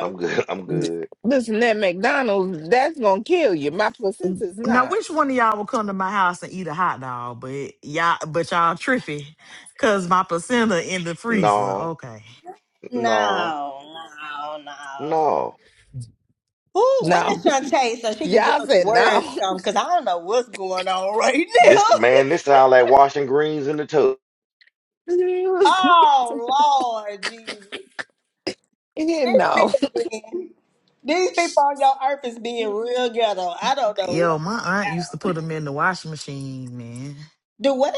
I'm good. I'm good.
Listen, that McDonald's, that's gonna kill you. My placenta's
Now
not.
which one of y'all will come to my house and eat a hot dog? But y'all but y'all trippy, cause my placenta in the freezer.
No,
Okay.
no,
no, no, no.
no.
Ooh, where's
No.
Shantae so she can give
Y'all
us a
said
word or
no.
something? Because I don't know what's going on right now.
This man, this sound like washing greens in the tub.
oh, Lord Jesus. This me again. These people on your earth is being real ghetto. I don't know
Yo,
what's going
my aunt used
on.
to put them in the washing machine, man.
Do what?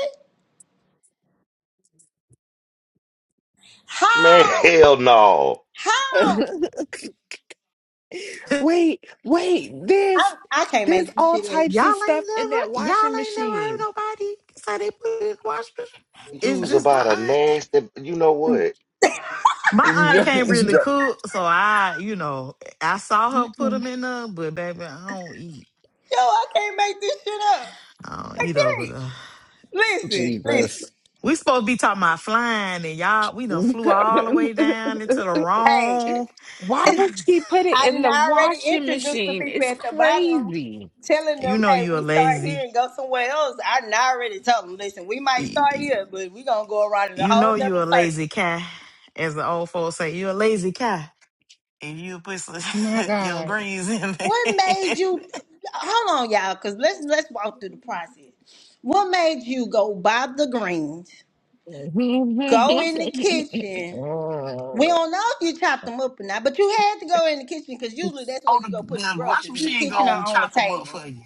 How?
Man, hell no.
How?
no. Wait, wait, there's
I, I can't
there's
make this
all
shit up.
types
Y'all
of stuff
ain't
in that
never,
washing
y'all ain't never heard
machine.
nobody say they put it in the wash machine. It's
Use
just my
about a
aunt.
nasty, you know what?
My aunt
Yo,
can't really
yo.
cook, so I, you know, I saw her put them in there, but baby, I don't eat.
Yo, I can't make this shit up.
I don't
I
eat over
can't.
there.
Listen, listen.
Jesus.
We supposed to be talking about flying, and y'all, we done flew all the way down into the
Hey,
wrong.
Why would she put it
I
in
done
the
already
washing
introduced the
machine?
people
It's
at the bottom,
crazy.
telling
You
them,
know
hey,
you a
we start here
lazy,
and go somewhere else. I done already told them, listen, we might
you
start here, but we gonna go around in a whole
know you
nother
a
circle.
lazy cat, as the old folks say. You a lazy cat, and you put some
My
your
God.
greens in
What made
there.
you hold on, y'all, cause let's let's walk through the process. What made you go buy the greens, go in the kitchen? We don't know if you chopped them up or not, but you had to go in the kitchen because usually that's
Oh,
where
the,
you go put your
the washing
groceries in the
machine
kitchen or
gonna
on the
chop them up
table.
for you.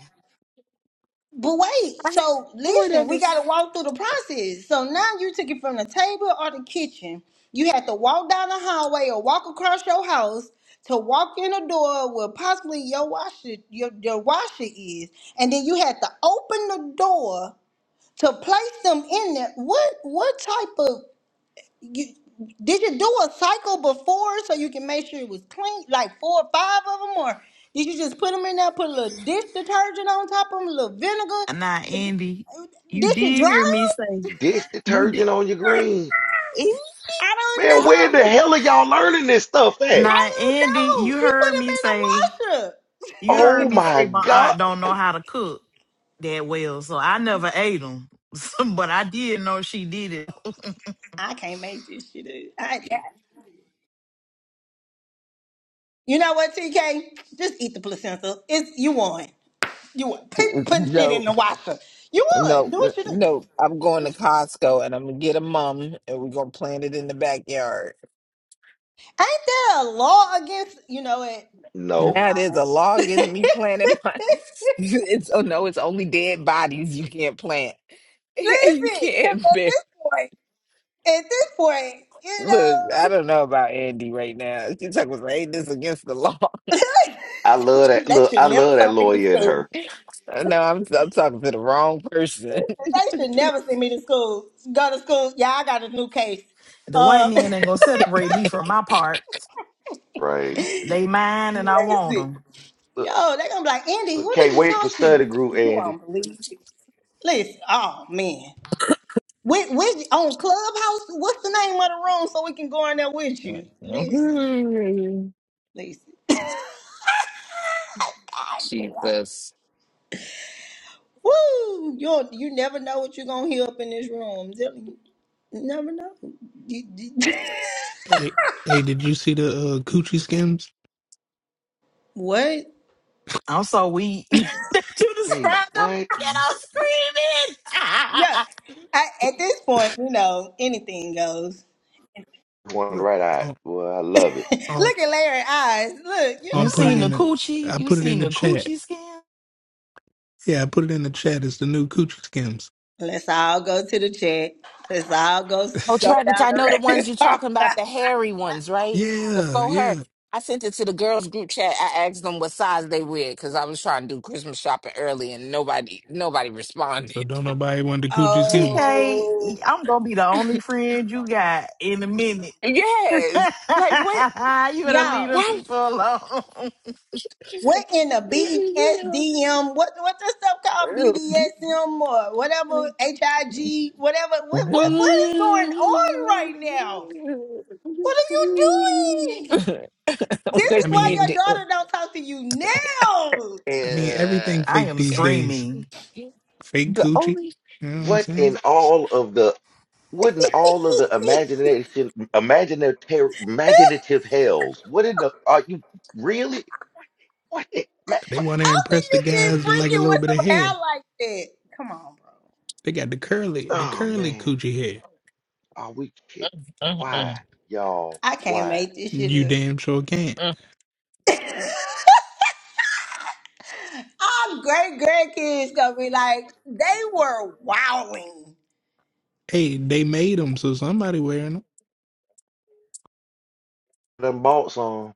But wait,
I
so
would
listen,
have
we got to walk through the process. So now you took it from the table or the kitchen. You had to walk down the hallway or walk across your house to walk in the door where possibly your washer your, your washer is, and then you had to open the door to place them in there. What what type of you did you do a cycle before so you can make sure it was clean, like four or five of them, or did you just put them in there, put a little dish detergent on top of them, a little
Now,
vinegar?
Andy, you
Did she
did
drown?
hear me say
Dish
you did.
detergent on your greens.
I don't
Man, where the
know.
hell are y'all learning this stuff at?
Now,
I don't
Andy,
know.
you
She put
heard me say
them in the washer.
you
Oh
heard me
my
say my
God.
aunt don't know how to cook that well, so I never ate them. but I did know she did it.
I can't make this shit up. I, you know what, TK? Just eat the placenta. It's you won. You won. Put, putting shit in the washer. You won.
No,
Do
n-
what you
no,
do.
I'm going to Costco and I'm gonna get a mum and we're gonna plant it in the backyard.
Ain't there a law against you know it? Never
No.
Now there's
mind.
a law against
Listen,
me planting my it's oh no, it's only dead bodies you can't plant. you
because
can't
at
bear
this point, at this point, you
look, I don't
know,
know about Andy right now. She talking about hey, this against the law.
I love that.
they
Look,
should
I
never
love that
send me to
lawyer in
school.
her.
no, I'm I'm talking to the wrong person.
They should never send me to school. Go to school. Yeah, I got a new case.
the white
Uh,
man ain't gonna separate me from my parts.
Right.
They mine and I want
listen,
them.
yo, they gonna be like, Andy,
Look,
who do
Can't
you
wait for
talk to?
study group,
You
Andy.
won't believe. it. Listen, oh man. With, with, on Clubhouse, what's the name of the room so we can go in there with you? Listen. Lacey. God damn.
she says.
Woo! You you never know what you're gonna hear up in this room. I'm telling you, you never know. You- you-
Hey, hey, did you see the uh, coochie skims?
what?
I'm so weak. that you
Say
described them
what?
and I'm screaming.
Yeah. I, at this point, you know anything goes.
One
Look,
right out.
I'll,
Well, I love it.
I'll,
Look at Larry's eyes. Look, you
I'll
You
know
put it
seen
what?
the
in the.
coochie?
I
You
put it in
seen
the
the
chat.
coochie scan?
Yeah, I put it in the chat. It's the new coochie skims.
Let's all go to the chat. Let's all go
Oh,
go
Travis,
down
I know the
the
ones you're
road.
talking about, the hairy ones, right? The
Yeah,
faux hair.
yeah.
I sent it to the girls group chat. I asked them what size they wear because I was trying to do Christmas shopping early and nobody nobody responded.
So don't nobody want the coochie skims.
TK,
oh,
I'm gonna be the only friend you got in a minute. you
Yes. Like what?
better leave
y'all!
them
Why?
people alone.
What in the BSDM? What what's this stuff called BDSM or whatever HIG? Whatever. What what what is going on right now? What are you doing? This
what
is
I
why
mean,
you
your
do?
daughter don't talk to you now. How
I mean everything
Uh,
I
fake
am
these days.
screaming.
Fake
the
coochie.
only.
You know what I'm
What in
saying?
all of the wouldn't all of the imagination imaginative imaginative hells? What in the are you really? What in, ma-
They
what-
want to
can
impress the
you get
guys that like a
freaking
little
with
bit of
some hair
hair.
like that? Come on, bro.
They got the curly, the
Oh
curly
man,
coochie hair.
are we kidding?
I
Why, y'all?
I can't
Why?
make this shit
You
up.
damn sure can.
Our great grandkids gonna be like, they were wowing.
Hey, they made them, so somebody wearing them.
Them bought some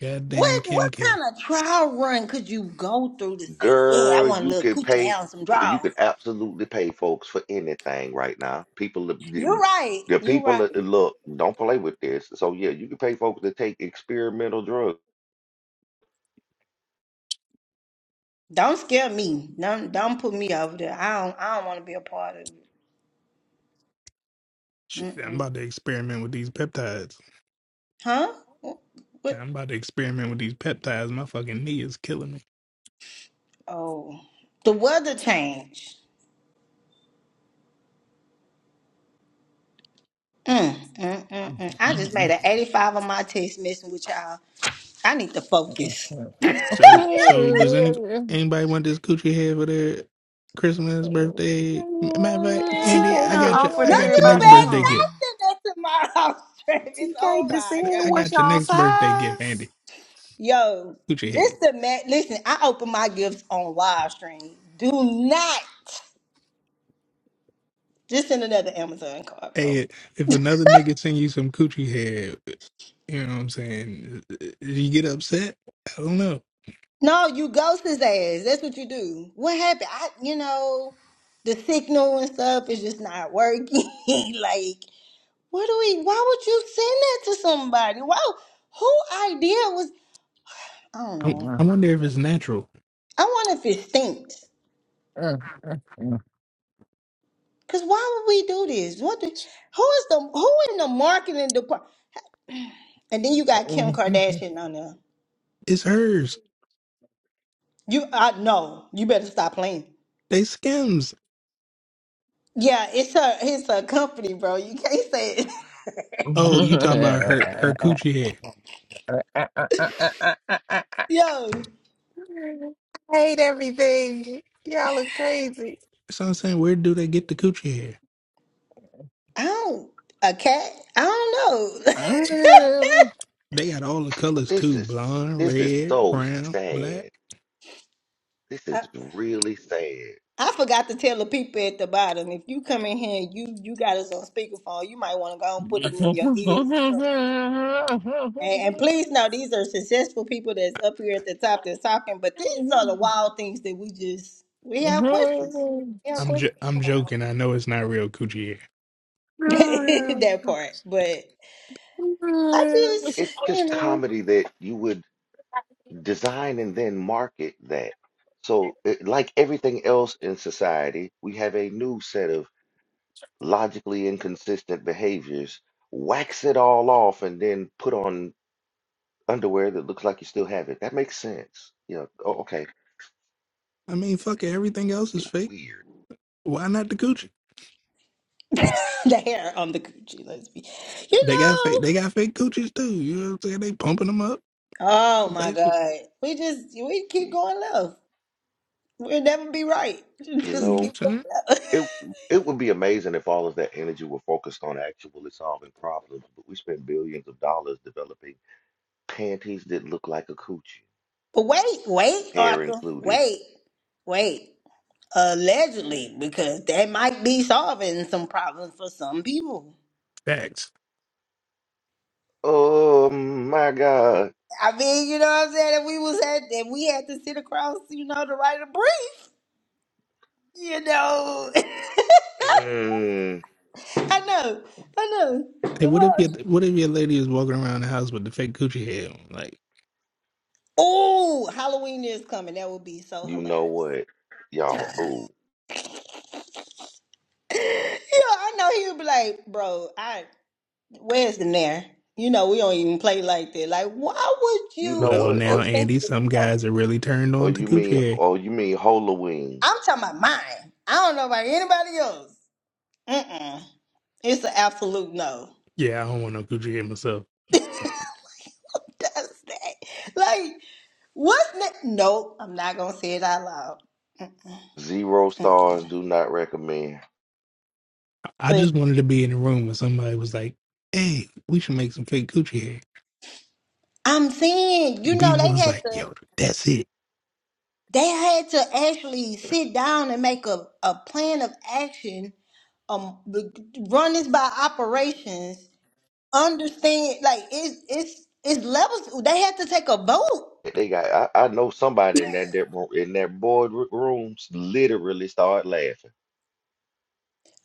Goddamn
What what
Kim K.
kind of trial run could you go through to say, yeah, I
girl.
want a
You
little
can
coochie
pay.
hell and some
You
draws?
can absolutely pay folks for anything right now. People, are-
You're
the
right.
the
You're
people that
right.
look don't play with this. So yeah, you can pay folks to take experimental drugs.
Don't scare me. Don't don't put me over there. I don't I don't want to be a part of
Shit,
it.
I'm
Mm-mm.
about to experiment with these peptides.
Huh? Wh- What?
I'm about to experiment with these peptides. My fucking knee is killing me.
Oh, the weather change. Mm, mm, mm, mm. I just made an 85 on my text message with y'all. I need to focus.
So, so does any anybody want this coochie hair for their Christmas, birthday? M- Matter of fact, Andy,
TK
Yeah.
done
I got your,
offered
I
No,
got your
you
next
everybody
bet
birthday gift.
some.
nothing that tomorrow, Travis. Oh
TK just
my
said,
God.
I
"What's
got your
y'all
next birthday gift,
size?"
Andy.
Yo,
Coochie head.
just the man. Listen, I open my gifts on live stream. Do not just send another Amazon card, bro.
Hey, if another nigga send you some coochie head, you know what I'm saying? You get upset? I don't know.
No, you ghost his ass. That's what you do. What happened? I, you know, the signal and stuff is just not working. like, what do we? Why would you send that to somebody? Why? Who idea was? I don't
I'm,
know.
I wonder if it's natural.
I wonder if it stinks. Cause why would we do this? What? The, who is the who in the marketing department? And then you got Kim Kardashian on there.
It's hers.
You, I no. You better stop playing.
They skims.
Yeah, it's a it's a company, bro. You can't say it.
Oh, you talking about her her coochie hair.
Yo,
hate everything. Y'all are crazy.
That's what I'm saying. Where do they get the coochie hair?
I don't a cat. I don't know.
They got all the colors
This
too.
is
Blonde,
this is
red,
so
brown, black.
sad. This
I,
is really sad.
I forgot to tell the people at the bottom. If you come in here, and you you got us on speakerphone. You might want to go and put them in your ears or something. And, and please know these are successful people that's up here at the top that's talking. But these are the wild things that we just we have questions. We have
I'm jo-
questions
I'm joking. I know it's not real coochie hair.
that part. But I just
It's
you
just
know.
comedy that you would design and then market that. So, it, like everything else in society, we have a new set of logically inconsistent behaviors. Wax it all off and then put on underwear that looks like you still have it. That makes sense. You know, oh, okay,
I mean, fuck it. Everything else is
you're
fake.
weird.
Why not the coochie?
the hair on the coochie. Let's be, you
They got
know.
fake. They got fake coochies too. You know what I'm saying? They pumping them up.
Oh my
Basically,
God, we just we keep
Jeez.
going left. We'll never be right.
You
Just
you know
know,
keep
what I'm
going
saying?
left.
It it would be amazing if all of that energy were focused on actually solving problems, but we spend billions of dollars developing panties that look like a coochie,
but wait, wait,
hair
Arthur,
included.
wait, wait. Allegedly, because that might be solving some problems for some people.
Facts.
Oh my God.
I mean, you know what I'm saying? If we was at, if we had to sit across, you know, to write a brief, you know,
Mm,
I know, I know,
Hey,
the
what if
world
your what if your lady is walking around the house with the fake coochie hair? on? Like,
Oh, Halloween is coming. That would be so
you know
hilarious.
what, y'all? Oh,
yeah, I know he would be like, bro, I where's the there? You know, we don't even play like that. Like, why would
you
you
know
well,
what?
even
now
Or,
think
Andy,
this is
some
okay?
guys are really turned
or
on to
you mean,
coochie hair.
or you mean Halloween?
I'm talking about mine. I don't know about anybody else. Mm-mm. It's an absolute no.
Yeah, I don't want no Gucci hair myself.
Does that. Like, what's that? Nope, I'm not gonna say it out loud.
Zero stars. Do not recommend.
I I
Listen,
just wanted to be in the room when somebody was like, "Hey, we should make some fake Gucci hair."
I'm saying, you
And
know,
people
they
was
had
like,
to.
"Yo, that's it."
They had to actually sit down and make a, a plan of action um the- run this by operations understand like it's it's it's levels they had to take a vote
They got. I, I know somebody in that, that in that boardroom literally started laughing.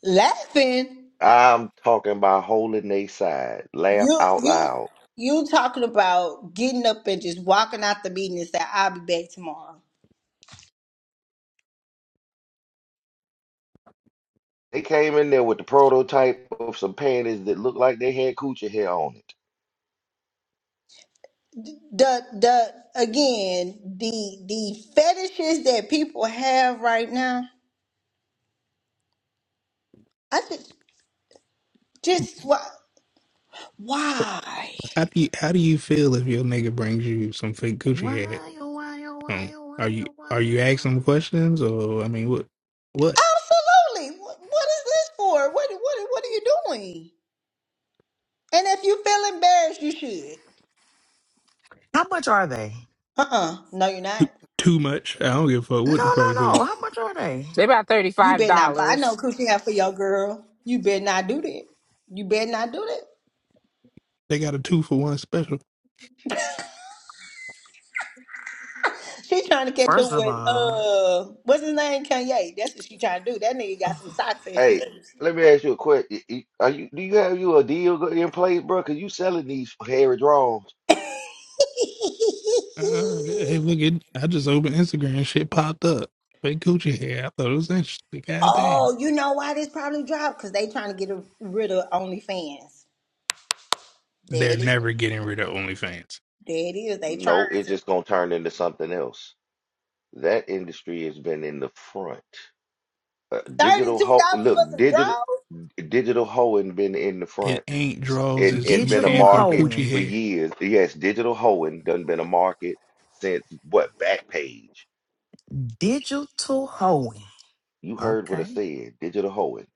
laughing
I'm talking about holding they side. Laugh
you
out
you
loud.
you talking about getting up and just walking out the meeting and say i'll be back tomorrow
They came in there with the prototype of some panties that looked like they had coochie hair on it.
the the again the the fetishes that people have right now i just just why why
How do you how do you feel if your nigga brings you some fake Gucci
Why,
hair?
oh, why, oh,
Um,
why, oh,
are
why,
you
oh,
are
why,
you
oh, why?
asking them questions or I mean, what what
Absolutely. What, what is this for? What what what are you doing? And if you feel embarrassed, you should.
How much are they?
Uh-uh. No, you're not.
too much? I don't give a fuck
No,
what the
no,
price is.
no. How much are they?
They about thirty
You
five
better not buy no
dollars.
coochie out for your girl. You better not do that. You better not do that.
They got a two for one special.
She trying to catch
First
up
of
with
all.
uh what's his name? Kanye. That's what she trying to do. That nigga got some socks and
Hey,
shoes.
let me ask you a question. Y- y- Are you do you have you a deal go- in place, bro? Cause you selling these hairy drawings.
Uh, hey, look at I just opened Instagram, shit popped up. Fake Gucci hair. I thought it was interesting. God damn.
oh, you know why this probably dropped? Because they trying to get rid of OnlyFans. There
They're
it is.
never getting rid of OnlyFans.
There it is. They
No,
trying
it's
to.
just gonna turn into something else. That industry has been in the front. Uh, digital
Thirty-two
ho
dollars for
look,
some
digital
draws?
digital hoeing been in the
It
front.
ain't draws.
and
It's
and
you
been a
Digital
paying for the
market
coochie
hoeing.
for
hair.
years. Yes, digital hoeing done been a market since what Backpage.
Digital hoeing.
You heard what I
Okay.
said. Digital hoeing.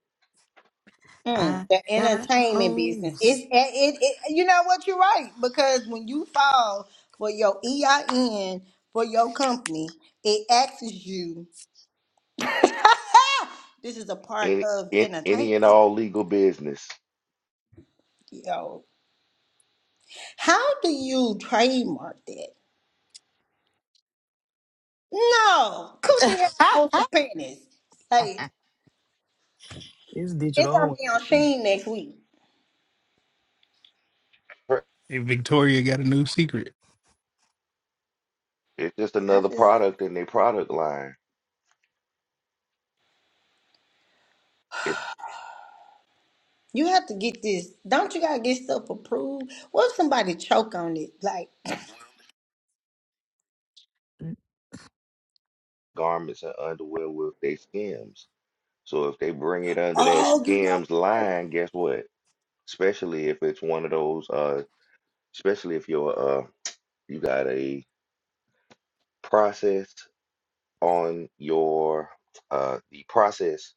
Mm,
I
the
got
entertainment business. It's
hoes.
it, it, it. You know what? You're right because when you fall for your EIN for your company, it asks you. this is a part
Any
of
in any and
entertainment.
all legal business.
Yo, how do you trademark that? No, coochie hair on some panties. Like
it's
it's gonna
digital
be on
hoeing.
Sheen next week.
Pr-
And Victoria got a new secret.
It's just
I
another
just
product in their product line. It's
You have to get this. Don't you gotta get stuff approved? What if somebody choke on it? Like,
Oh,
garments and underwear with their skims. So if they bring it under that
oh, you know,
skims line, guess what? Especially if it's one of those uh especially if you're uh you got a process on your uh, the process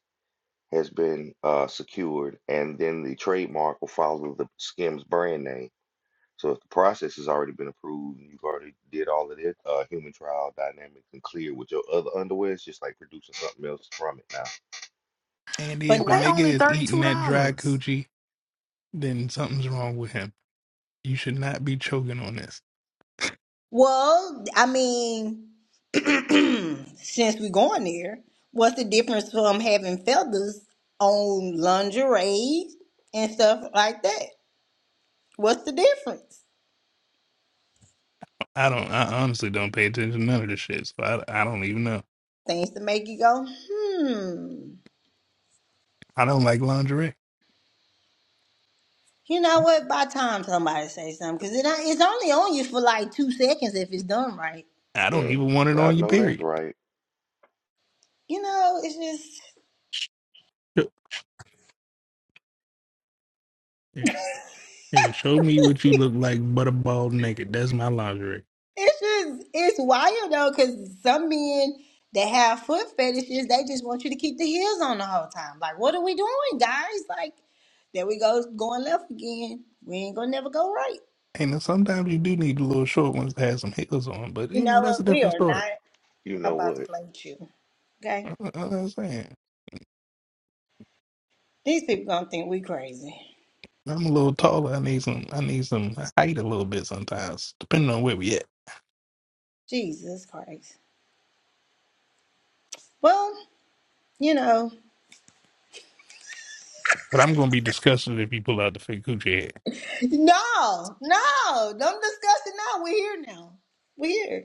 has been uh, secured, and then the trademark will follow the Skims brand name. So if the process has already been approved, and you've already did all of it, uh, human trial dynamics and clear with your other underwear, it's just like producing something else from it now.
And
but
if a
they
not.
nigga
only
is eating
$32.
that dry coochie, then something's wrong with him. You should not be choking on this.
Well, I mean, since we're going there, what's the difference from having feathers on lingerie and stuff like that? What's the difference?
I don't. I honestly don't pay attention to none of this shit. So I, I don't even know.
Things to make you go, hmm.
I don't like lingerie.
You know what? By the time somebody say something, because it, it's only on you for like two seconds if it's done right.
I don't
Mm,
even want it
I
on your
know that's
period.
right.
You know, it's just.
Show, yeah, show me what you look like, but a bald naked. That's my lingerie.
It's just it's wild though, because some men that have foot fetishes, they just want you to keep the heels on the whole time. Like, what are we doing, guys? Like, there we go, going left again. We ain't gonna never go right.
And then sometimes you do need the little short ones to have some heels on, but
You
you know
know
that's
what?
a
We
different
are
story.
not
You know
about to
what,
play with you. Okay?
I, I, I'm saying.
These people gonna think we crazy.
I'm a little taller. I need some. I need some height a little bit sometimes, depending on where we at.
Jesus Christ. Well, you know.
But I'm gonna be disgusted if you pull out the fake Gucci head.
No, no, don't discuss it now. We're here now. We're here.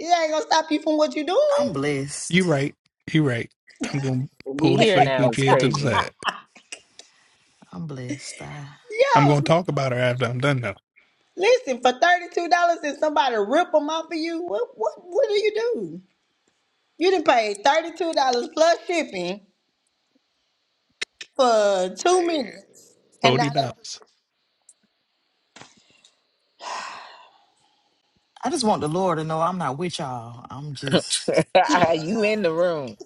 It ain't gonna stop you from what you're
I'm
doing.
You
blessed.
right. You right. I'm gonna
We
pull the
here
fake
now. It's
Gucci head to the
crazy.
side.
I'm blessed. I,
I'm gonna talk about her after I'm done though.
Listen, for thirty-two dollars and somebody rip them off of you, what what what do you do? You didn't pay thirty-two dollars plus shipping for two
man?
minutes, and now
Forty dollars.
I just want the Lord to know I'm not with y'all. I'm just.
you in the room?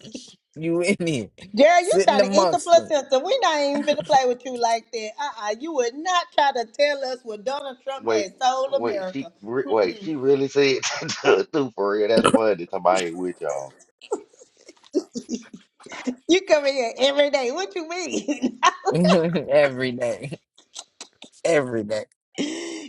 You in here?
Jerry, you
Sitting
trying to eat the
amongst them
placenta? We not even finna play with you like that. Uh uh you would not try to tell us what Donald Trump
Wait,
had sold
wait, she
America.
re- wait, she really said that too for real. That's funny. Somebody with y'all.
You come in here every day. What you mean?
every day, every day.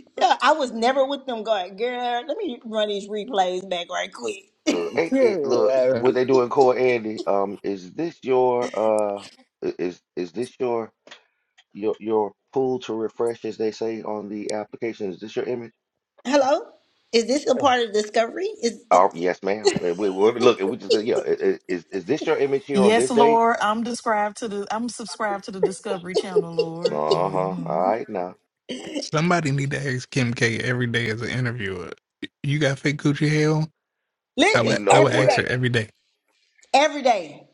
yeah, I was never with them. Going, girl, let me run these replays back right quick.
Look, ain't it, look,
Period.
what they do in Core Andy, um, is this your uh i- is is this your your your pull to refresh as they say on the application? Is this your image?
Hello, is this a part of Discovery? Is it?
Oh, yes, ma'am. And We, we look and we just go, yeah, i- i- is is this your image here on
Yes,
this date?
Lord, I'm described to the I'm subscribed to the Discovery Channel, Lord.
Uh-huh. All
hmm
right now.
Somebody need to ask Kim K every day as an interviewer. You got fake Gucci head on? I
You
would.
Listen,
know
I would
every
ask
what,
her
day,
every day.
every day.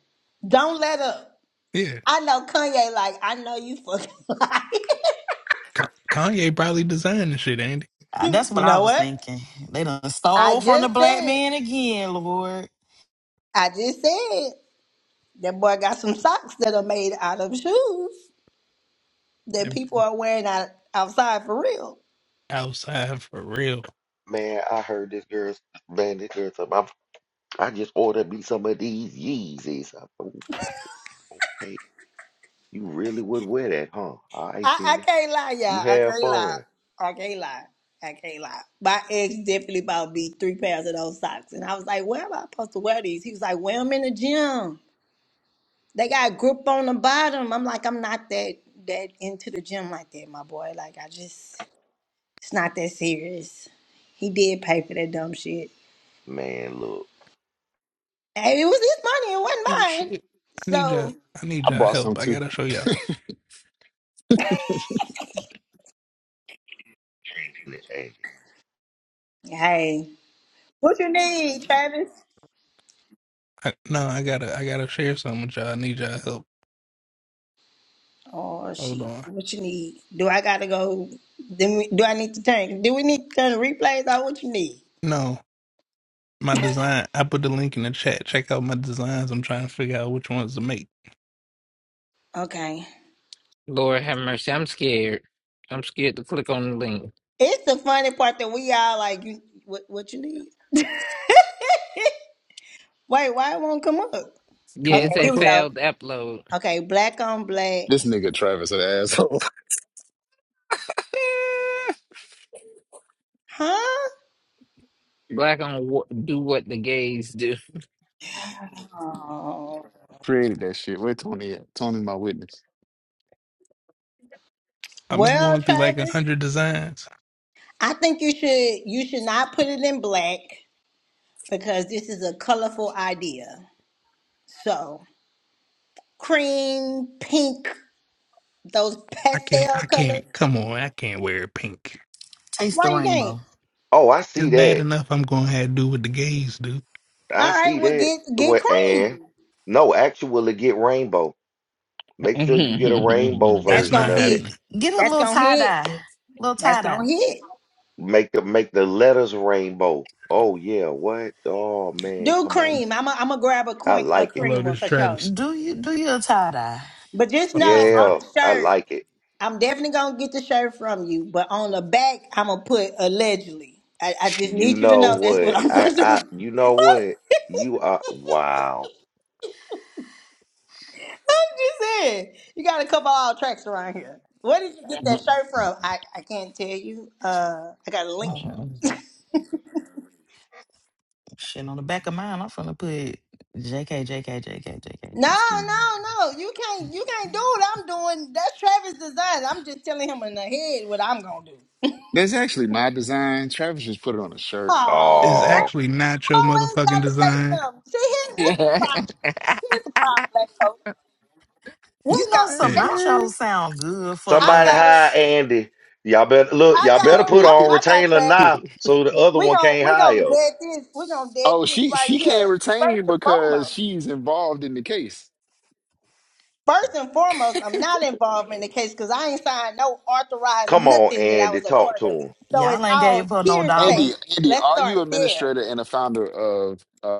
Don't let up.
Yeah.
I know Kanye, like, I know you fucking like.
Ka- Kanye probably designed the shit, Andy.
You,
that's what
you
I
know
was
what?
thinking. They done
I
stole from the
just
black
said,
man again, Lord.
I just said, that boy got some socks that are made out of shoes that people are wearing out, outside for real.
Outside for real.
man, I heard this girl's man, this girl something. I'm, I just ordered me some of these Yeezys. I- Okay, you really would wear that, huh? All right
I, I
then.
can't lie,
You
y'all. I
have
can't lie.
fun.
I can't lie. I can't lie. My ex definitely bought me three pairs of those socks. And I was like, where am I supposed to wear these? He was like, wear them in the gym. They got grip on the bottom. I'm like, I'm not that that into the gym like that, my boy. Like I just it's not that serious. He did pay for that dumb shit.
Man, look.
Hey, it was his money, it wasn't
Oh,
mine.
shit. I need y'all.
So
I need
I
y'all
brought some
help. I
too.
gotta show y'all something.
Andy.
hey. What you need, Travis?
I, no, I gotta. I gotta share something with y'all. I need y'all help.
Oh
Hold
shit.
on.
What you need? Do I gotta go do, we, do I need to turn do we need to turn the replays on what you need?
No, my design. I put the link in the chat. Check out my designs. I'm trying to figure out which ones to make.
Okay.
Lord have mercy. I'm scared. I'm scared to click on the link.
It's the funny part that we all like you what what you need? Wait, why it won't come up?
It
Yeah,
won't
it
Okay, here
said
pop
we
up.
go.
failed upload.
Okay, black on black.
This nigga Travis an asshole.
Huh?
Black on wh- do what the gays do.
Oh.
Created that shit. Where Tony at? Tony's my witness.
i am been
Well,
going through like a
Travis,
hundred designs.
I think you should you should not put it in black because this is a colorful idea. So cream, pink, those
I can't.
pastel
I
colors.
can't. Come on. I can't wear pink.
Taste the
Why you can't?
rainbow.
Oh, I
It's
see
bad
that.
enough. I'm gonna have to do what the gays do.
I
All right,
see
well
that.
get get
Well, and
cream.
no, actually get rainbow. Make sure you get a rainbow
That's
That's
version
not
gonna
of it.
hit.
happening.
G- Get a
That's
little
gonna
tie
hit.
dye, little tie
That's
dye.
gonna hit.
Make the make the letters rainbow. Oh yeah, what? Oh man,
Do
come on.
cream. I'm i am a I'm gonna grab a,
I
coin, a
like
I
it.
love
cream one
this
for sure.
Travis.
Do you do your tie dye?
But just
Fuck out
know
of
on
here.
Yeah,
the
I
shirt.
like it.
I'm definitely gonna get the shirt from you, but on the back, I'm gonna put allegedly. I, I just
You
need you to
know
know that's what
what?
I'm
I
gonna do.
I you know what? You are wow.
I'm just saying, you got a couple all tracks around here. Where did you get that shirt from? I, I can't tell you. Uh, I got a link.
Oh, shit on the back of mine. I'm finna put J K J K J K J K.
No,
Just kidding.
no, no. You can't. You can't do what I'm doing. That's Travis' design. I'm just telling him in the head what I'm gonna do.
That's actually my design. Travis just put it on a shirt.
Oh,
It's
black
Oh,
actually
folks
not your
always
motherfucking
gotta say
design.
something. See, here, here's the problem. Here's the problem, black folks. Here
You
you
know some
Yeah.
go.
nachos sound good for
I
somebody
got him.
hire
lunch.
Andy. Y'all better look.
I
Y'all
got
better
him.
put
I,
on
I got
retainer
Travis.
now, so the other
We
one
gon'
can't
we gon'
hire.
dead this. We gon' dead
oh,
this
she
right
she can't
here.
retain
First and
because
foremost.
she's involved in the case.
First and foremost, I'm not involved in the case because I ain't signed no authorized
Come on,
nothing that I
Andy,
was a
talk
part
to
of it.
him.
So it's
Y'all ain't gave
all
her no dollar.
Andy,
hearsay.
Andy,
Let's
are you
start there.
administrator and a founder of? uh,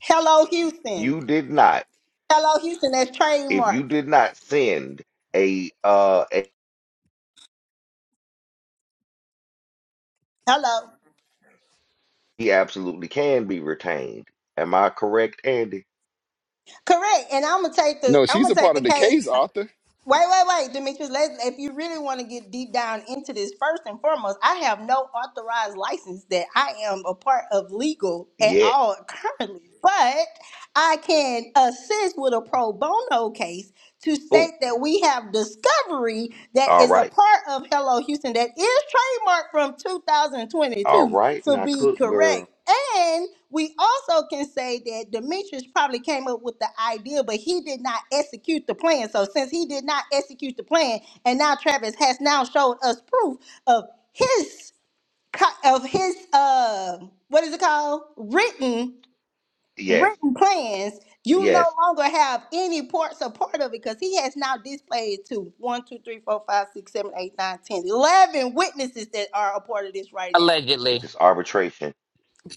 Hello Houston.
You did not.
Hello Houston. That's
If you
trademarked.
did not send a, uh, a-
Hello.
he absolutely can be retained. Am I correct, Andy?
Correct. And I'm gonna take the
No,
I'm
she's
gonna
a
take
part
the
of the
case.
case, Arthur.
Wait, wait, wait, Demetrius. Let's, if you really want to get deep down into this, first and foremost, I have no authorized license that I am a part of legal at
Yeah.
all currently, but I can assist with a pro bono case to
Oh,
state that we have discovery that
all
is a
right,
part of Hello Houston that is trademarked from
all
2022
right.
to
Now,
be
cook girl.
correct. We also can say that Demetrius probably came up with the idea, but he did not execute the plan. So since he did not execute the plan, and now Travis has now showed us proof of his co- of his uh what is it called written
Yes,
written plans. You no
yes.
longer have any parts or part of it because he has now displayed to one, two, three, four, five, six, seven, eight, nine, ten, eleven witnesses that are a part of this right now.
This
Allegedly.
is arbitration.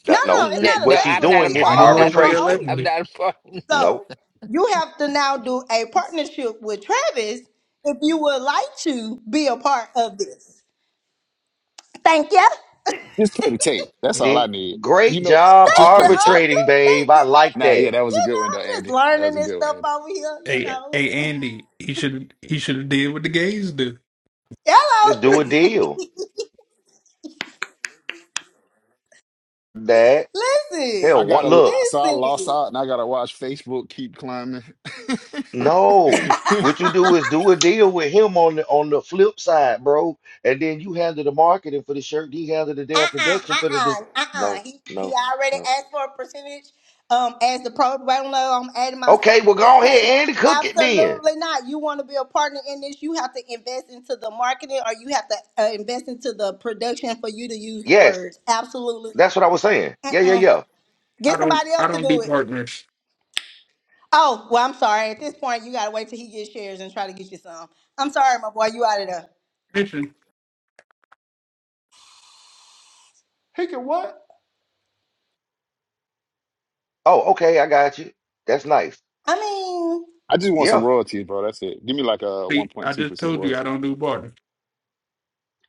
No,
That-
no,
no,
it's
No,
th-
not
what
no,
she's
I'm
allegedly.
not a
doing
We
is
Ain't
part
no
of
all
motherfucker
are
nothing.
on
arbitration.
here.
electing
I'm
me.
not a part of nothing.
No,
So you have to now do a partnership with Travis if you would like to be a part of this. Thank you.
Just play the tape. That's all I
Andy.
need. You
Great
know,
job
Thank
just
you,
play the tape.
arbitrating,
Arthur.
babe.
Thank
I
you,
like
Arthur.
Nah,
that.
yeah, that was a
You
good
know,
one though,
I'm just
Andy. That
learning
was a
this
good one,
stuff
Andy.
over here, you
Hey,
know.
hey, Andy, he should he should have did what the gays do.
Let's do
Hello.
a deal. That
listen.
hell.
I
One,
gotta
look.
so I lost
Listen.
out and I gotta watch Facebook keep climbing.
No, what you do is do a deal with him on the on the flip side, bro, and then you handle the marketing for the shirt. He handle the damn
uh-uh,
production for the dis
uh-uh, uh-uh.
No,
He
no,
he already
no.
asked for a percentage. Um, as the pro low, I'm adding myself
Okay,
to
well
this
go
case.
ahead and cook it then.
Absolutely not. You want to be a partner in this, you have to invest into the marketing or you have to uh, invest into the production for you to use the
Yes,
words. Absolutely.
that's what I was saying.
not.
Yeah, yeah,
Uh-uh.
yeah.
I
Get
don't
somebody
I
else to
don't do
do it.
partners.
Oh, well, I'm sorry. At this point, you got to wait till he gets shares and try to get you some. I'm sorry, my boy. You out of there.
Listen,
He can what?
Oh, okay, I got you. That's nice.
I mean,
I just want some
Yeah,
royalties, bro. That's it. Give me like a one
see,
point
I
two
just
percent
told you I
royalty.
don't do partners.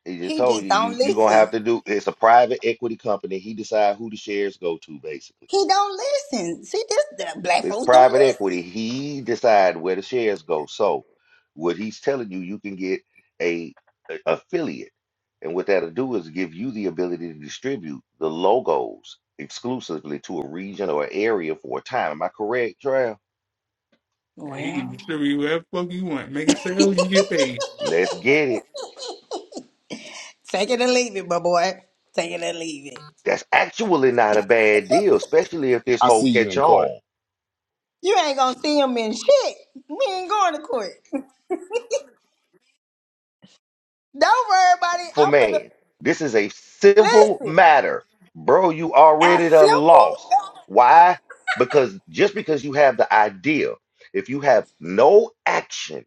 he just
he
told
just
you
don't
you you gonna have
listen.
to do. It's a private equity company. He decide who the shares go to, basically.
He don't listen. See, this the black
It's
folks don't
private equity.
listen.
He decide where the shares go. So what he's telling you, you can get a, a- affiliate. And what that'll do is give you the ability to distribute the logos exclusively to a region or area for a time. Am I correct, Trail?
Hey, you can
Well,
distribute whatever fuck you want. Make a sale, you get paid.
Let's get it.
Take it or leave it, my boy. Take it or leave it.
That's actually not a bad deal, especially if this
I
whole
see you
catch
in court.
on.
You ain't gonna see him in shit. We ain't going to court. Don't worry about it.
for
I'm gonna
man. This is a civil
listen.
matter. Bro, you
As
already
simple.
done lost. Why? Because just because you have the idea, if you have no action,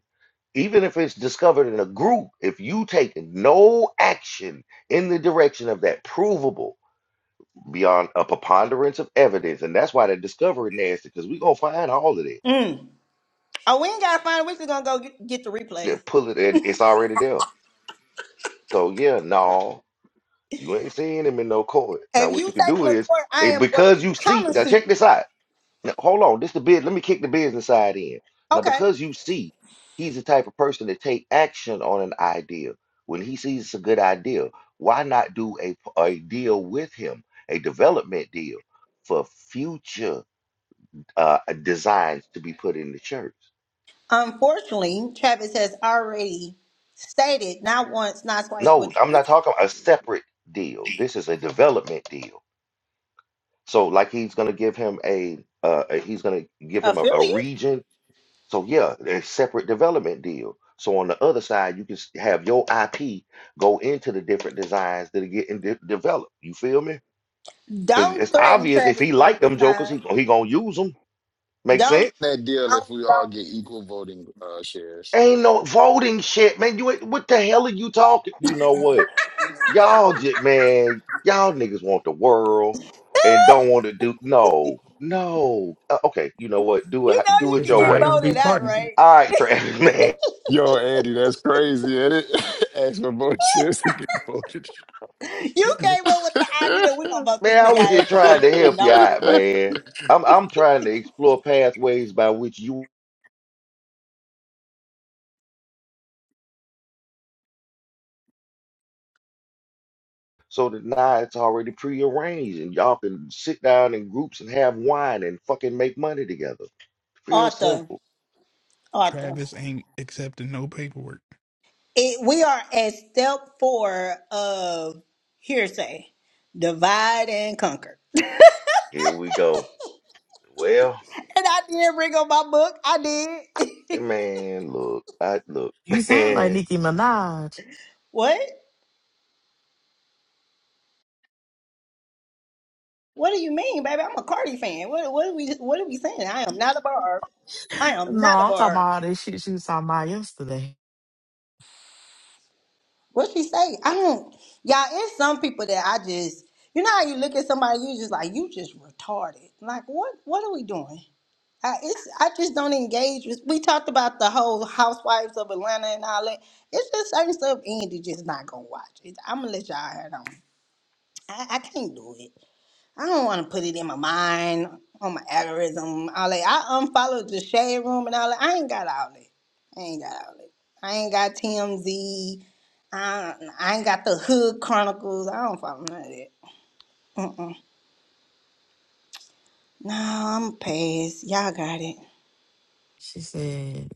even if it's discovered in a group, if you take no action in the direction of that provable beyond a preponderance of evidence, and that's why the discovery nasty, because we gonna find all of it.
Mm. Oh, we ain't gotta find. We just gonna go get, get the
Yeah,
replays.
Pull it, and it's already there. So yeah, no. You ain't seeing him in no court. Now,
If
what
you
you could
take
do
him to
is,
court, I
eh,
am going
because you
to
see, now
countersuit.
check
you.
this out. Now, hold on, this the bid. Let me kick the business side in. Now,
Okay.
because you see, he's the type of person to take action on an idea. When he sees it's a good idea, why not do a, a deal with him, a development deal for future uh, designs to be put in the church?
Unfortunately, Travis has already stated not once, not twice, but
No, I'm
three
not
times.
talking a separate deal. This is a development deal So like he's gonna give him a uh a- he's gonna give him a, a
affiliate.
region. So yeah, a separate development deal. So on the other side, you can s- have your IP go into the different designs that are getting de- developed. You feel me? Because
Don't
it's
threaten
obvious if
Travis
he
with a
like
good
them jokers, he
time.
he gonna use them. Make
Don't,
sense?
That deal if
don't,
we all
don't.
get equal voting uh shares.
Ain't no voting shit, man. You ain't- what the hell are you talking? You know what? Y'all just man, y'all niggas want the world and don't want to do no, no. Uh, okay, you know what? Do it,
You
h-
know
do
you
it
That's
can
your
why
get
I
way.
don't do
voted out,
partners.
right?
All right, Travis, man.
Yo, Andy, that's crazy, is it? Ask for more shares to get voted.
You came up with the idea we're gonna vote
Man,
this
I
nigga
was
out
just
at the
trying
first
to
meeting.
help you
Don't worry
out,
about it.
man. I'm I'm trying to explore pathways by which you so that now it's already prearranged and y'all can sit down in groups and have wine and fucking make money together. Real
Arthur,
simple.
Arthur.
Travis ain't accepting no paperwork.
It, we are at step four of hearsay, divide and conquer.
Here we go. Well,
And I did bring up my book. I did.
man, look, I look,
You sound like
man.
Nicki Minaj.
what? What do you mean, baby? I'm a Cardi fan. What? What are we? What are we saying? I am not a barb. I am
No,
not a
I'm talking
barb.
about all this shit she was talking about yesterday.
What she say? I don't. Y'all, it's some people that I just. You know how you look at somebody, you just like you just retarded. Like what? What are we doing? I, it's I just don't engage with. We talked about the whole Housewives of Atlanta and all that. It's just certain stuff Andy just not gonna watch. It, I'm gonna let y'all have it on. I, I can't do it. I don't want to put it in my mind, on my algorithm, all that. I unfollowed the shade room and all that. I ain't got all that. I ain't got all that. I ain't got TMZ. I, I ain't got the Hood Chronicles. I don't follow none of that. Mm-mm. No, I'm past. Y'all got it.
She said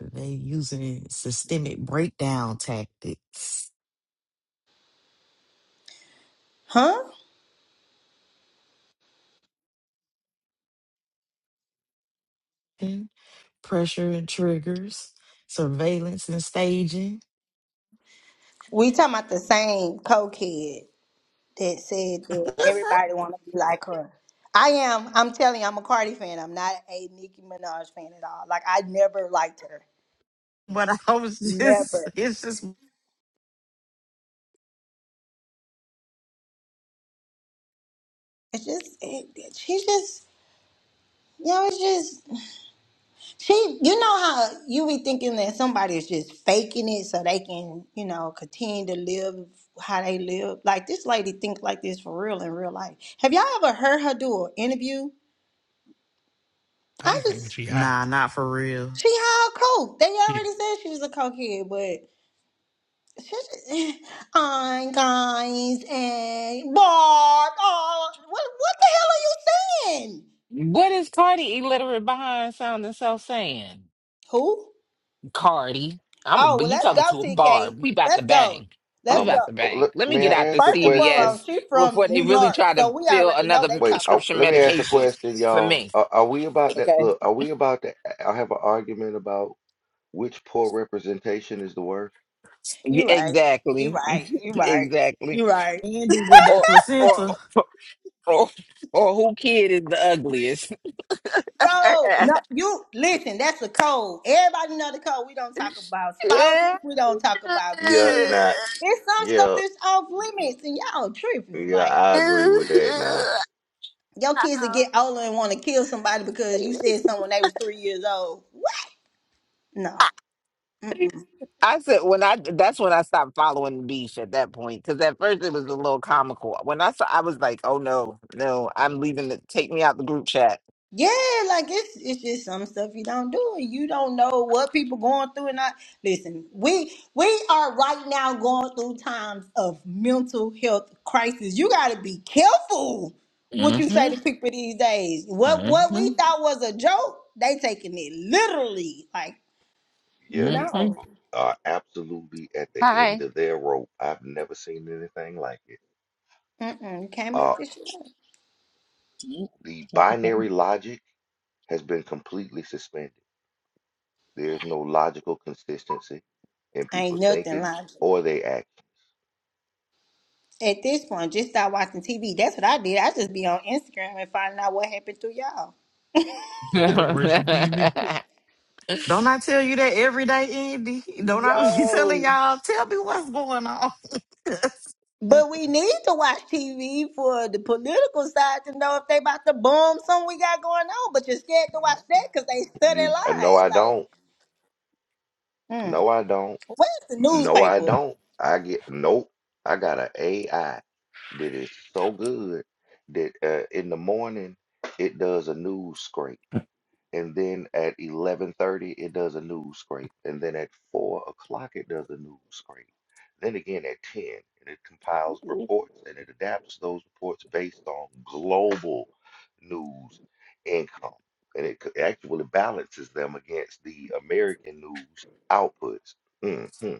they using systemic breakdown tactics.
Huh?
pressure and triggers, surveillance and staging.
We talking about the same cokehead that said that everybody want to be like her. I am. I'm telling you, I'm a Cardi fan. I'm not a Nicki Minaj fan at all. Like I never liked her.
But I was
Never.
just, it's just,
It's just, it, it- she just, you know, it's just, she, you know how you be thinking that somebody is just faking it so they can, you know, continue to live how they live. Like this lady think like this for real in real life. Have y'all ever heard her do an interview?
I be
I
thinking
just,
she high.
nah, not for real.
she how coke. They
Yeah,
already said she was a cokehead, but. She just, I'm guys and Barb. Oh, what what the hell are you saying?
What is Cardi illiterate behind sounding so saying?
Who?
Cardi. I'm a
Oh,
but
well,
you
let's
uh,
talking
go,
to a
TK.
barb. We about to
Let's go.
bang. We
Let's
Um,
about
go.
to
let,
bang. Let me
may
get
I
out the
ask a
First and
question?
CVS
foremost, she's from
before they
New
really
York,
try
so
to
we
fill
already know
another
they
Wait,
talk
uh,
her.
prescription
let me ask a
medication
question,
for
y'all.
me.
Are, are we about that?
Okay.
Look, are we about to I have an argument about which poor representation is the worst?
Yeah,
You right. You
Exactly.
right. You right.
exactly.
You right.
Andy with that
Or
placenta.
or Or, or who kid is the ugliest?
Bro, no, you listen, that's the code. Everybody know the code. We don't talk about spouses. We don't talk about
Yeah,
kids.
nah,
It's some stuff
yeah,
that's off limits and y'all tripping.
yeah,
Like
I agree with that now.
your kids will get older and want to kill somebody because you said someone they was three years old. What? No.
I said when I that's when I stopped following the beef at that point because at first it was a little comical. When I saw, I was like, "Oh no, no, I'm leaving. The, take me out the group chat."
Yeah, like it's it's just some stuff you don't do, and you don't know what people going through. And I listen, we we are right now going through times of mental health crisis. You got to be careful what you say
Mm-hmm.
to people these days. What what we
Mm-hmm.
thought was a joke, they taking it literally. Like
Yeah, these
Mm-hmm.
no,
people are absolutely at the end
Hi.
of their rope. I've never seen anything like it.
mm-mm, you can't
Uh,
make this shit up.
Mm,
the
Stop the panic.
binary logic has been completely suspended. There's no logical consistency in
Ain't
people's
nothing
thinking
logical.
or they actions.
At this point, just start watching TV. That's what I did. I just be on Instagram and finding out what happened to y'all.
yeah, that's worse than TV.
Don't I tell you that every day, Andy? Don't I be telling
Yo.
y'all, tell me what's going on?
But we need to watch TV for the political side to know if they about to bomb something we got going on. But you're scared to watch that because they study
You uh, no,
lies.
I
Like,
don't.
mm,
No, I don't.
where's the
No, I
newspaper?
don't. I get nope. I got an AI that is so good that uh, in the morning it does a news scrape and then at 11:30 it does a news scrape, and then at four o'clock it does a news scrape. Then again at 10, and it compiles reports and it adapts those reports based on global news income, and it c- actually balances them against the American news outputs. hmm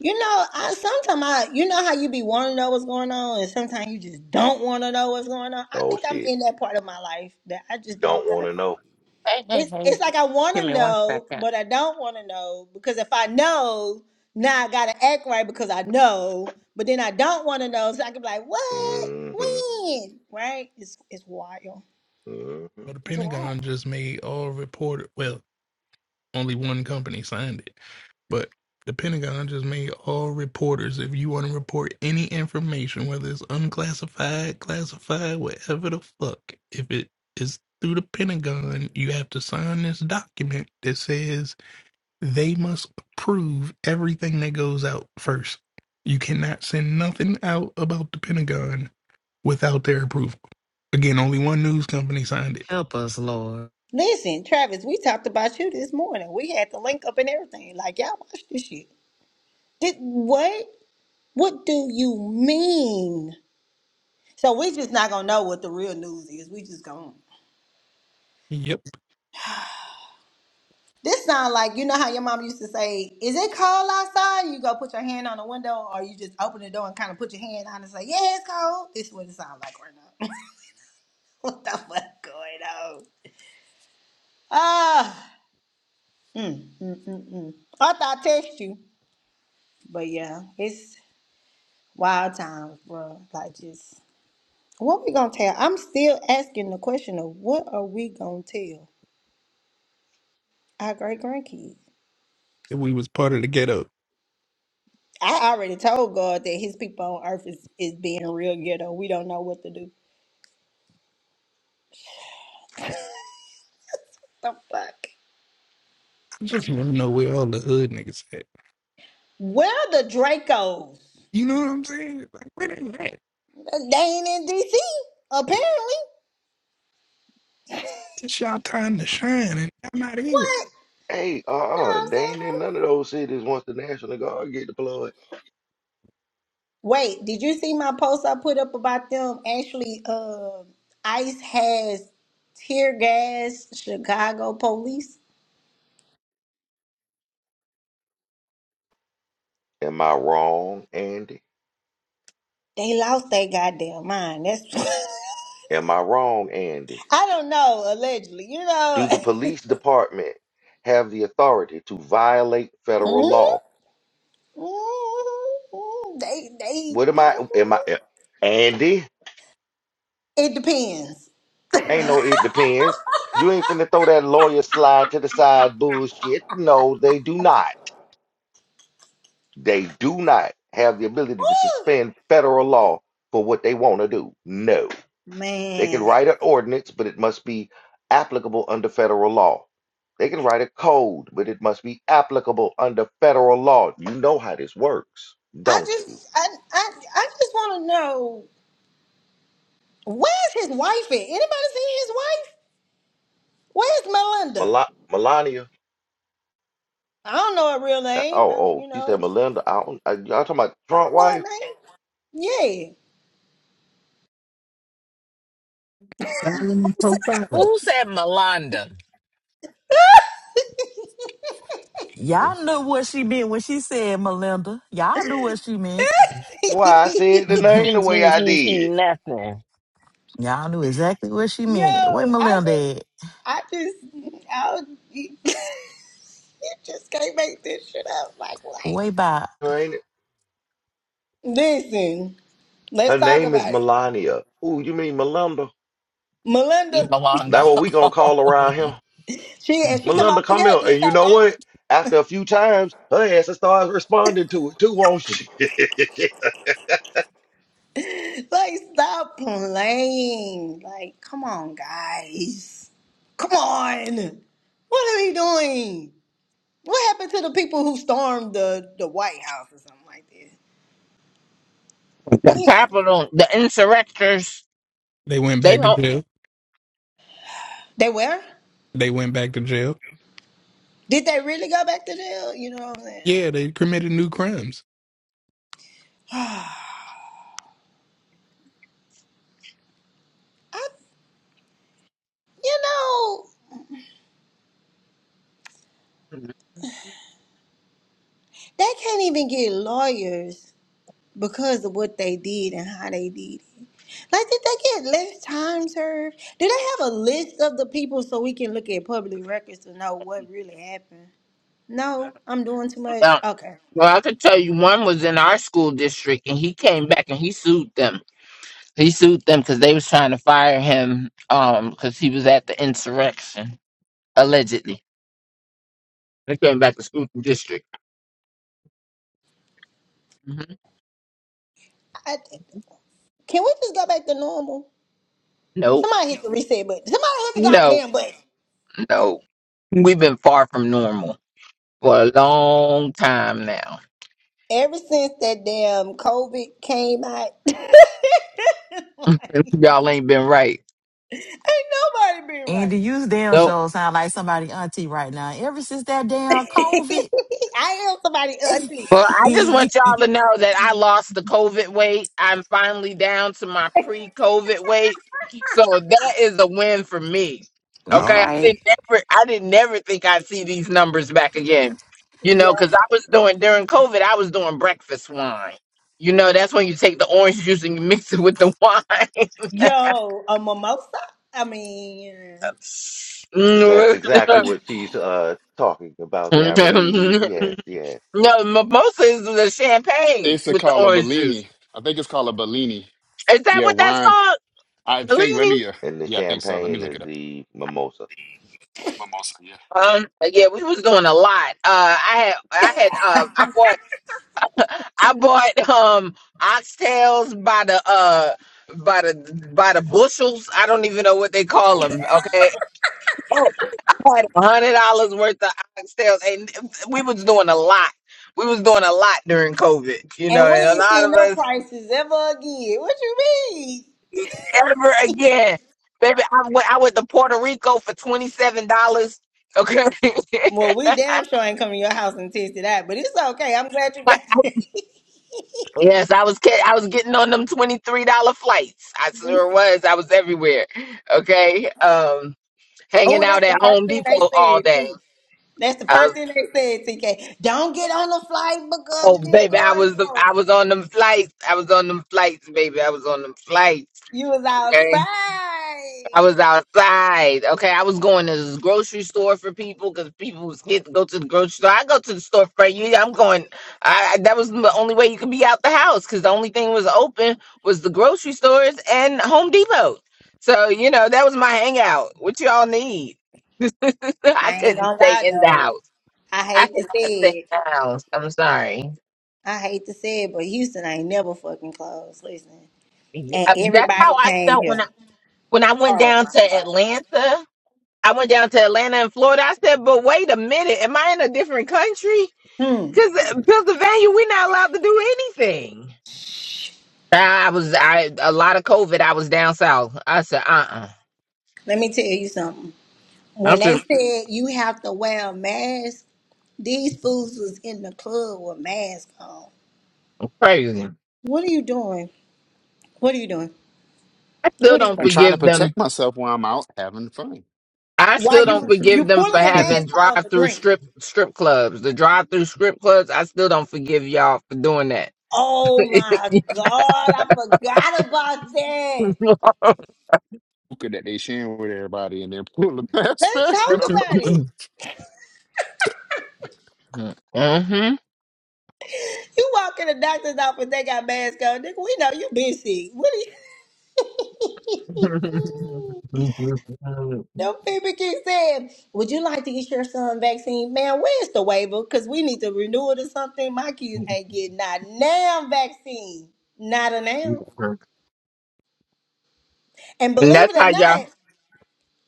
You know, I sometimes I, you know how you be wanting to know what's going on, and sometimes you just don't want to know what's going on. I
Oh
think I'm
shit,
in that part of my life that I
you
just don't.
don't want to know.
hey, hey,
It's,
hey.
it's like I want
Give
to
me one
know,
second.
but I don't want to know because if I know, now I gotta act right because I know. But then I don't want to know, so I can be like, "What?
hmm
When?" Right? It's it's wild.
hmm
Well, the
It's wild.
Pentagon just made all reported. Well, only one company signed it, but the Pentagon just made all reporters. If you want to report any information, whether it's unclassified, classified, whatever the fuck, if it is through the Pentagon, you have to sign this document that says they must approve everything that goes out first. You cannot send nothing out about the Pentagon without their approval. Again, only one news company signed it.
Help us, Lord.
Listen, Travis, we talked about you this morning. We had the link up and everything. Like y'all watch this shit. Did what? What do you mean? So we just not gonna know what the real news is. We just gonna
Yep.
This sound like you know how your mom used to say, "Is it cold outside?" You go put your hand on the window, or you just open the door and kind of put your hand on and say, "Yeah, it's cold." This is what it sounds like right now. what the fuck going on? Ah, mm, mm, mm, mm. I thought I text you, but yeah, it's wild times, bro. Like just what we gonna tell? I'm still asking the question of what are we gonna tell our great grandkids?
And we was part of the ghetto.
I already told God that His people on Earth is is being real ghetto. We don't know what to do. The fuck?
I just want to know where all the hood niggas at.
Where the Dracos?
You know what I'm saying? Like, where they at?
They ain't in DC, apparently.
It's y'all time to shine, and y'all not here.
What?
Hey,
You know
uh-uh,
what I'm
they ain't in
saying?
none of those cities once the National Guard get deployed.
Wait, did you see my post I put up about them? Actually, uh, ICE has tear gas Chicago police.
Am I wrong, Andy?
They lost their goddamn mind. That's
Am I wrong, Andy?
I don't know, allegedly, you know.
Do the police department have the authority to violate federal
Mhm,
law?
mhm, mhm. They they
What am I? Am I? eh,
mm-hmm.
Andy?
it depends.
Ain't no, it depends. You ain't finna throw that lawyer slide to the side bullshit. No, they do not. They do not have the ability to
Ooh,
suspend federal law for what they want to do. No. They can
man.
write an ordinance, but it must be applicable under federal law. They can write a code, but it must be applicable under federal law. You know how this works,
I
don't you?
just I I, I just want to know where's his wife at? Anybody seen his wife? Where's Melinda?
Mel- Melania.
I don't know her real
uh,
name.
Oh,
I,
oh,
you
she said
know,
Melinda. I don't, uh, y'all talking about
I
Trump
don't know
wife?
her name. Yeah.
Dialing
Who
and
said,
profiling.
who said Melanda?
Y'all knew what she meant when she said Melinda. Y'all knew what she meant.
Why I said the name the
T
way
T
I
T T
did.
nothing.
Y'all knew exactly what she meant.
Yo,
Where
I just
Melinda at?
I just I was, you, just can't make this shit up. Like what?
Way by.
Her ain't it?
Listen, let's
Her
talk
name is
about it.
Melania. Ooh, you mean Melinda?
Melinda,
You belong to
That what we gonna call
home.
around him?
she and she come over
Melinda, come
here.
here.
This
And you
her
know
name.
what? After a few times, her ass starts responding to it too, won't she?
Like, stop playing. Like, come on, guys. Come on. What are we doing? What happened to the people who stormed the, the White House or something like that?
the
Like,
capital, the insurrectors.
They went
They
back to
hold.
jail.
they were?
They went back to jail.
Did they really go back to jail? You know what I'm saying?
Yeah, they committed new crimes.
I, you know, they can't even get lawyers because of what they did and how they did it. Like, did they get less time served? Do they have a list of the people so we can look at public records to know what really happened? No, I'm doing too much.
Well,
Okay.
well, I could tell you one was in our school district, and he came back and he sued them. He sued them because they was trying to fire him um because he was at the insurrection allegedly. They came back to school district. hmm
I, can we just go back to normal?
Nope.
Somebody hit the reset button. Somebody hit the
No.
goddamn button.
know, we've been far from normal for a long time now.
Ever since that damn COVID came out, ain't
Y'all ain't been right.
nobody been right.
Andy, you damn
Nope.
sure sound like somebody auntie right now. Ever since that damn COVID.
I am somebody ugly.
Well, I just want y'all to know that I lost the COVID weight. I'm finally down to my pre COVID weight. So that is a win for me.
All
Okay. I
right.
didn't never I didn't never think I'd see these numbers back again. You know, because I was doing during COVID, I was doing breakfast wine. You know, that's when you take the orange juice and you mix it with the wine.
Yo, a mimosa? I mean,
That's
Mm.
exactly what she's uh talking about there, I believe.
no,
Yes, yes.
mimosa is the champagne
it's a
with the
called a
orange juice.
Bellini. I think it's called a Bellini.
Is that
Yeah,
what that's
wine.
called?
I think. Let
Bellini?
me. Uh,
And the
yeah, I think so. Let me
champagne
look
is
it up.
the mimosa.
Mimosa. Yeah.
Um, yeah, we was doing a lot. Uh, I had, I had, uh, I bought, I bought, um, oxtails by the, uh, by the, by the bushels. I don't even know what they call them. Okay. I had a hundred dollars worth of oxtails and we was doing a lot. We was doing a lot during COVID, you know,
and we
and a
ain't
lot
seen
of
no
us
prices ever again. What you mean?
ever again. Baby, I went, I went to Puerto Rico for $27. Okay.
Well, we damn sure ain't come to your house and tasted that, but it's okay. I'm glad you got it.
yes, I was ca- I was getting on them $23 flights. I sure was. I was everywhere. Okay. Um hanging
oh,
out
that's the
at
first
Home
thing they
Depot all
said,
day.
too. That's the
I was
first thing they said, TK. Don't get on the flight
oh
because of this
baby, I
going
was the, I
on.
was on them flights. I was on them flights, baby. I was on them flights.
You was
Okay.
outside.
I was outside. Okay, I was going to the grocery store for people because people was scared to go to the grocery store. I go to the store for you. I'm going. I I- that was the only way you could be out the house because the only thing was open was the grocery stores and Home Depot. So you know that was my hangout. What y'all need? I
I ain't
couldn't
gonna
stay
lie,
in the
though.
house.
I
I
hate to
could not
say
stay in
it.
the house. I'm sorry.
I hate to say it, but Houston ain't never fucking closed. Listen
Yeah,
and
that's
everybody
how I
came
felt when
here.
I when I went
Oh
down
my
to
God.
Atlanta. I went down to Atlanta in Florida. I said, but wait a minute, am I in a different country?
Hmm.
Because Pennsylvania, we're not allowed to do anything. I was I a lot of COVID. I was down south. I said, uh, uh
Let me tell you something.
am
When they
just
said you have to wear a mask, these fools was in the club with masks on.
crazy.
What are you doing? What are you doing?
I still
What are you
don't
I'm
doing?
trying to
forgive them.
protect myself while I'm out having fun.
I
Why
still don't
you
Hookah
you
forgive them for
pulling your
having
mask down to
drive-through
drink?
strip strip clubs. The drive-through strip clubs. I still don't forgive y'all for doing that.
Oh my God, I forgot about that.
that they sharing with everybody and then pull the mask
Let's
back
talk
up.
about it. You walk in the doctor's office, they got masks on. Nigga, we know you been sick. What are you? Them people keep saying, Would you like to get your son vaccine? Man, where's the waiver? Because we need to renew it or something. My
hmm
kids ain't getting not now vaccine. Not a now.
Mm-hmm.
And
And
believe
that's
it
how
or
y'all,
not,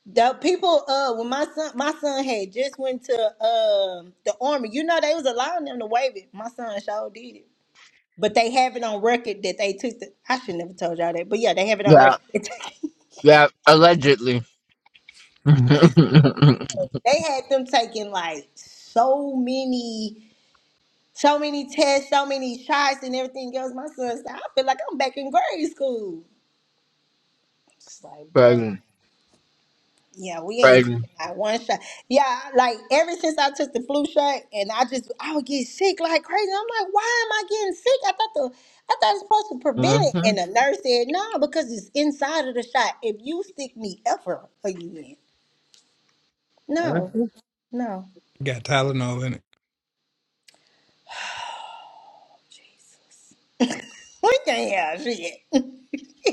the people uh when my son my son had just went to um the army, you know they was allowing them to waive it. My son sure did it. But they have it on record that they took the I should never told y'all that, but yeah, they have it on
yeah,
record. they
yeah, allegedly.
had them taking like so many So many tests, so many shots, and everything else. My son said, I feel like I'm back in grade school. It's like, bro,
Crazy,
yeah, we ain't
crazy.
taking not one shot. Yeah, like ever since I took the flu shot, and I just I would get sick like crazy. I'm like, why am I getting sick? I thought the I thought it's supposed to prevent it,
hmm
and the nurse said, no, because it's inside of the shot. If you stick me ever again, no, no,
Got Tylenol in it.
we can't have shit.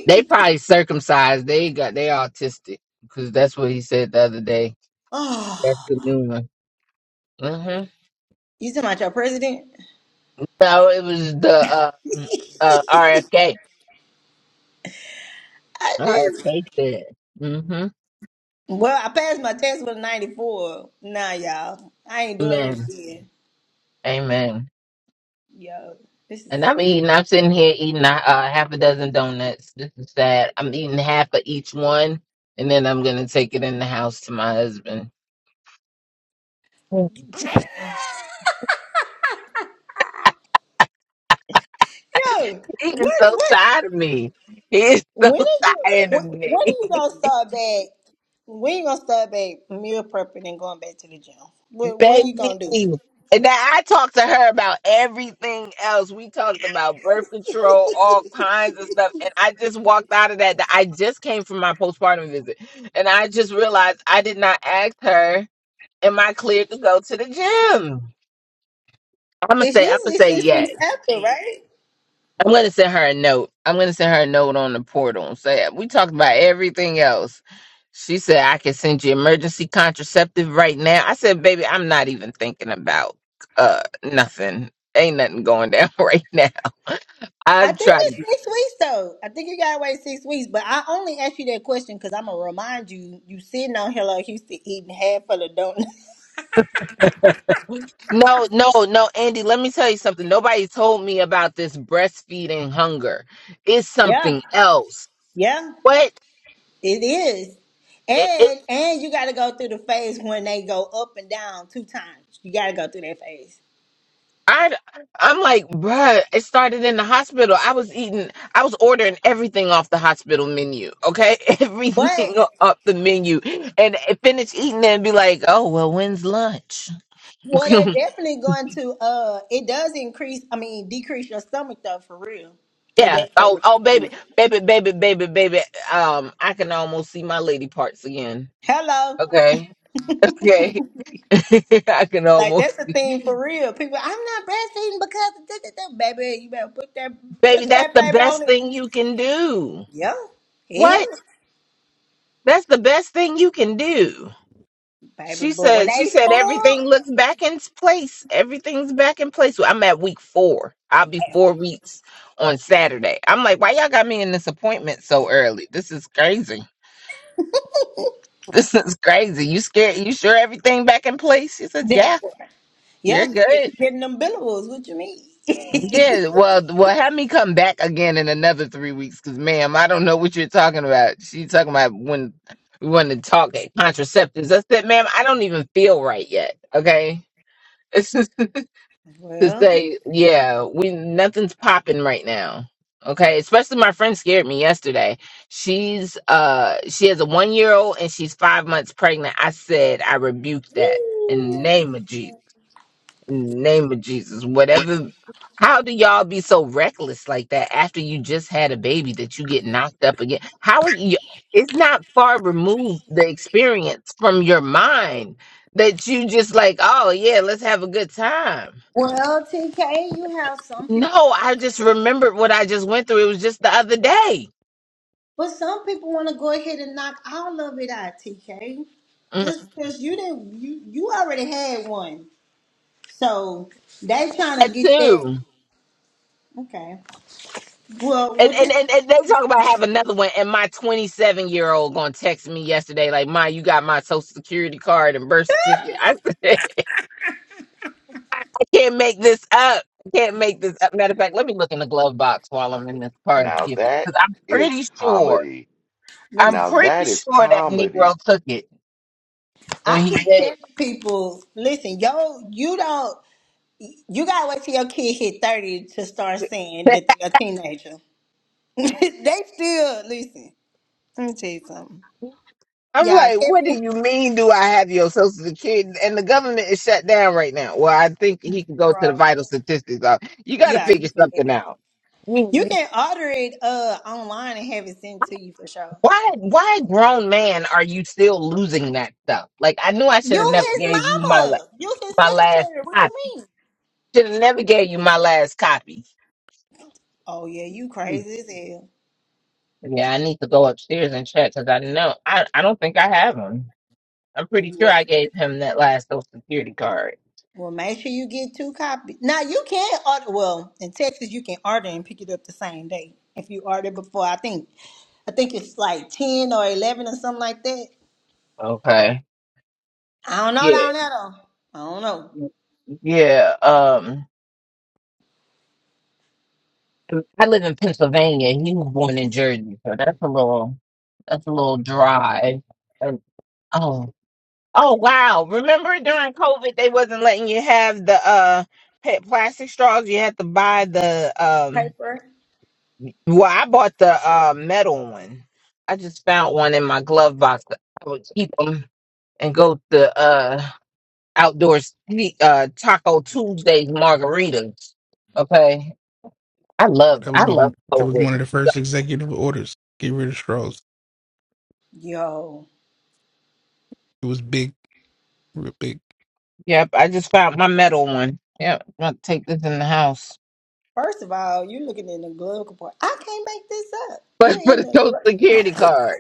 They probably circumcised. They got they autistic because that's what he said the other day. That's
Oh,
the new one. hmm
you talking about your president?
No, it was the uh, mm, uh RFK.
I did.
RFK said. hmm
Well, I passed my test with a 94. Nah, y'all. I ain't doing it
Amen.
again.
Amen.
Yo, this
And
is.
I'm
so
eating. I'm sitting here eating a uh, half a dozen donuts. This is sad. I'm eating half of each one, and then I'm gonna take it in the house to my husband.
Yo,
He is
what,
so
what,
tired of me. He is so
when are you,
tired of
what, when
me,
are you gonna start back? When you gonna start back meal prepping and going back to the gym? When, when you
baby.
gonna do it?
And now I talked to her about everything else. We talked about birth control, all kinds of stuff. And I just walked out of that. that I just came from my postpartum visit, and I just realized I did not ask her, "Am I cleared to go to the gym?" I'm gonna
It's
say, I'm gonna
usually
say,
six
yeah.
weeks after, right?
I'm gonna send her a note. I'm gonna send her a note on the portal and say we talked about everything else. She said I can send you emergency contraceptive right now. I said, baby, I'm not even thinking about uh nothing. Ain't nothing going down right now.
I
I've
think
tried to
it's
get
six weeks though. I think you gotta wait six weeks. But I only asked you that question because I'm gonna remind you. You sitting on Hello Houston eating half of the donut.
no, no, no, Andy. Let me tell you something. Nobody told me about this breastfeeding hunger. It's
Yeah,
something else.
yeah.
What?
It is.
it? it-
And and you gotta go through the phase when they go up and down two times. You gotta go through that phase.
I, I'm like, bruh, it started in the hospital. I was eating, I was ordering everything off the hospital menu, okay? Everything
But
off the menu. And finish eating it and be like, oh, well, when's lunch?
well they're definitely going to uh it does increase I mean decrease your stomach though for real. It
yeah.
does so
Oh,
with
oh,
your
baby,
stomach.
baby, baby, baby, baby. Um, I can almost see my lady parts again.
Hello.
Okay. Okay. I can
Like that's
almost.
the thing for real. People I'm not breastfeeding because of this, this, this." baby, you better put that
Baby,
put
that's
that
the
baby on
best
it.
thing you can do.
Yeah. Yeah,
What? That's the best thing you can do.
baby.
She
But when
said she
they
said
full,
everything looks back in place. Everything's back in place. Well, I'm at week four. I'll be four weeks on Saturday. I'm like, why y'all got me in this appointment so early? This is crazy. This is crazy. You scared? You sure everything back in place? She says,
they're
yeah.
full. Yeah,
You're
she- she
good.
getting them billables. What you mean?
Yeah. Well, well, have me come back again in another three weeks, because ma'am, I don't know what you're talking about. She talking about when we want to talk at contraceptives. I said, ma'am, I don't even feel right yet. Okay. to
Well,
say, yeah, we nothing's popping right now. Okay, especially my friend scared me yesterday. She's uh she has a one year old and she's five months pregnant. I said I rebuked that in the
woo.
name of Jesus. In the name of Jesus, whatever. How do y'all be so reckless like that after you just had a baby that you get knocked up again? How are you? It's not far removed the experience from your mind that you just like, oh yeah, let's have a good time
well, TK, you have some people,
no, I just remembered what I just went through. It was just the other day.
but some people want to go ahead and knock all of it out, TK.
Mm.
Just because you didn't, you you already had one, so they trying
At
to get that.
two.
Okay. Well,
And,
what
and
the?
and and they talk about have another one. And my 27 year old gonna text me yesterday, like, Ma, you got my social security card and birth certificate. I said, I can't make this up. I can't make this up. Matter of fact, let me look in the glove box while I'm in this car.
Now
Because
that
I'm
is
pretty sure,
comedy.
Listen,
I'm
Now
pretty
that is
sure that
comedy
Negro took it when
I
he
keep telling
said.
people, listen, yo, you don't, you gotta wait till your kid hit thirty to start saying that they're a teenager. they still listen. Let me tell you something.
I'm
Y'all,
like, what do
Kevin.
you mean? Do I have your social security? And the government is shut down right now. Well, I think he can go to the
bro.
vital statistics. Uh, You got to
Yeah,
figure
you can get
something
it.
out. I
You
mean,
can order it uh online and have it sent to you for sure.
Why, why, grown man, are you still losing that stuff? Like, I knew I
You
should have never
his
gave you my la-
mama. You his
my last
secretary. What
copy.
you mean?
Should have never gave you my last copy.
Oh yeah, you
Hmm.
crazy as hell.
Yeah, I need to go upstairs and check because I know I, I don't think I have him. I'm pretty
You
sure
wait.
I gave him that last social security card.
Well, make sure you get two copies. Now you can order. Well, in Texas, you can order and pick it up the same day if you order before. I think I think it's like ten or eleven or something like that.
Okay.
I don't know down there though. I don't know.
Yeah, um, I live in Pennsylvania. and He was born in Jersey, so that's a little that's a little drive. And, oh, oh wow! Remember during COVID, they wasn't letting you have the uh pet plastic straws. You had to buy the um.
Paper.
Well, I bought the uh metal one. I just found one in my glove box. I would keep them and go to uh outdoors uh Taco Tuesdays margaritas. Okay. I love
That was
I love
one. That was
COVID.
one of the first executive orders. Get rid of straws.
Yo.
It was big, real big.
Yep, I just found my metal one. Yep, I'm gonna take this in the house.
First of all, you're looking in the glove compartment. I can't make this up. You're
But for
in
the
the.
social security card.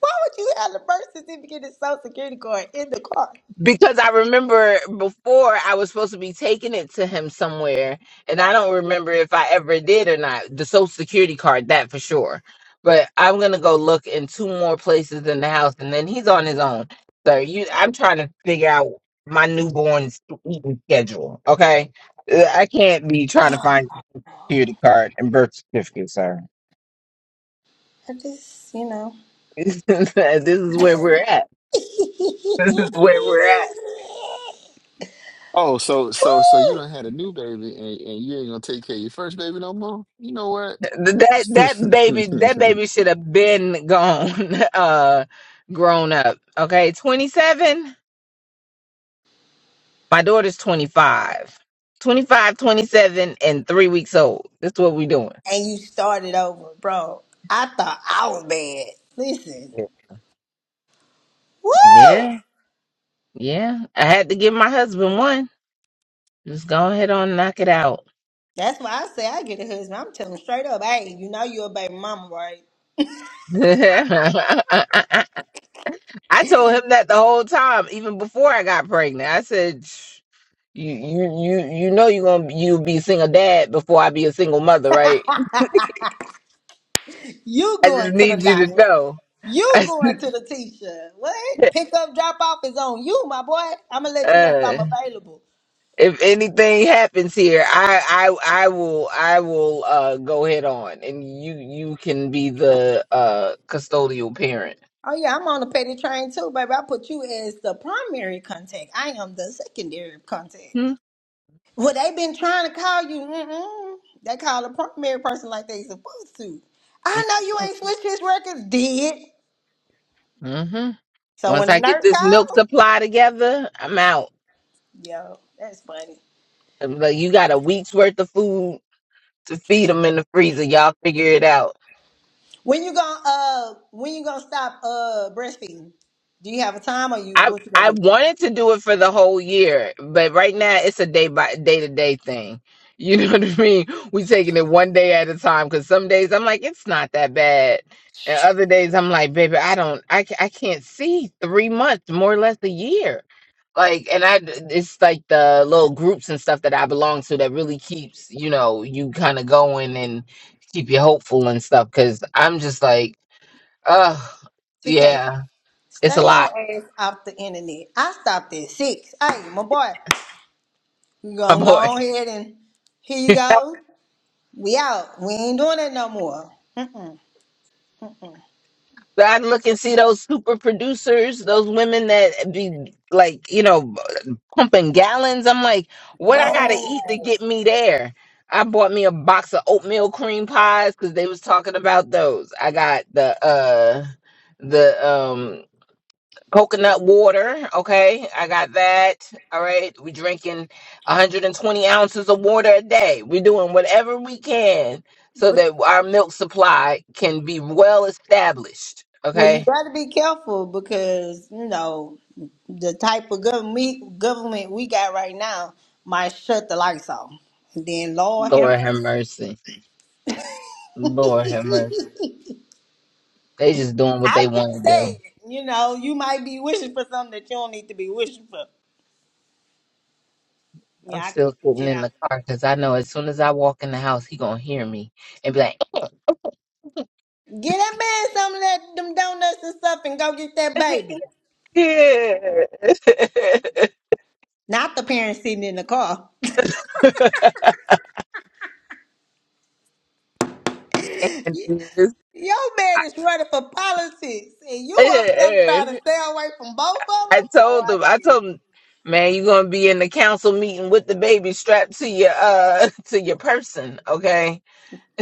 Why would you have the birth certificate and social security card in the car?
Because I remember before I was supposed to be taking it to him somewhere, and I don't remember if I ever did or not. The social security card, that for sure. But I'm gonna go look in two more places in the house and then he's on his own. So you I'm trying to figure out my newborn's eating schedule. Okay. Uh, I can't be trying to find security card and birth certificate, sir.
Oh, I just, you know.
this is where we're at. This is where we're at.
Oh, so so so you
Woo!
done had a new baby and, and you ain't gonna take care of your first baby no more? You know what?
That that baby that baby should have been gone, uh, grown up. Okay, twenty seven. My daughter's 25. 25, twenty-seven, and three weeks old. That's what we're doing.
And you started over, bro. I thought I was bad. Listen. Woo!
Yeah, yeah. I had to give my husband one. Just go ahead on, and knock it out.
That's why I say I get a husband. I'm telling him straight up, hey, you know you're a baby mama, right?
I told him that the whole time, even before I got pregnant. I said. you you you you know you gonna you be a single dad before I be a single mother, right?
You
I
going
just
to the
need you to
doctor.
know.
You
I
going to the teacher. What?
said,
Pick up, drop off is on you, my boy. I'm going to let you know if I'm
uh,
available.
if anything happens here, I I I will I will uh go head on, and you you can be the uh custodial parent.
Oh, yeah, I'm on the petty train too, baby. I put you as the primary contact. I am the secondary contact.
Hmm.
Well, they been trying to call you. Mm-mm. They call the primary person like they supposed to. I know you ain't switched his records, did.
hmm
So
Once
when the
I get
nurse
this milk
calls,
supply together, I'm out.
yo, that's funny.
I'm like, you got a week's worth of food to feed them in the freezer. Y'all figure it out.
When you gonna uh when you gonna stop uh breastfeeding? Do you have a time or you
I
what you
I
gonna do?
wanted to do it for the whole year, but right now it's a day by day to day thing. You know what I mean? We taking it one day at a time because some days I'm like it's not that bad, and other days I'm like, baby, I don't, I ca- I can't see three months, more or less a year. Like, and I d- it's like the little groups and stuff that I belong to that really keeps you know you kind of going and keep you hopeful and stuff because I'm just like, oh
TK,
yeah, it's a
stay your
lot.
ass off the internet. I stopped at six. Hey, my boy, you
my
gonna go
boy.
on ahead and here you go. We out. We ain't doing that no more.
So I look and see those super producers, those women that be like, you know, pumping gallons. I'm like, what I gotta
Bro.
eat to get me there? I bought me a box of oatmeal cream pies because they was talking about those. I got the uh the um coconut water. Okay, I got that. All right, we drinking 120 ounces of water a day. We're doing whatever we can so
But
that our milk supply can be well established.
well, you
Okay
better be careful because you know the type of government government we got right now might shut the lights off. And then Lord have
Lord have
mercy.
mercy. Lord have mercy. They just doing what
I'm
they
just
want to do.
saying, you know, you might be wishing for something that you don't need to be wishing for.
I'm
Yeah, I can
still sitting
shit
in
out.
the car because I know as soon as I walk in the house, he gonna hear me and be like,
Get that man some of that, them donuts and stuff and go get that baby. Not the parents sitting in the car.
and this-
Your man is running for politics and you up there trying to stay away from both of
I
them? Boy,
told
I
him, I
tell you.
told him, man, you gonna be in the council meeting with the baby strapped to your uh to your person, okay?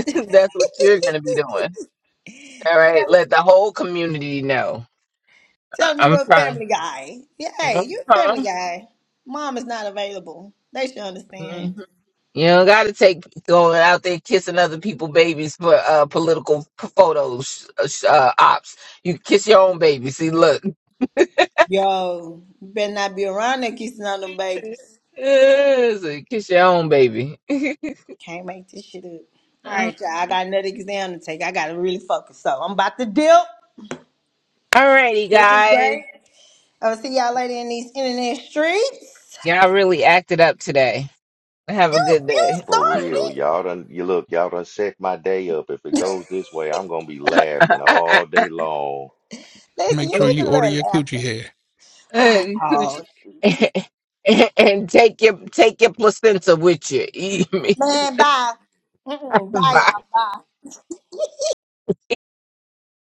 That's what you're gonna be doing. All
tell,
right, let the whole community know. I-
tell me
I'm
you're a
trying.
family guy. Yeah, hey, you're a family
Uh-huh.
guy. Mom is not available. They should
Mm-hmm.
understand.
You don't got to take going out there kissing other people babies for uh, political p- photos uh, uh, ops. You kiss your own baby. See, look,
Yo, you better not be around that kissing on them babies.
so you kiss your own baby.
Can't make this shit up. All
Alrighty,
right, y'all. I got another exam to take. I gotta really focus. So I'm about to dip. This is
guys,
great. I'll see y'all later in these internet streets.
y'all really acted up today. Have a
You
good
you
day.
for
started
real.
it.
Y'all done you look, y'all done set my day up. If it goes this way, I'm gonna be laughing all day long.
Listen,
Make
you
sure
need
you
a
order
little
your coochie
laughter.
hair.
and
Oh
and take your take your placenta with you.
man, bye. Mm-mm, bye
Bye.
y'all. Bye.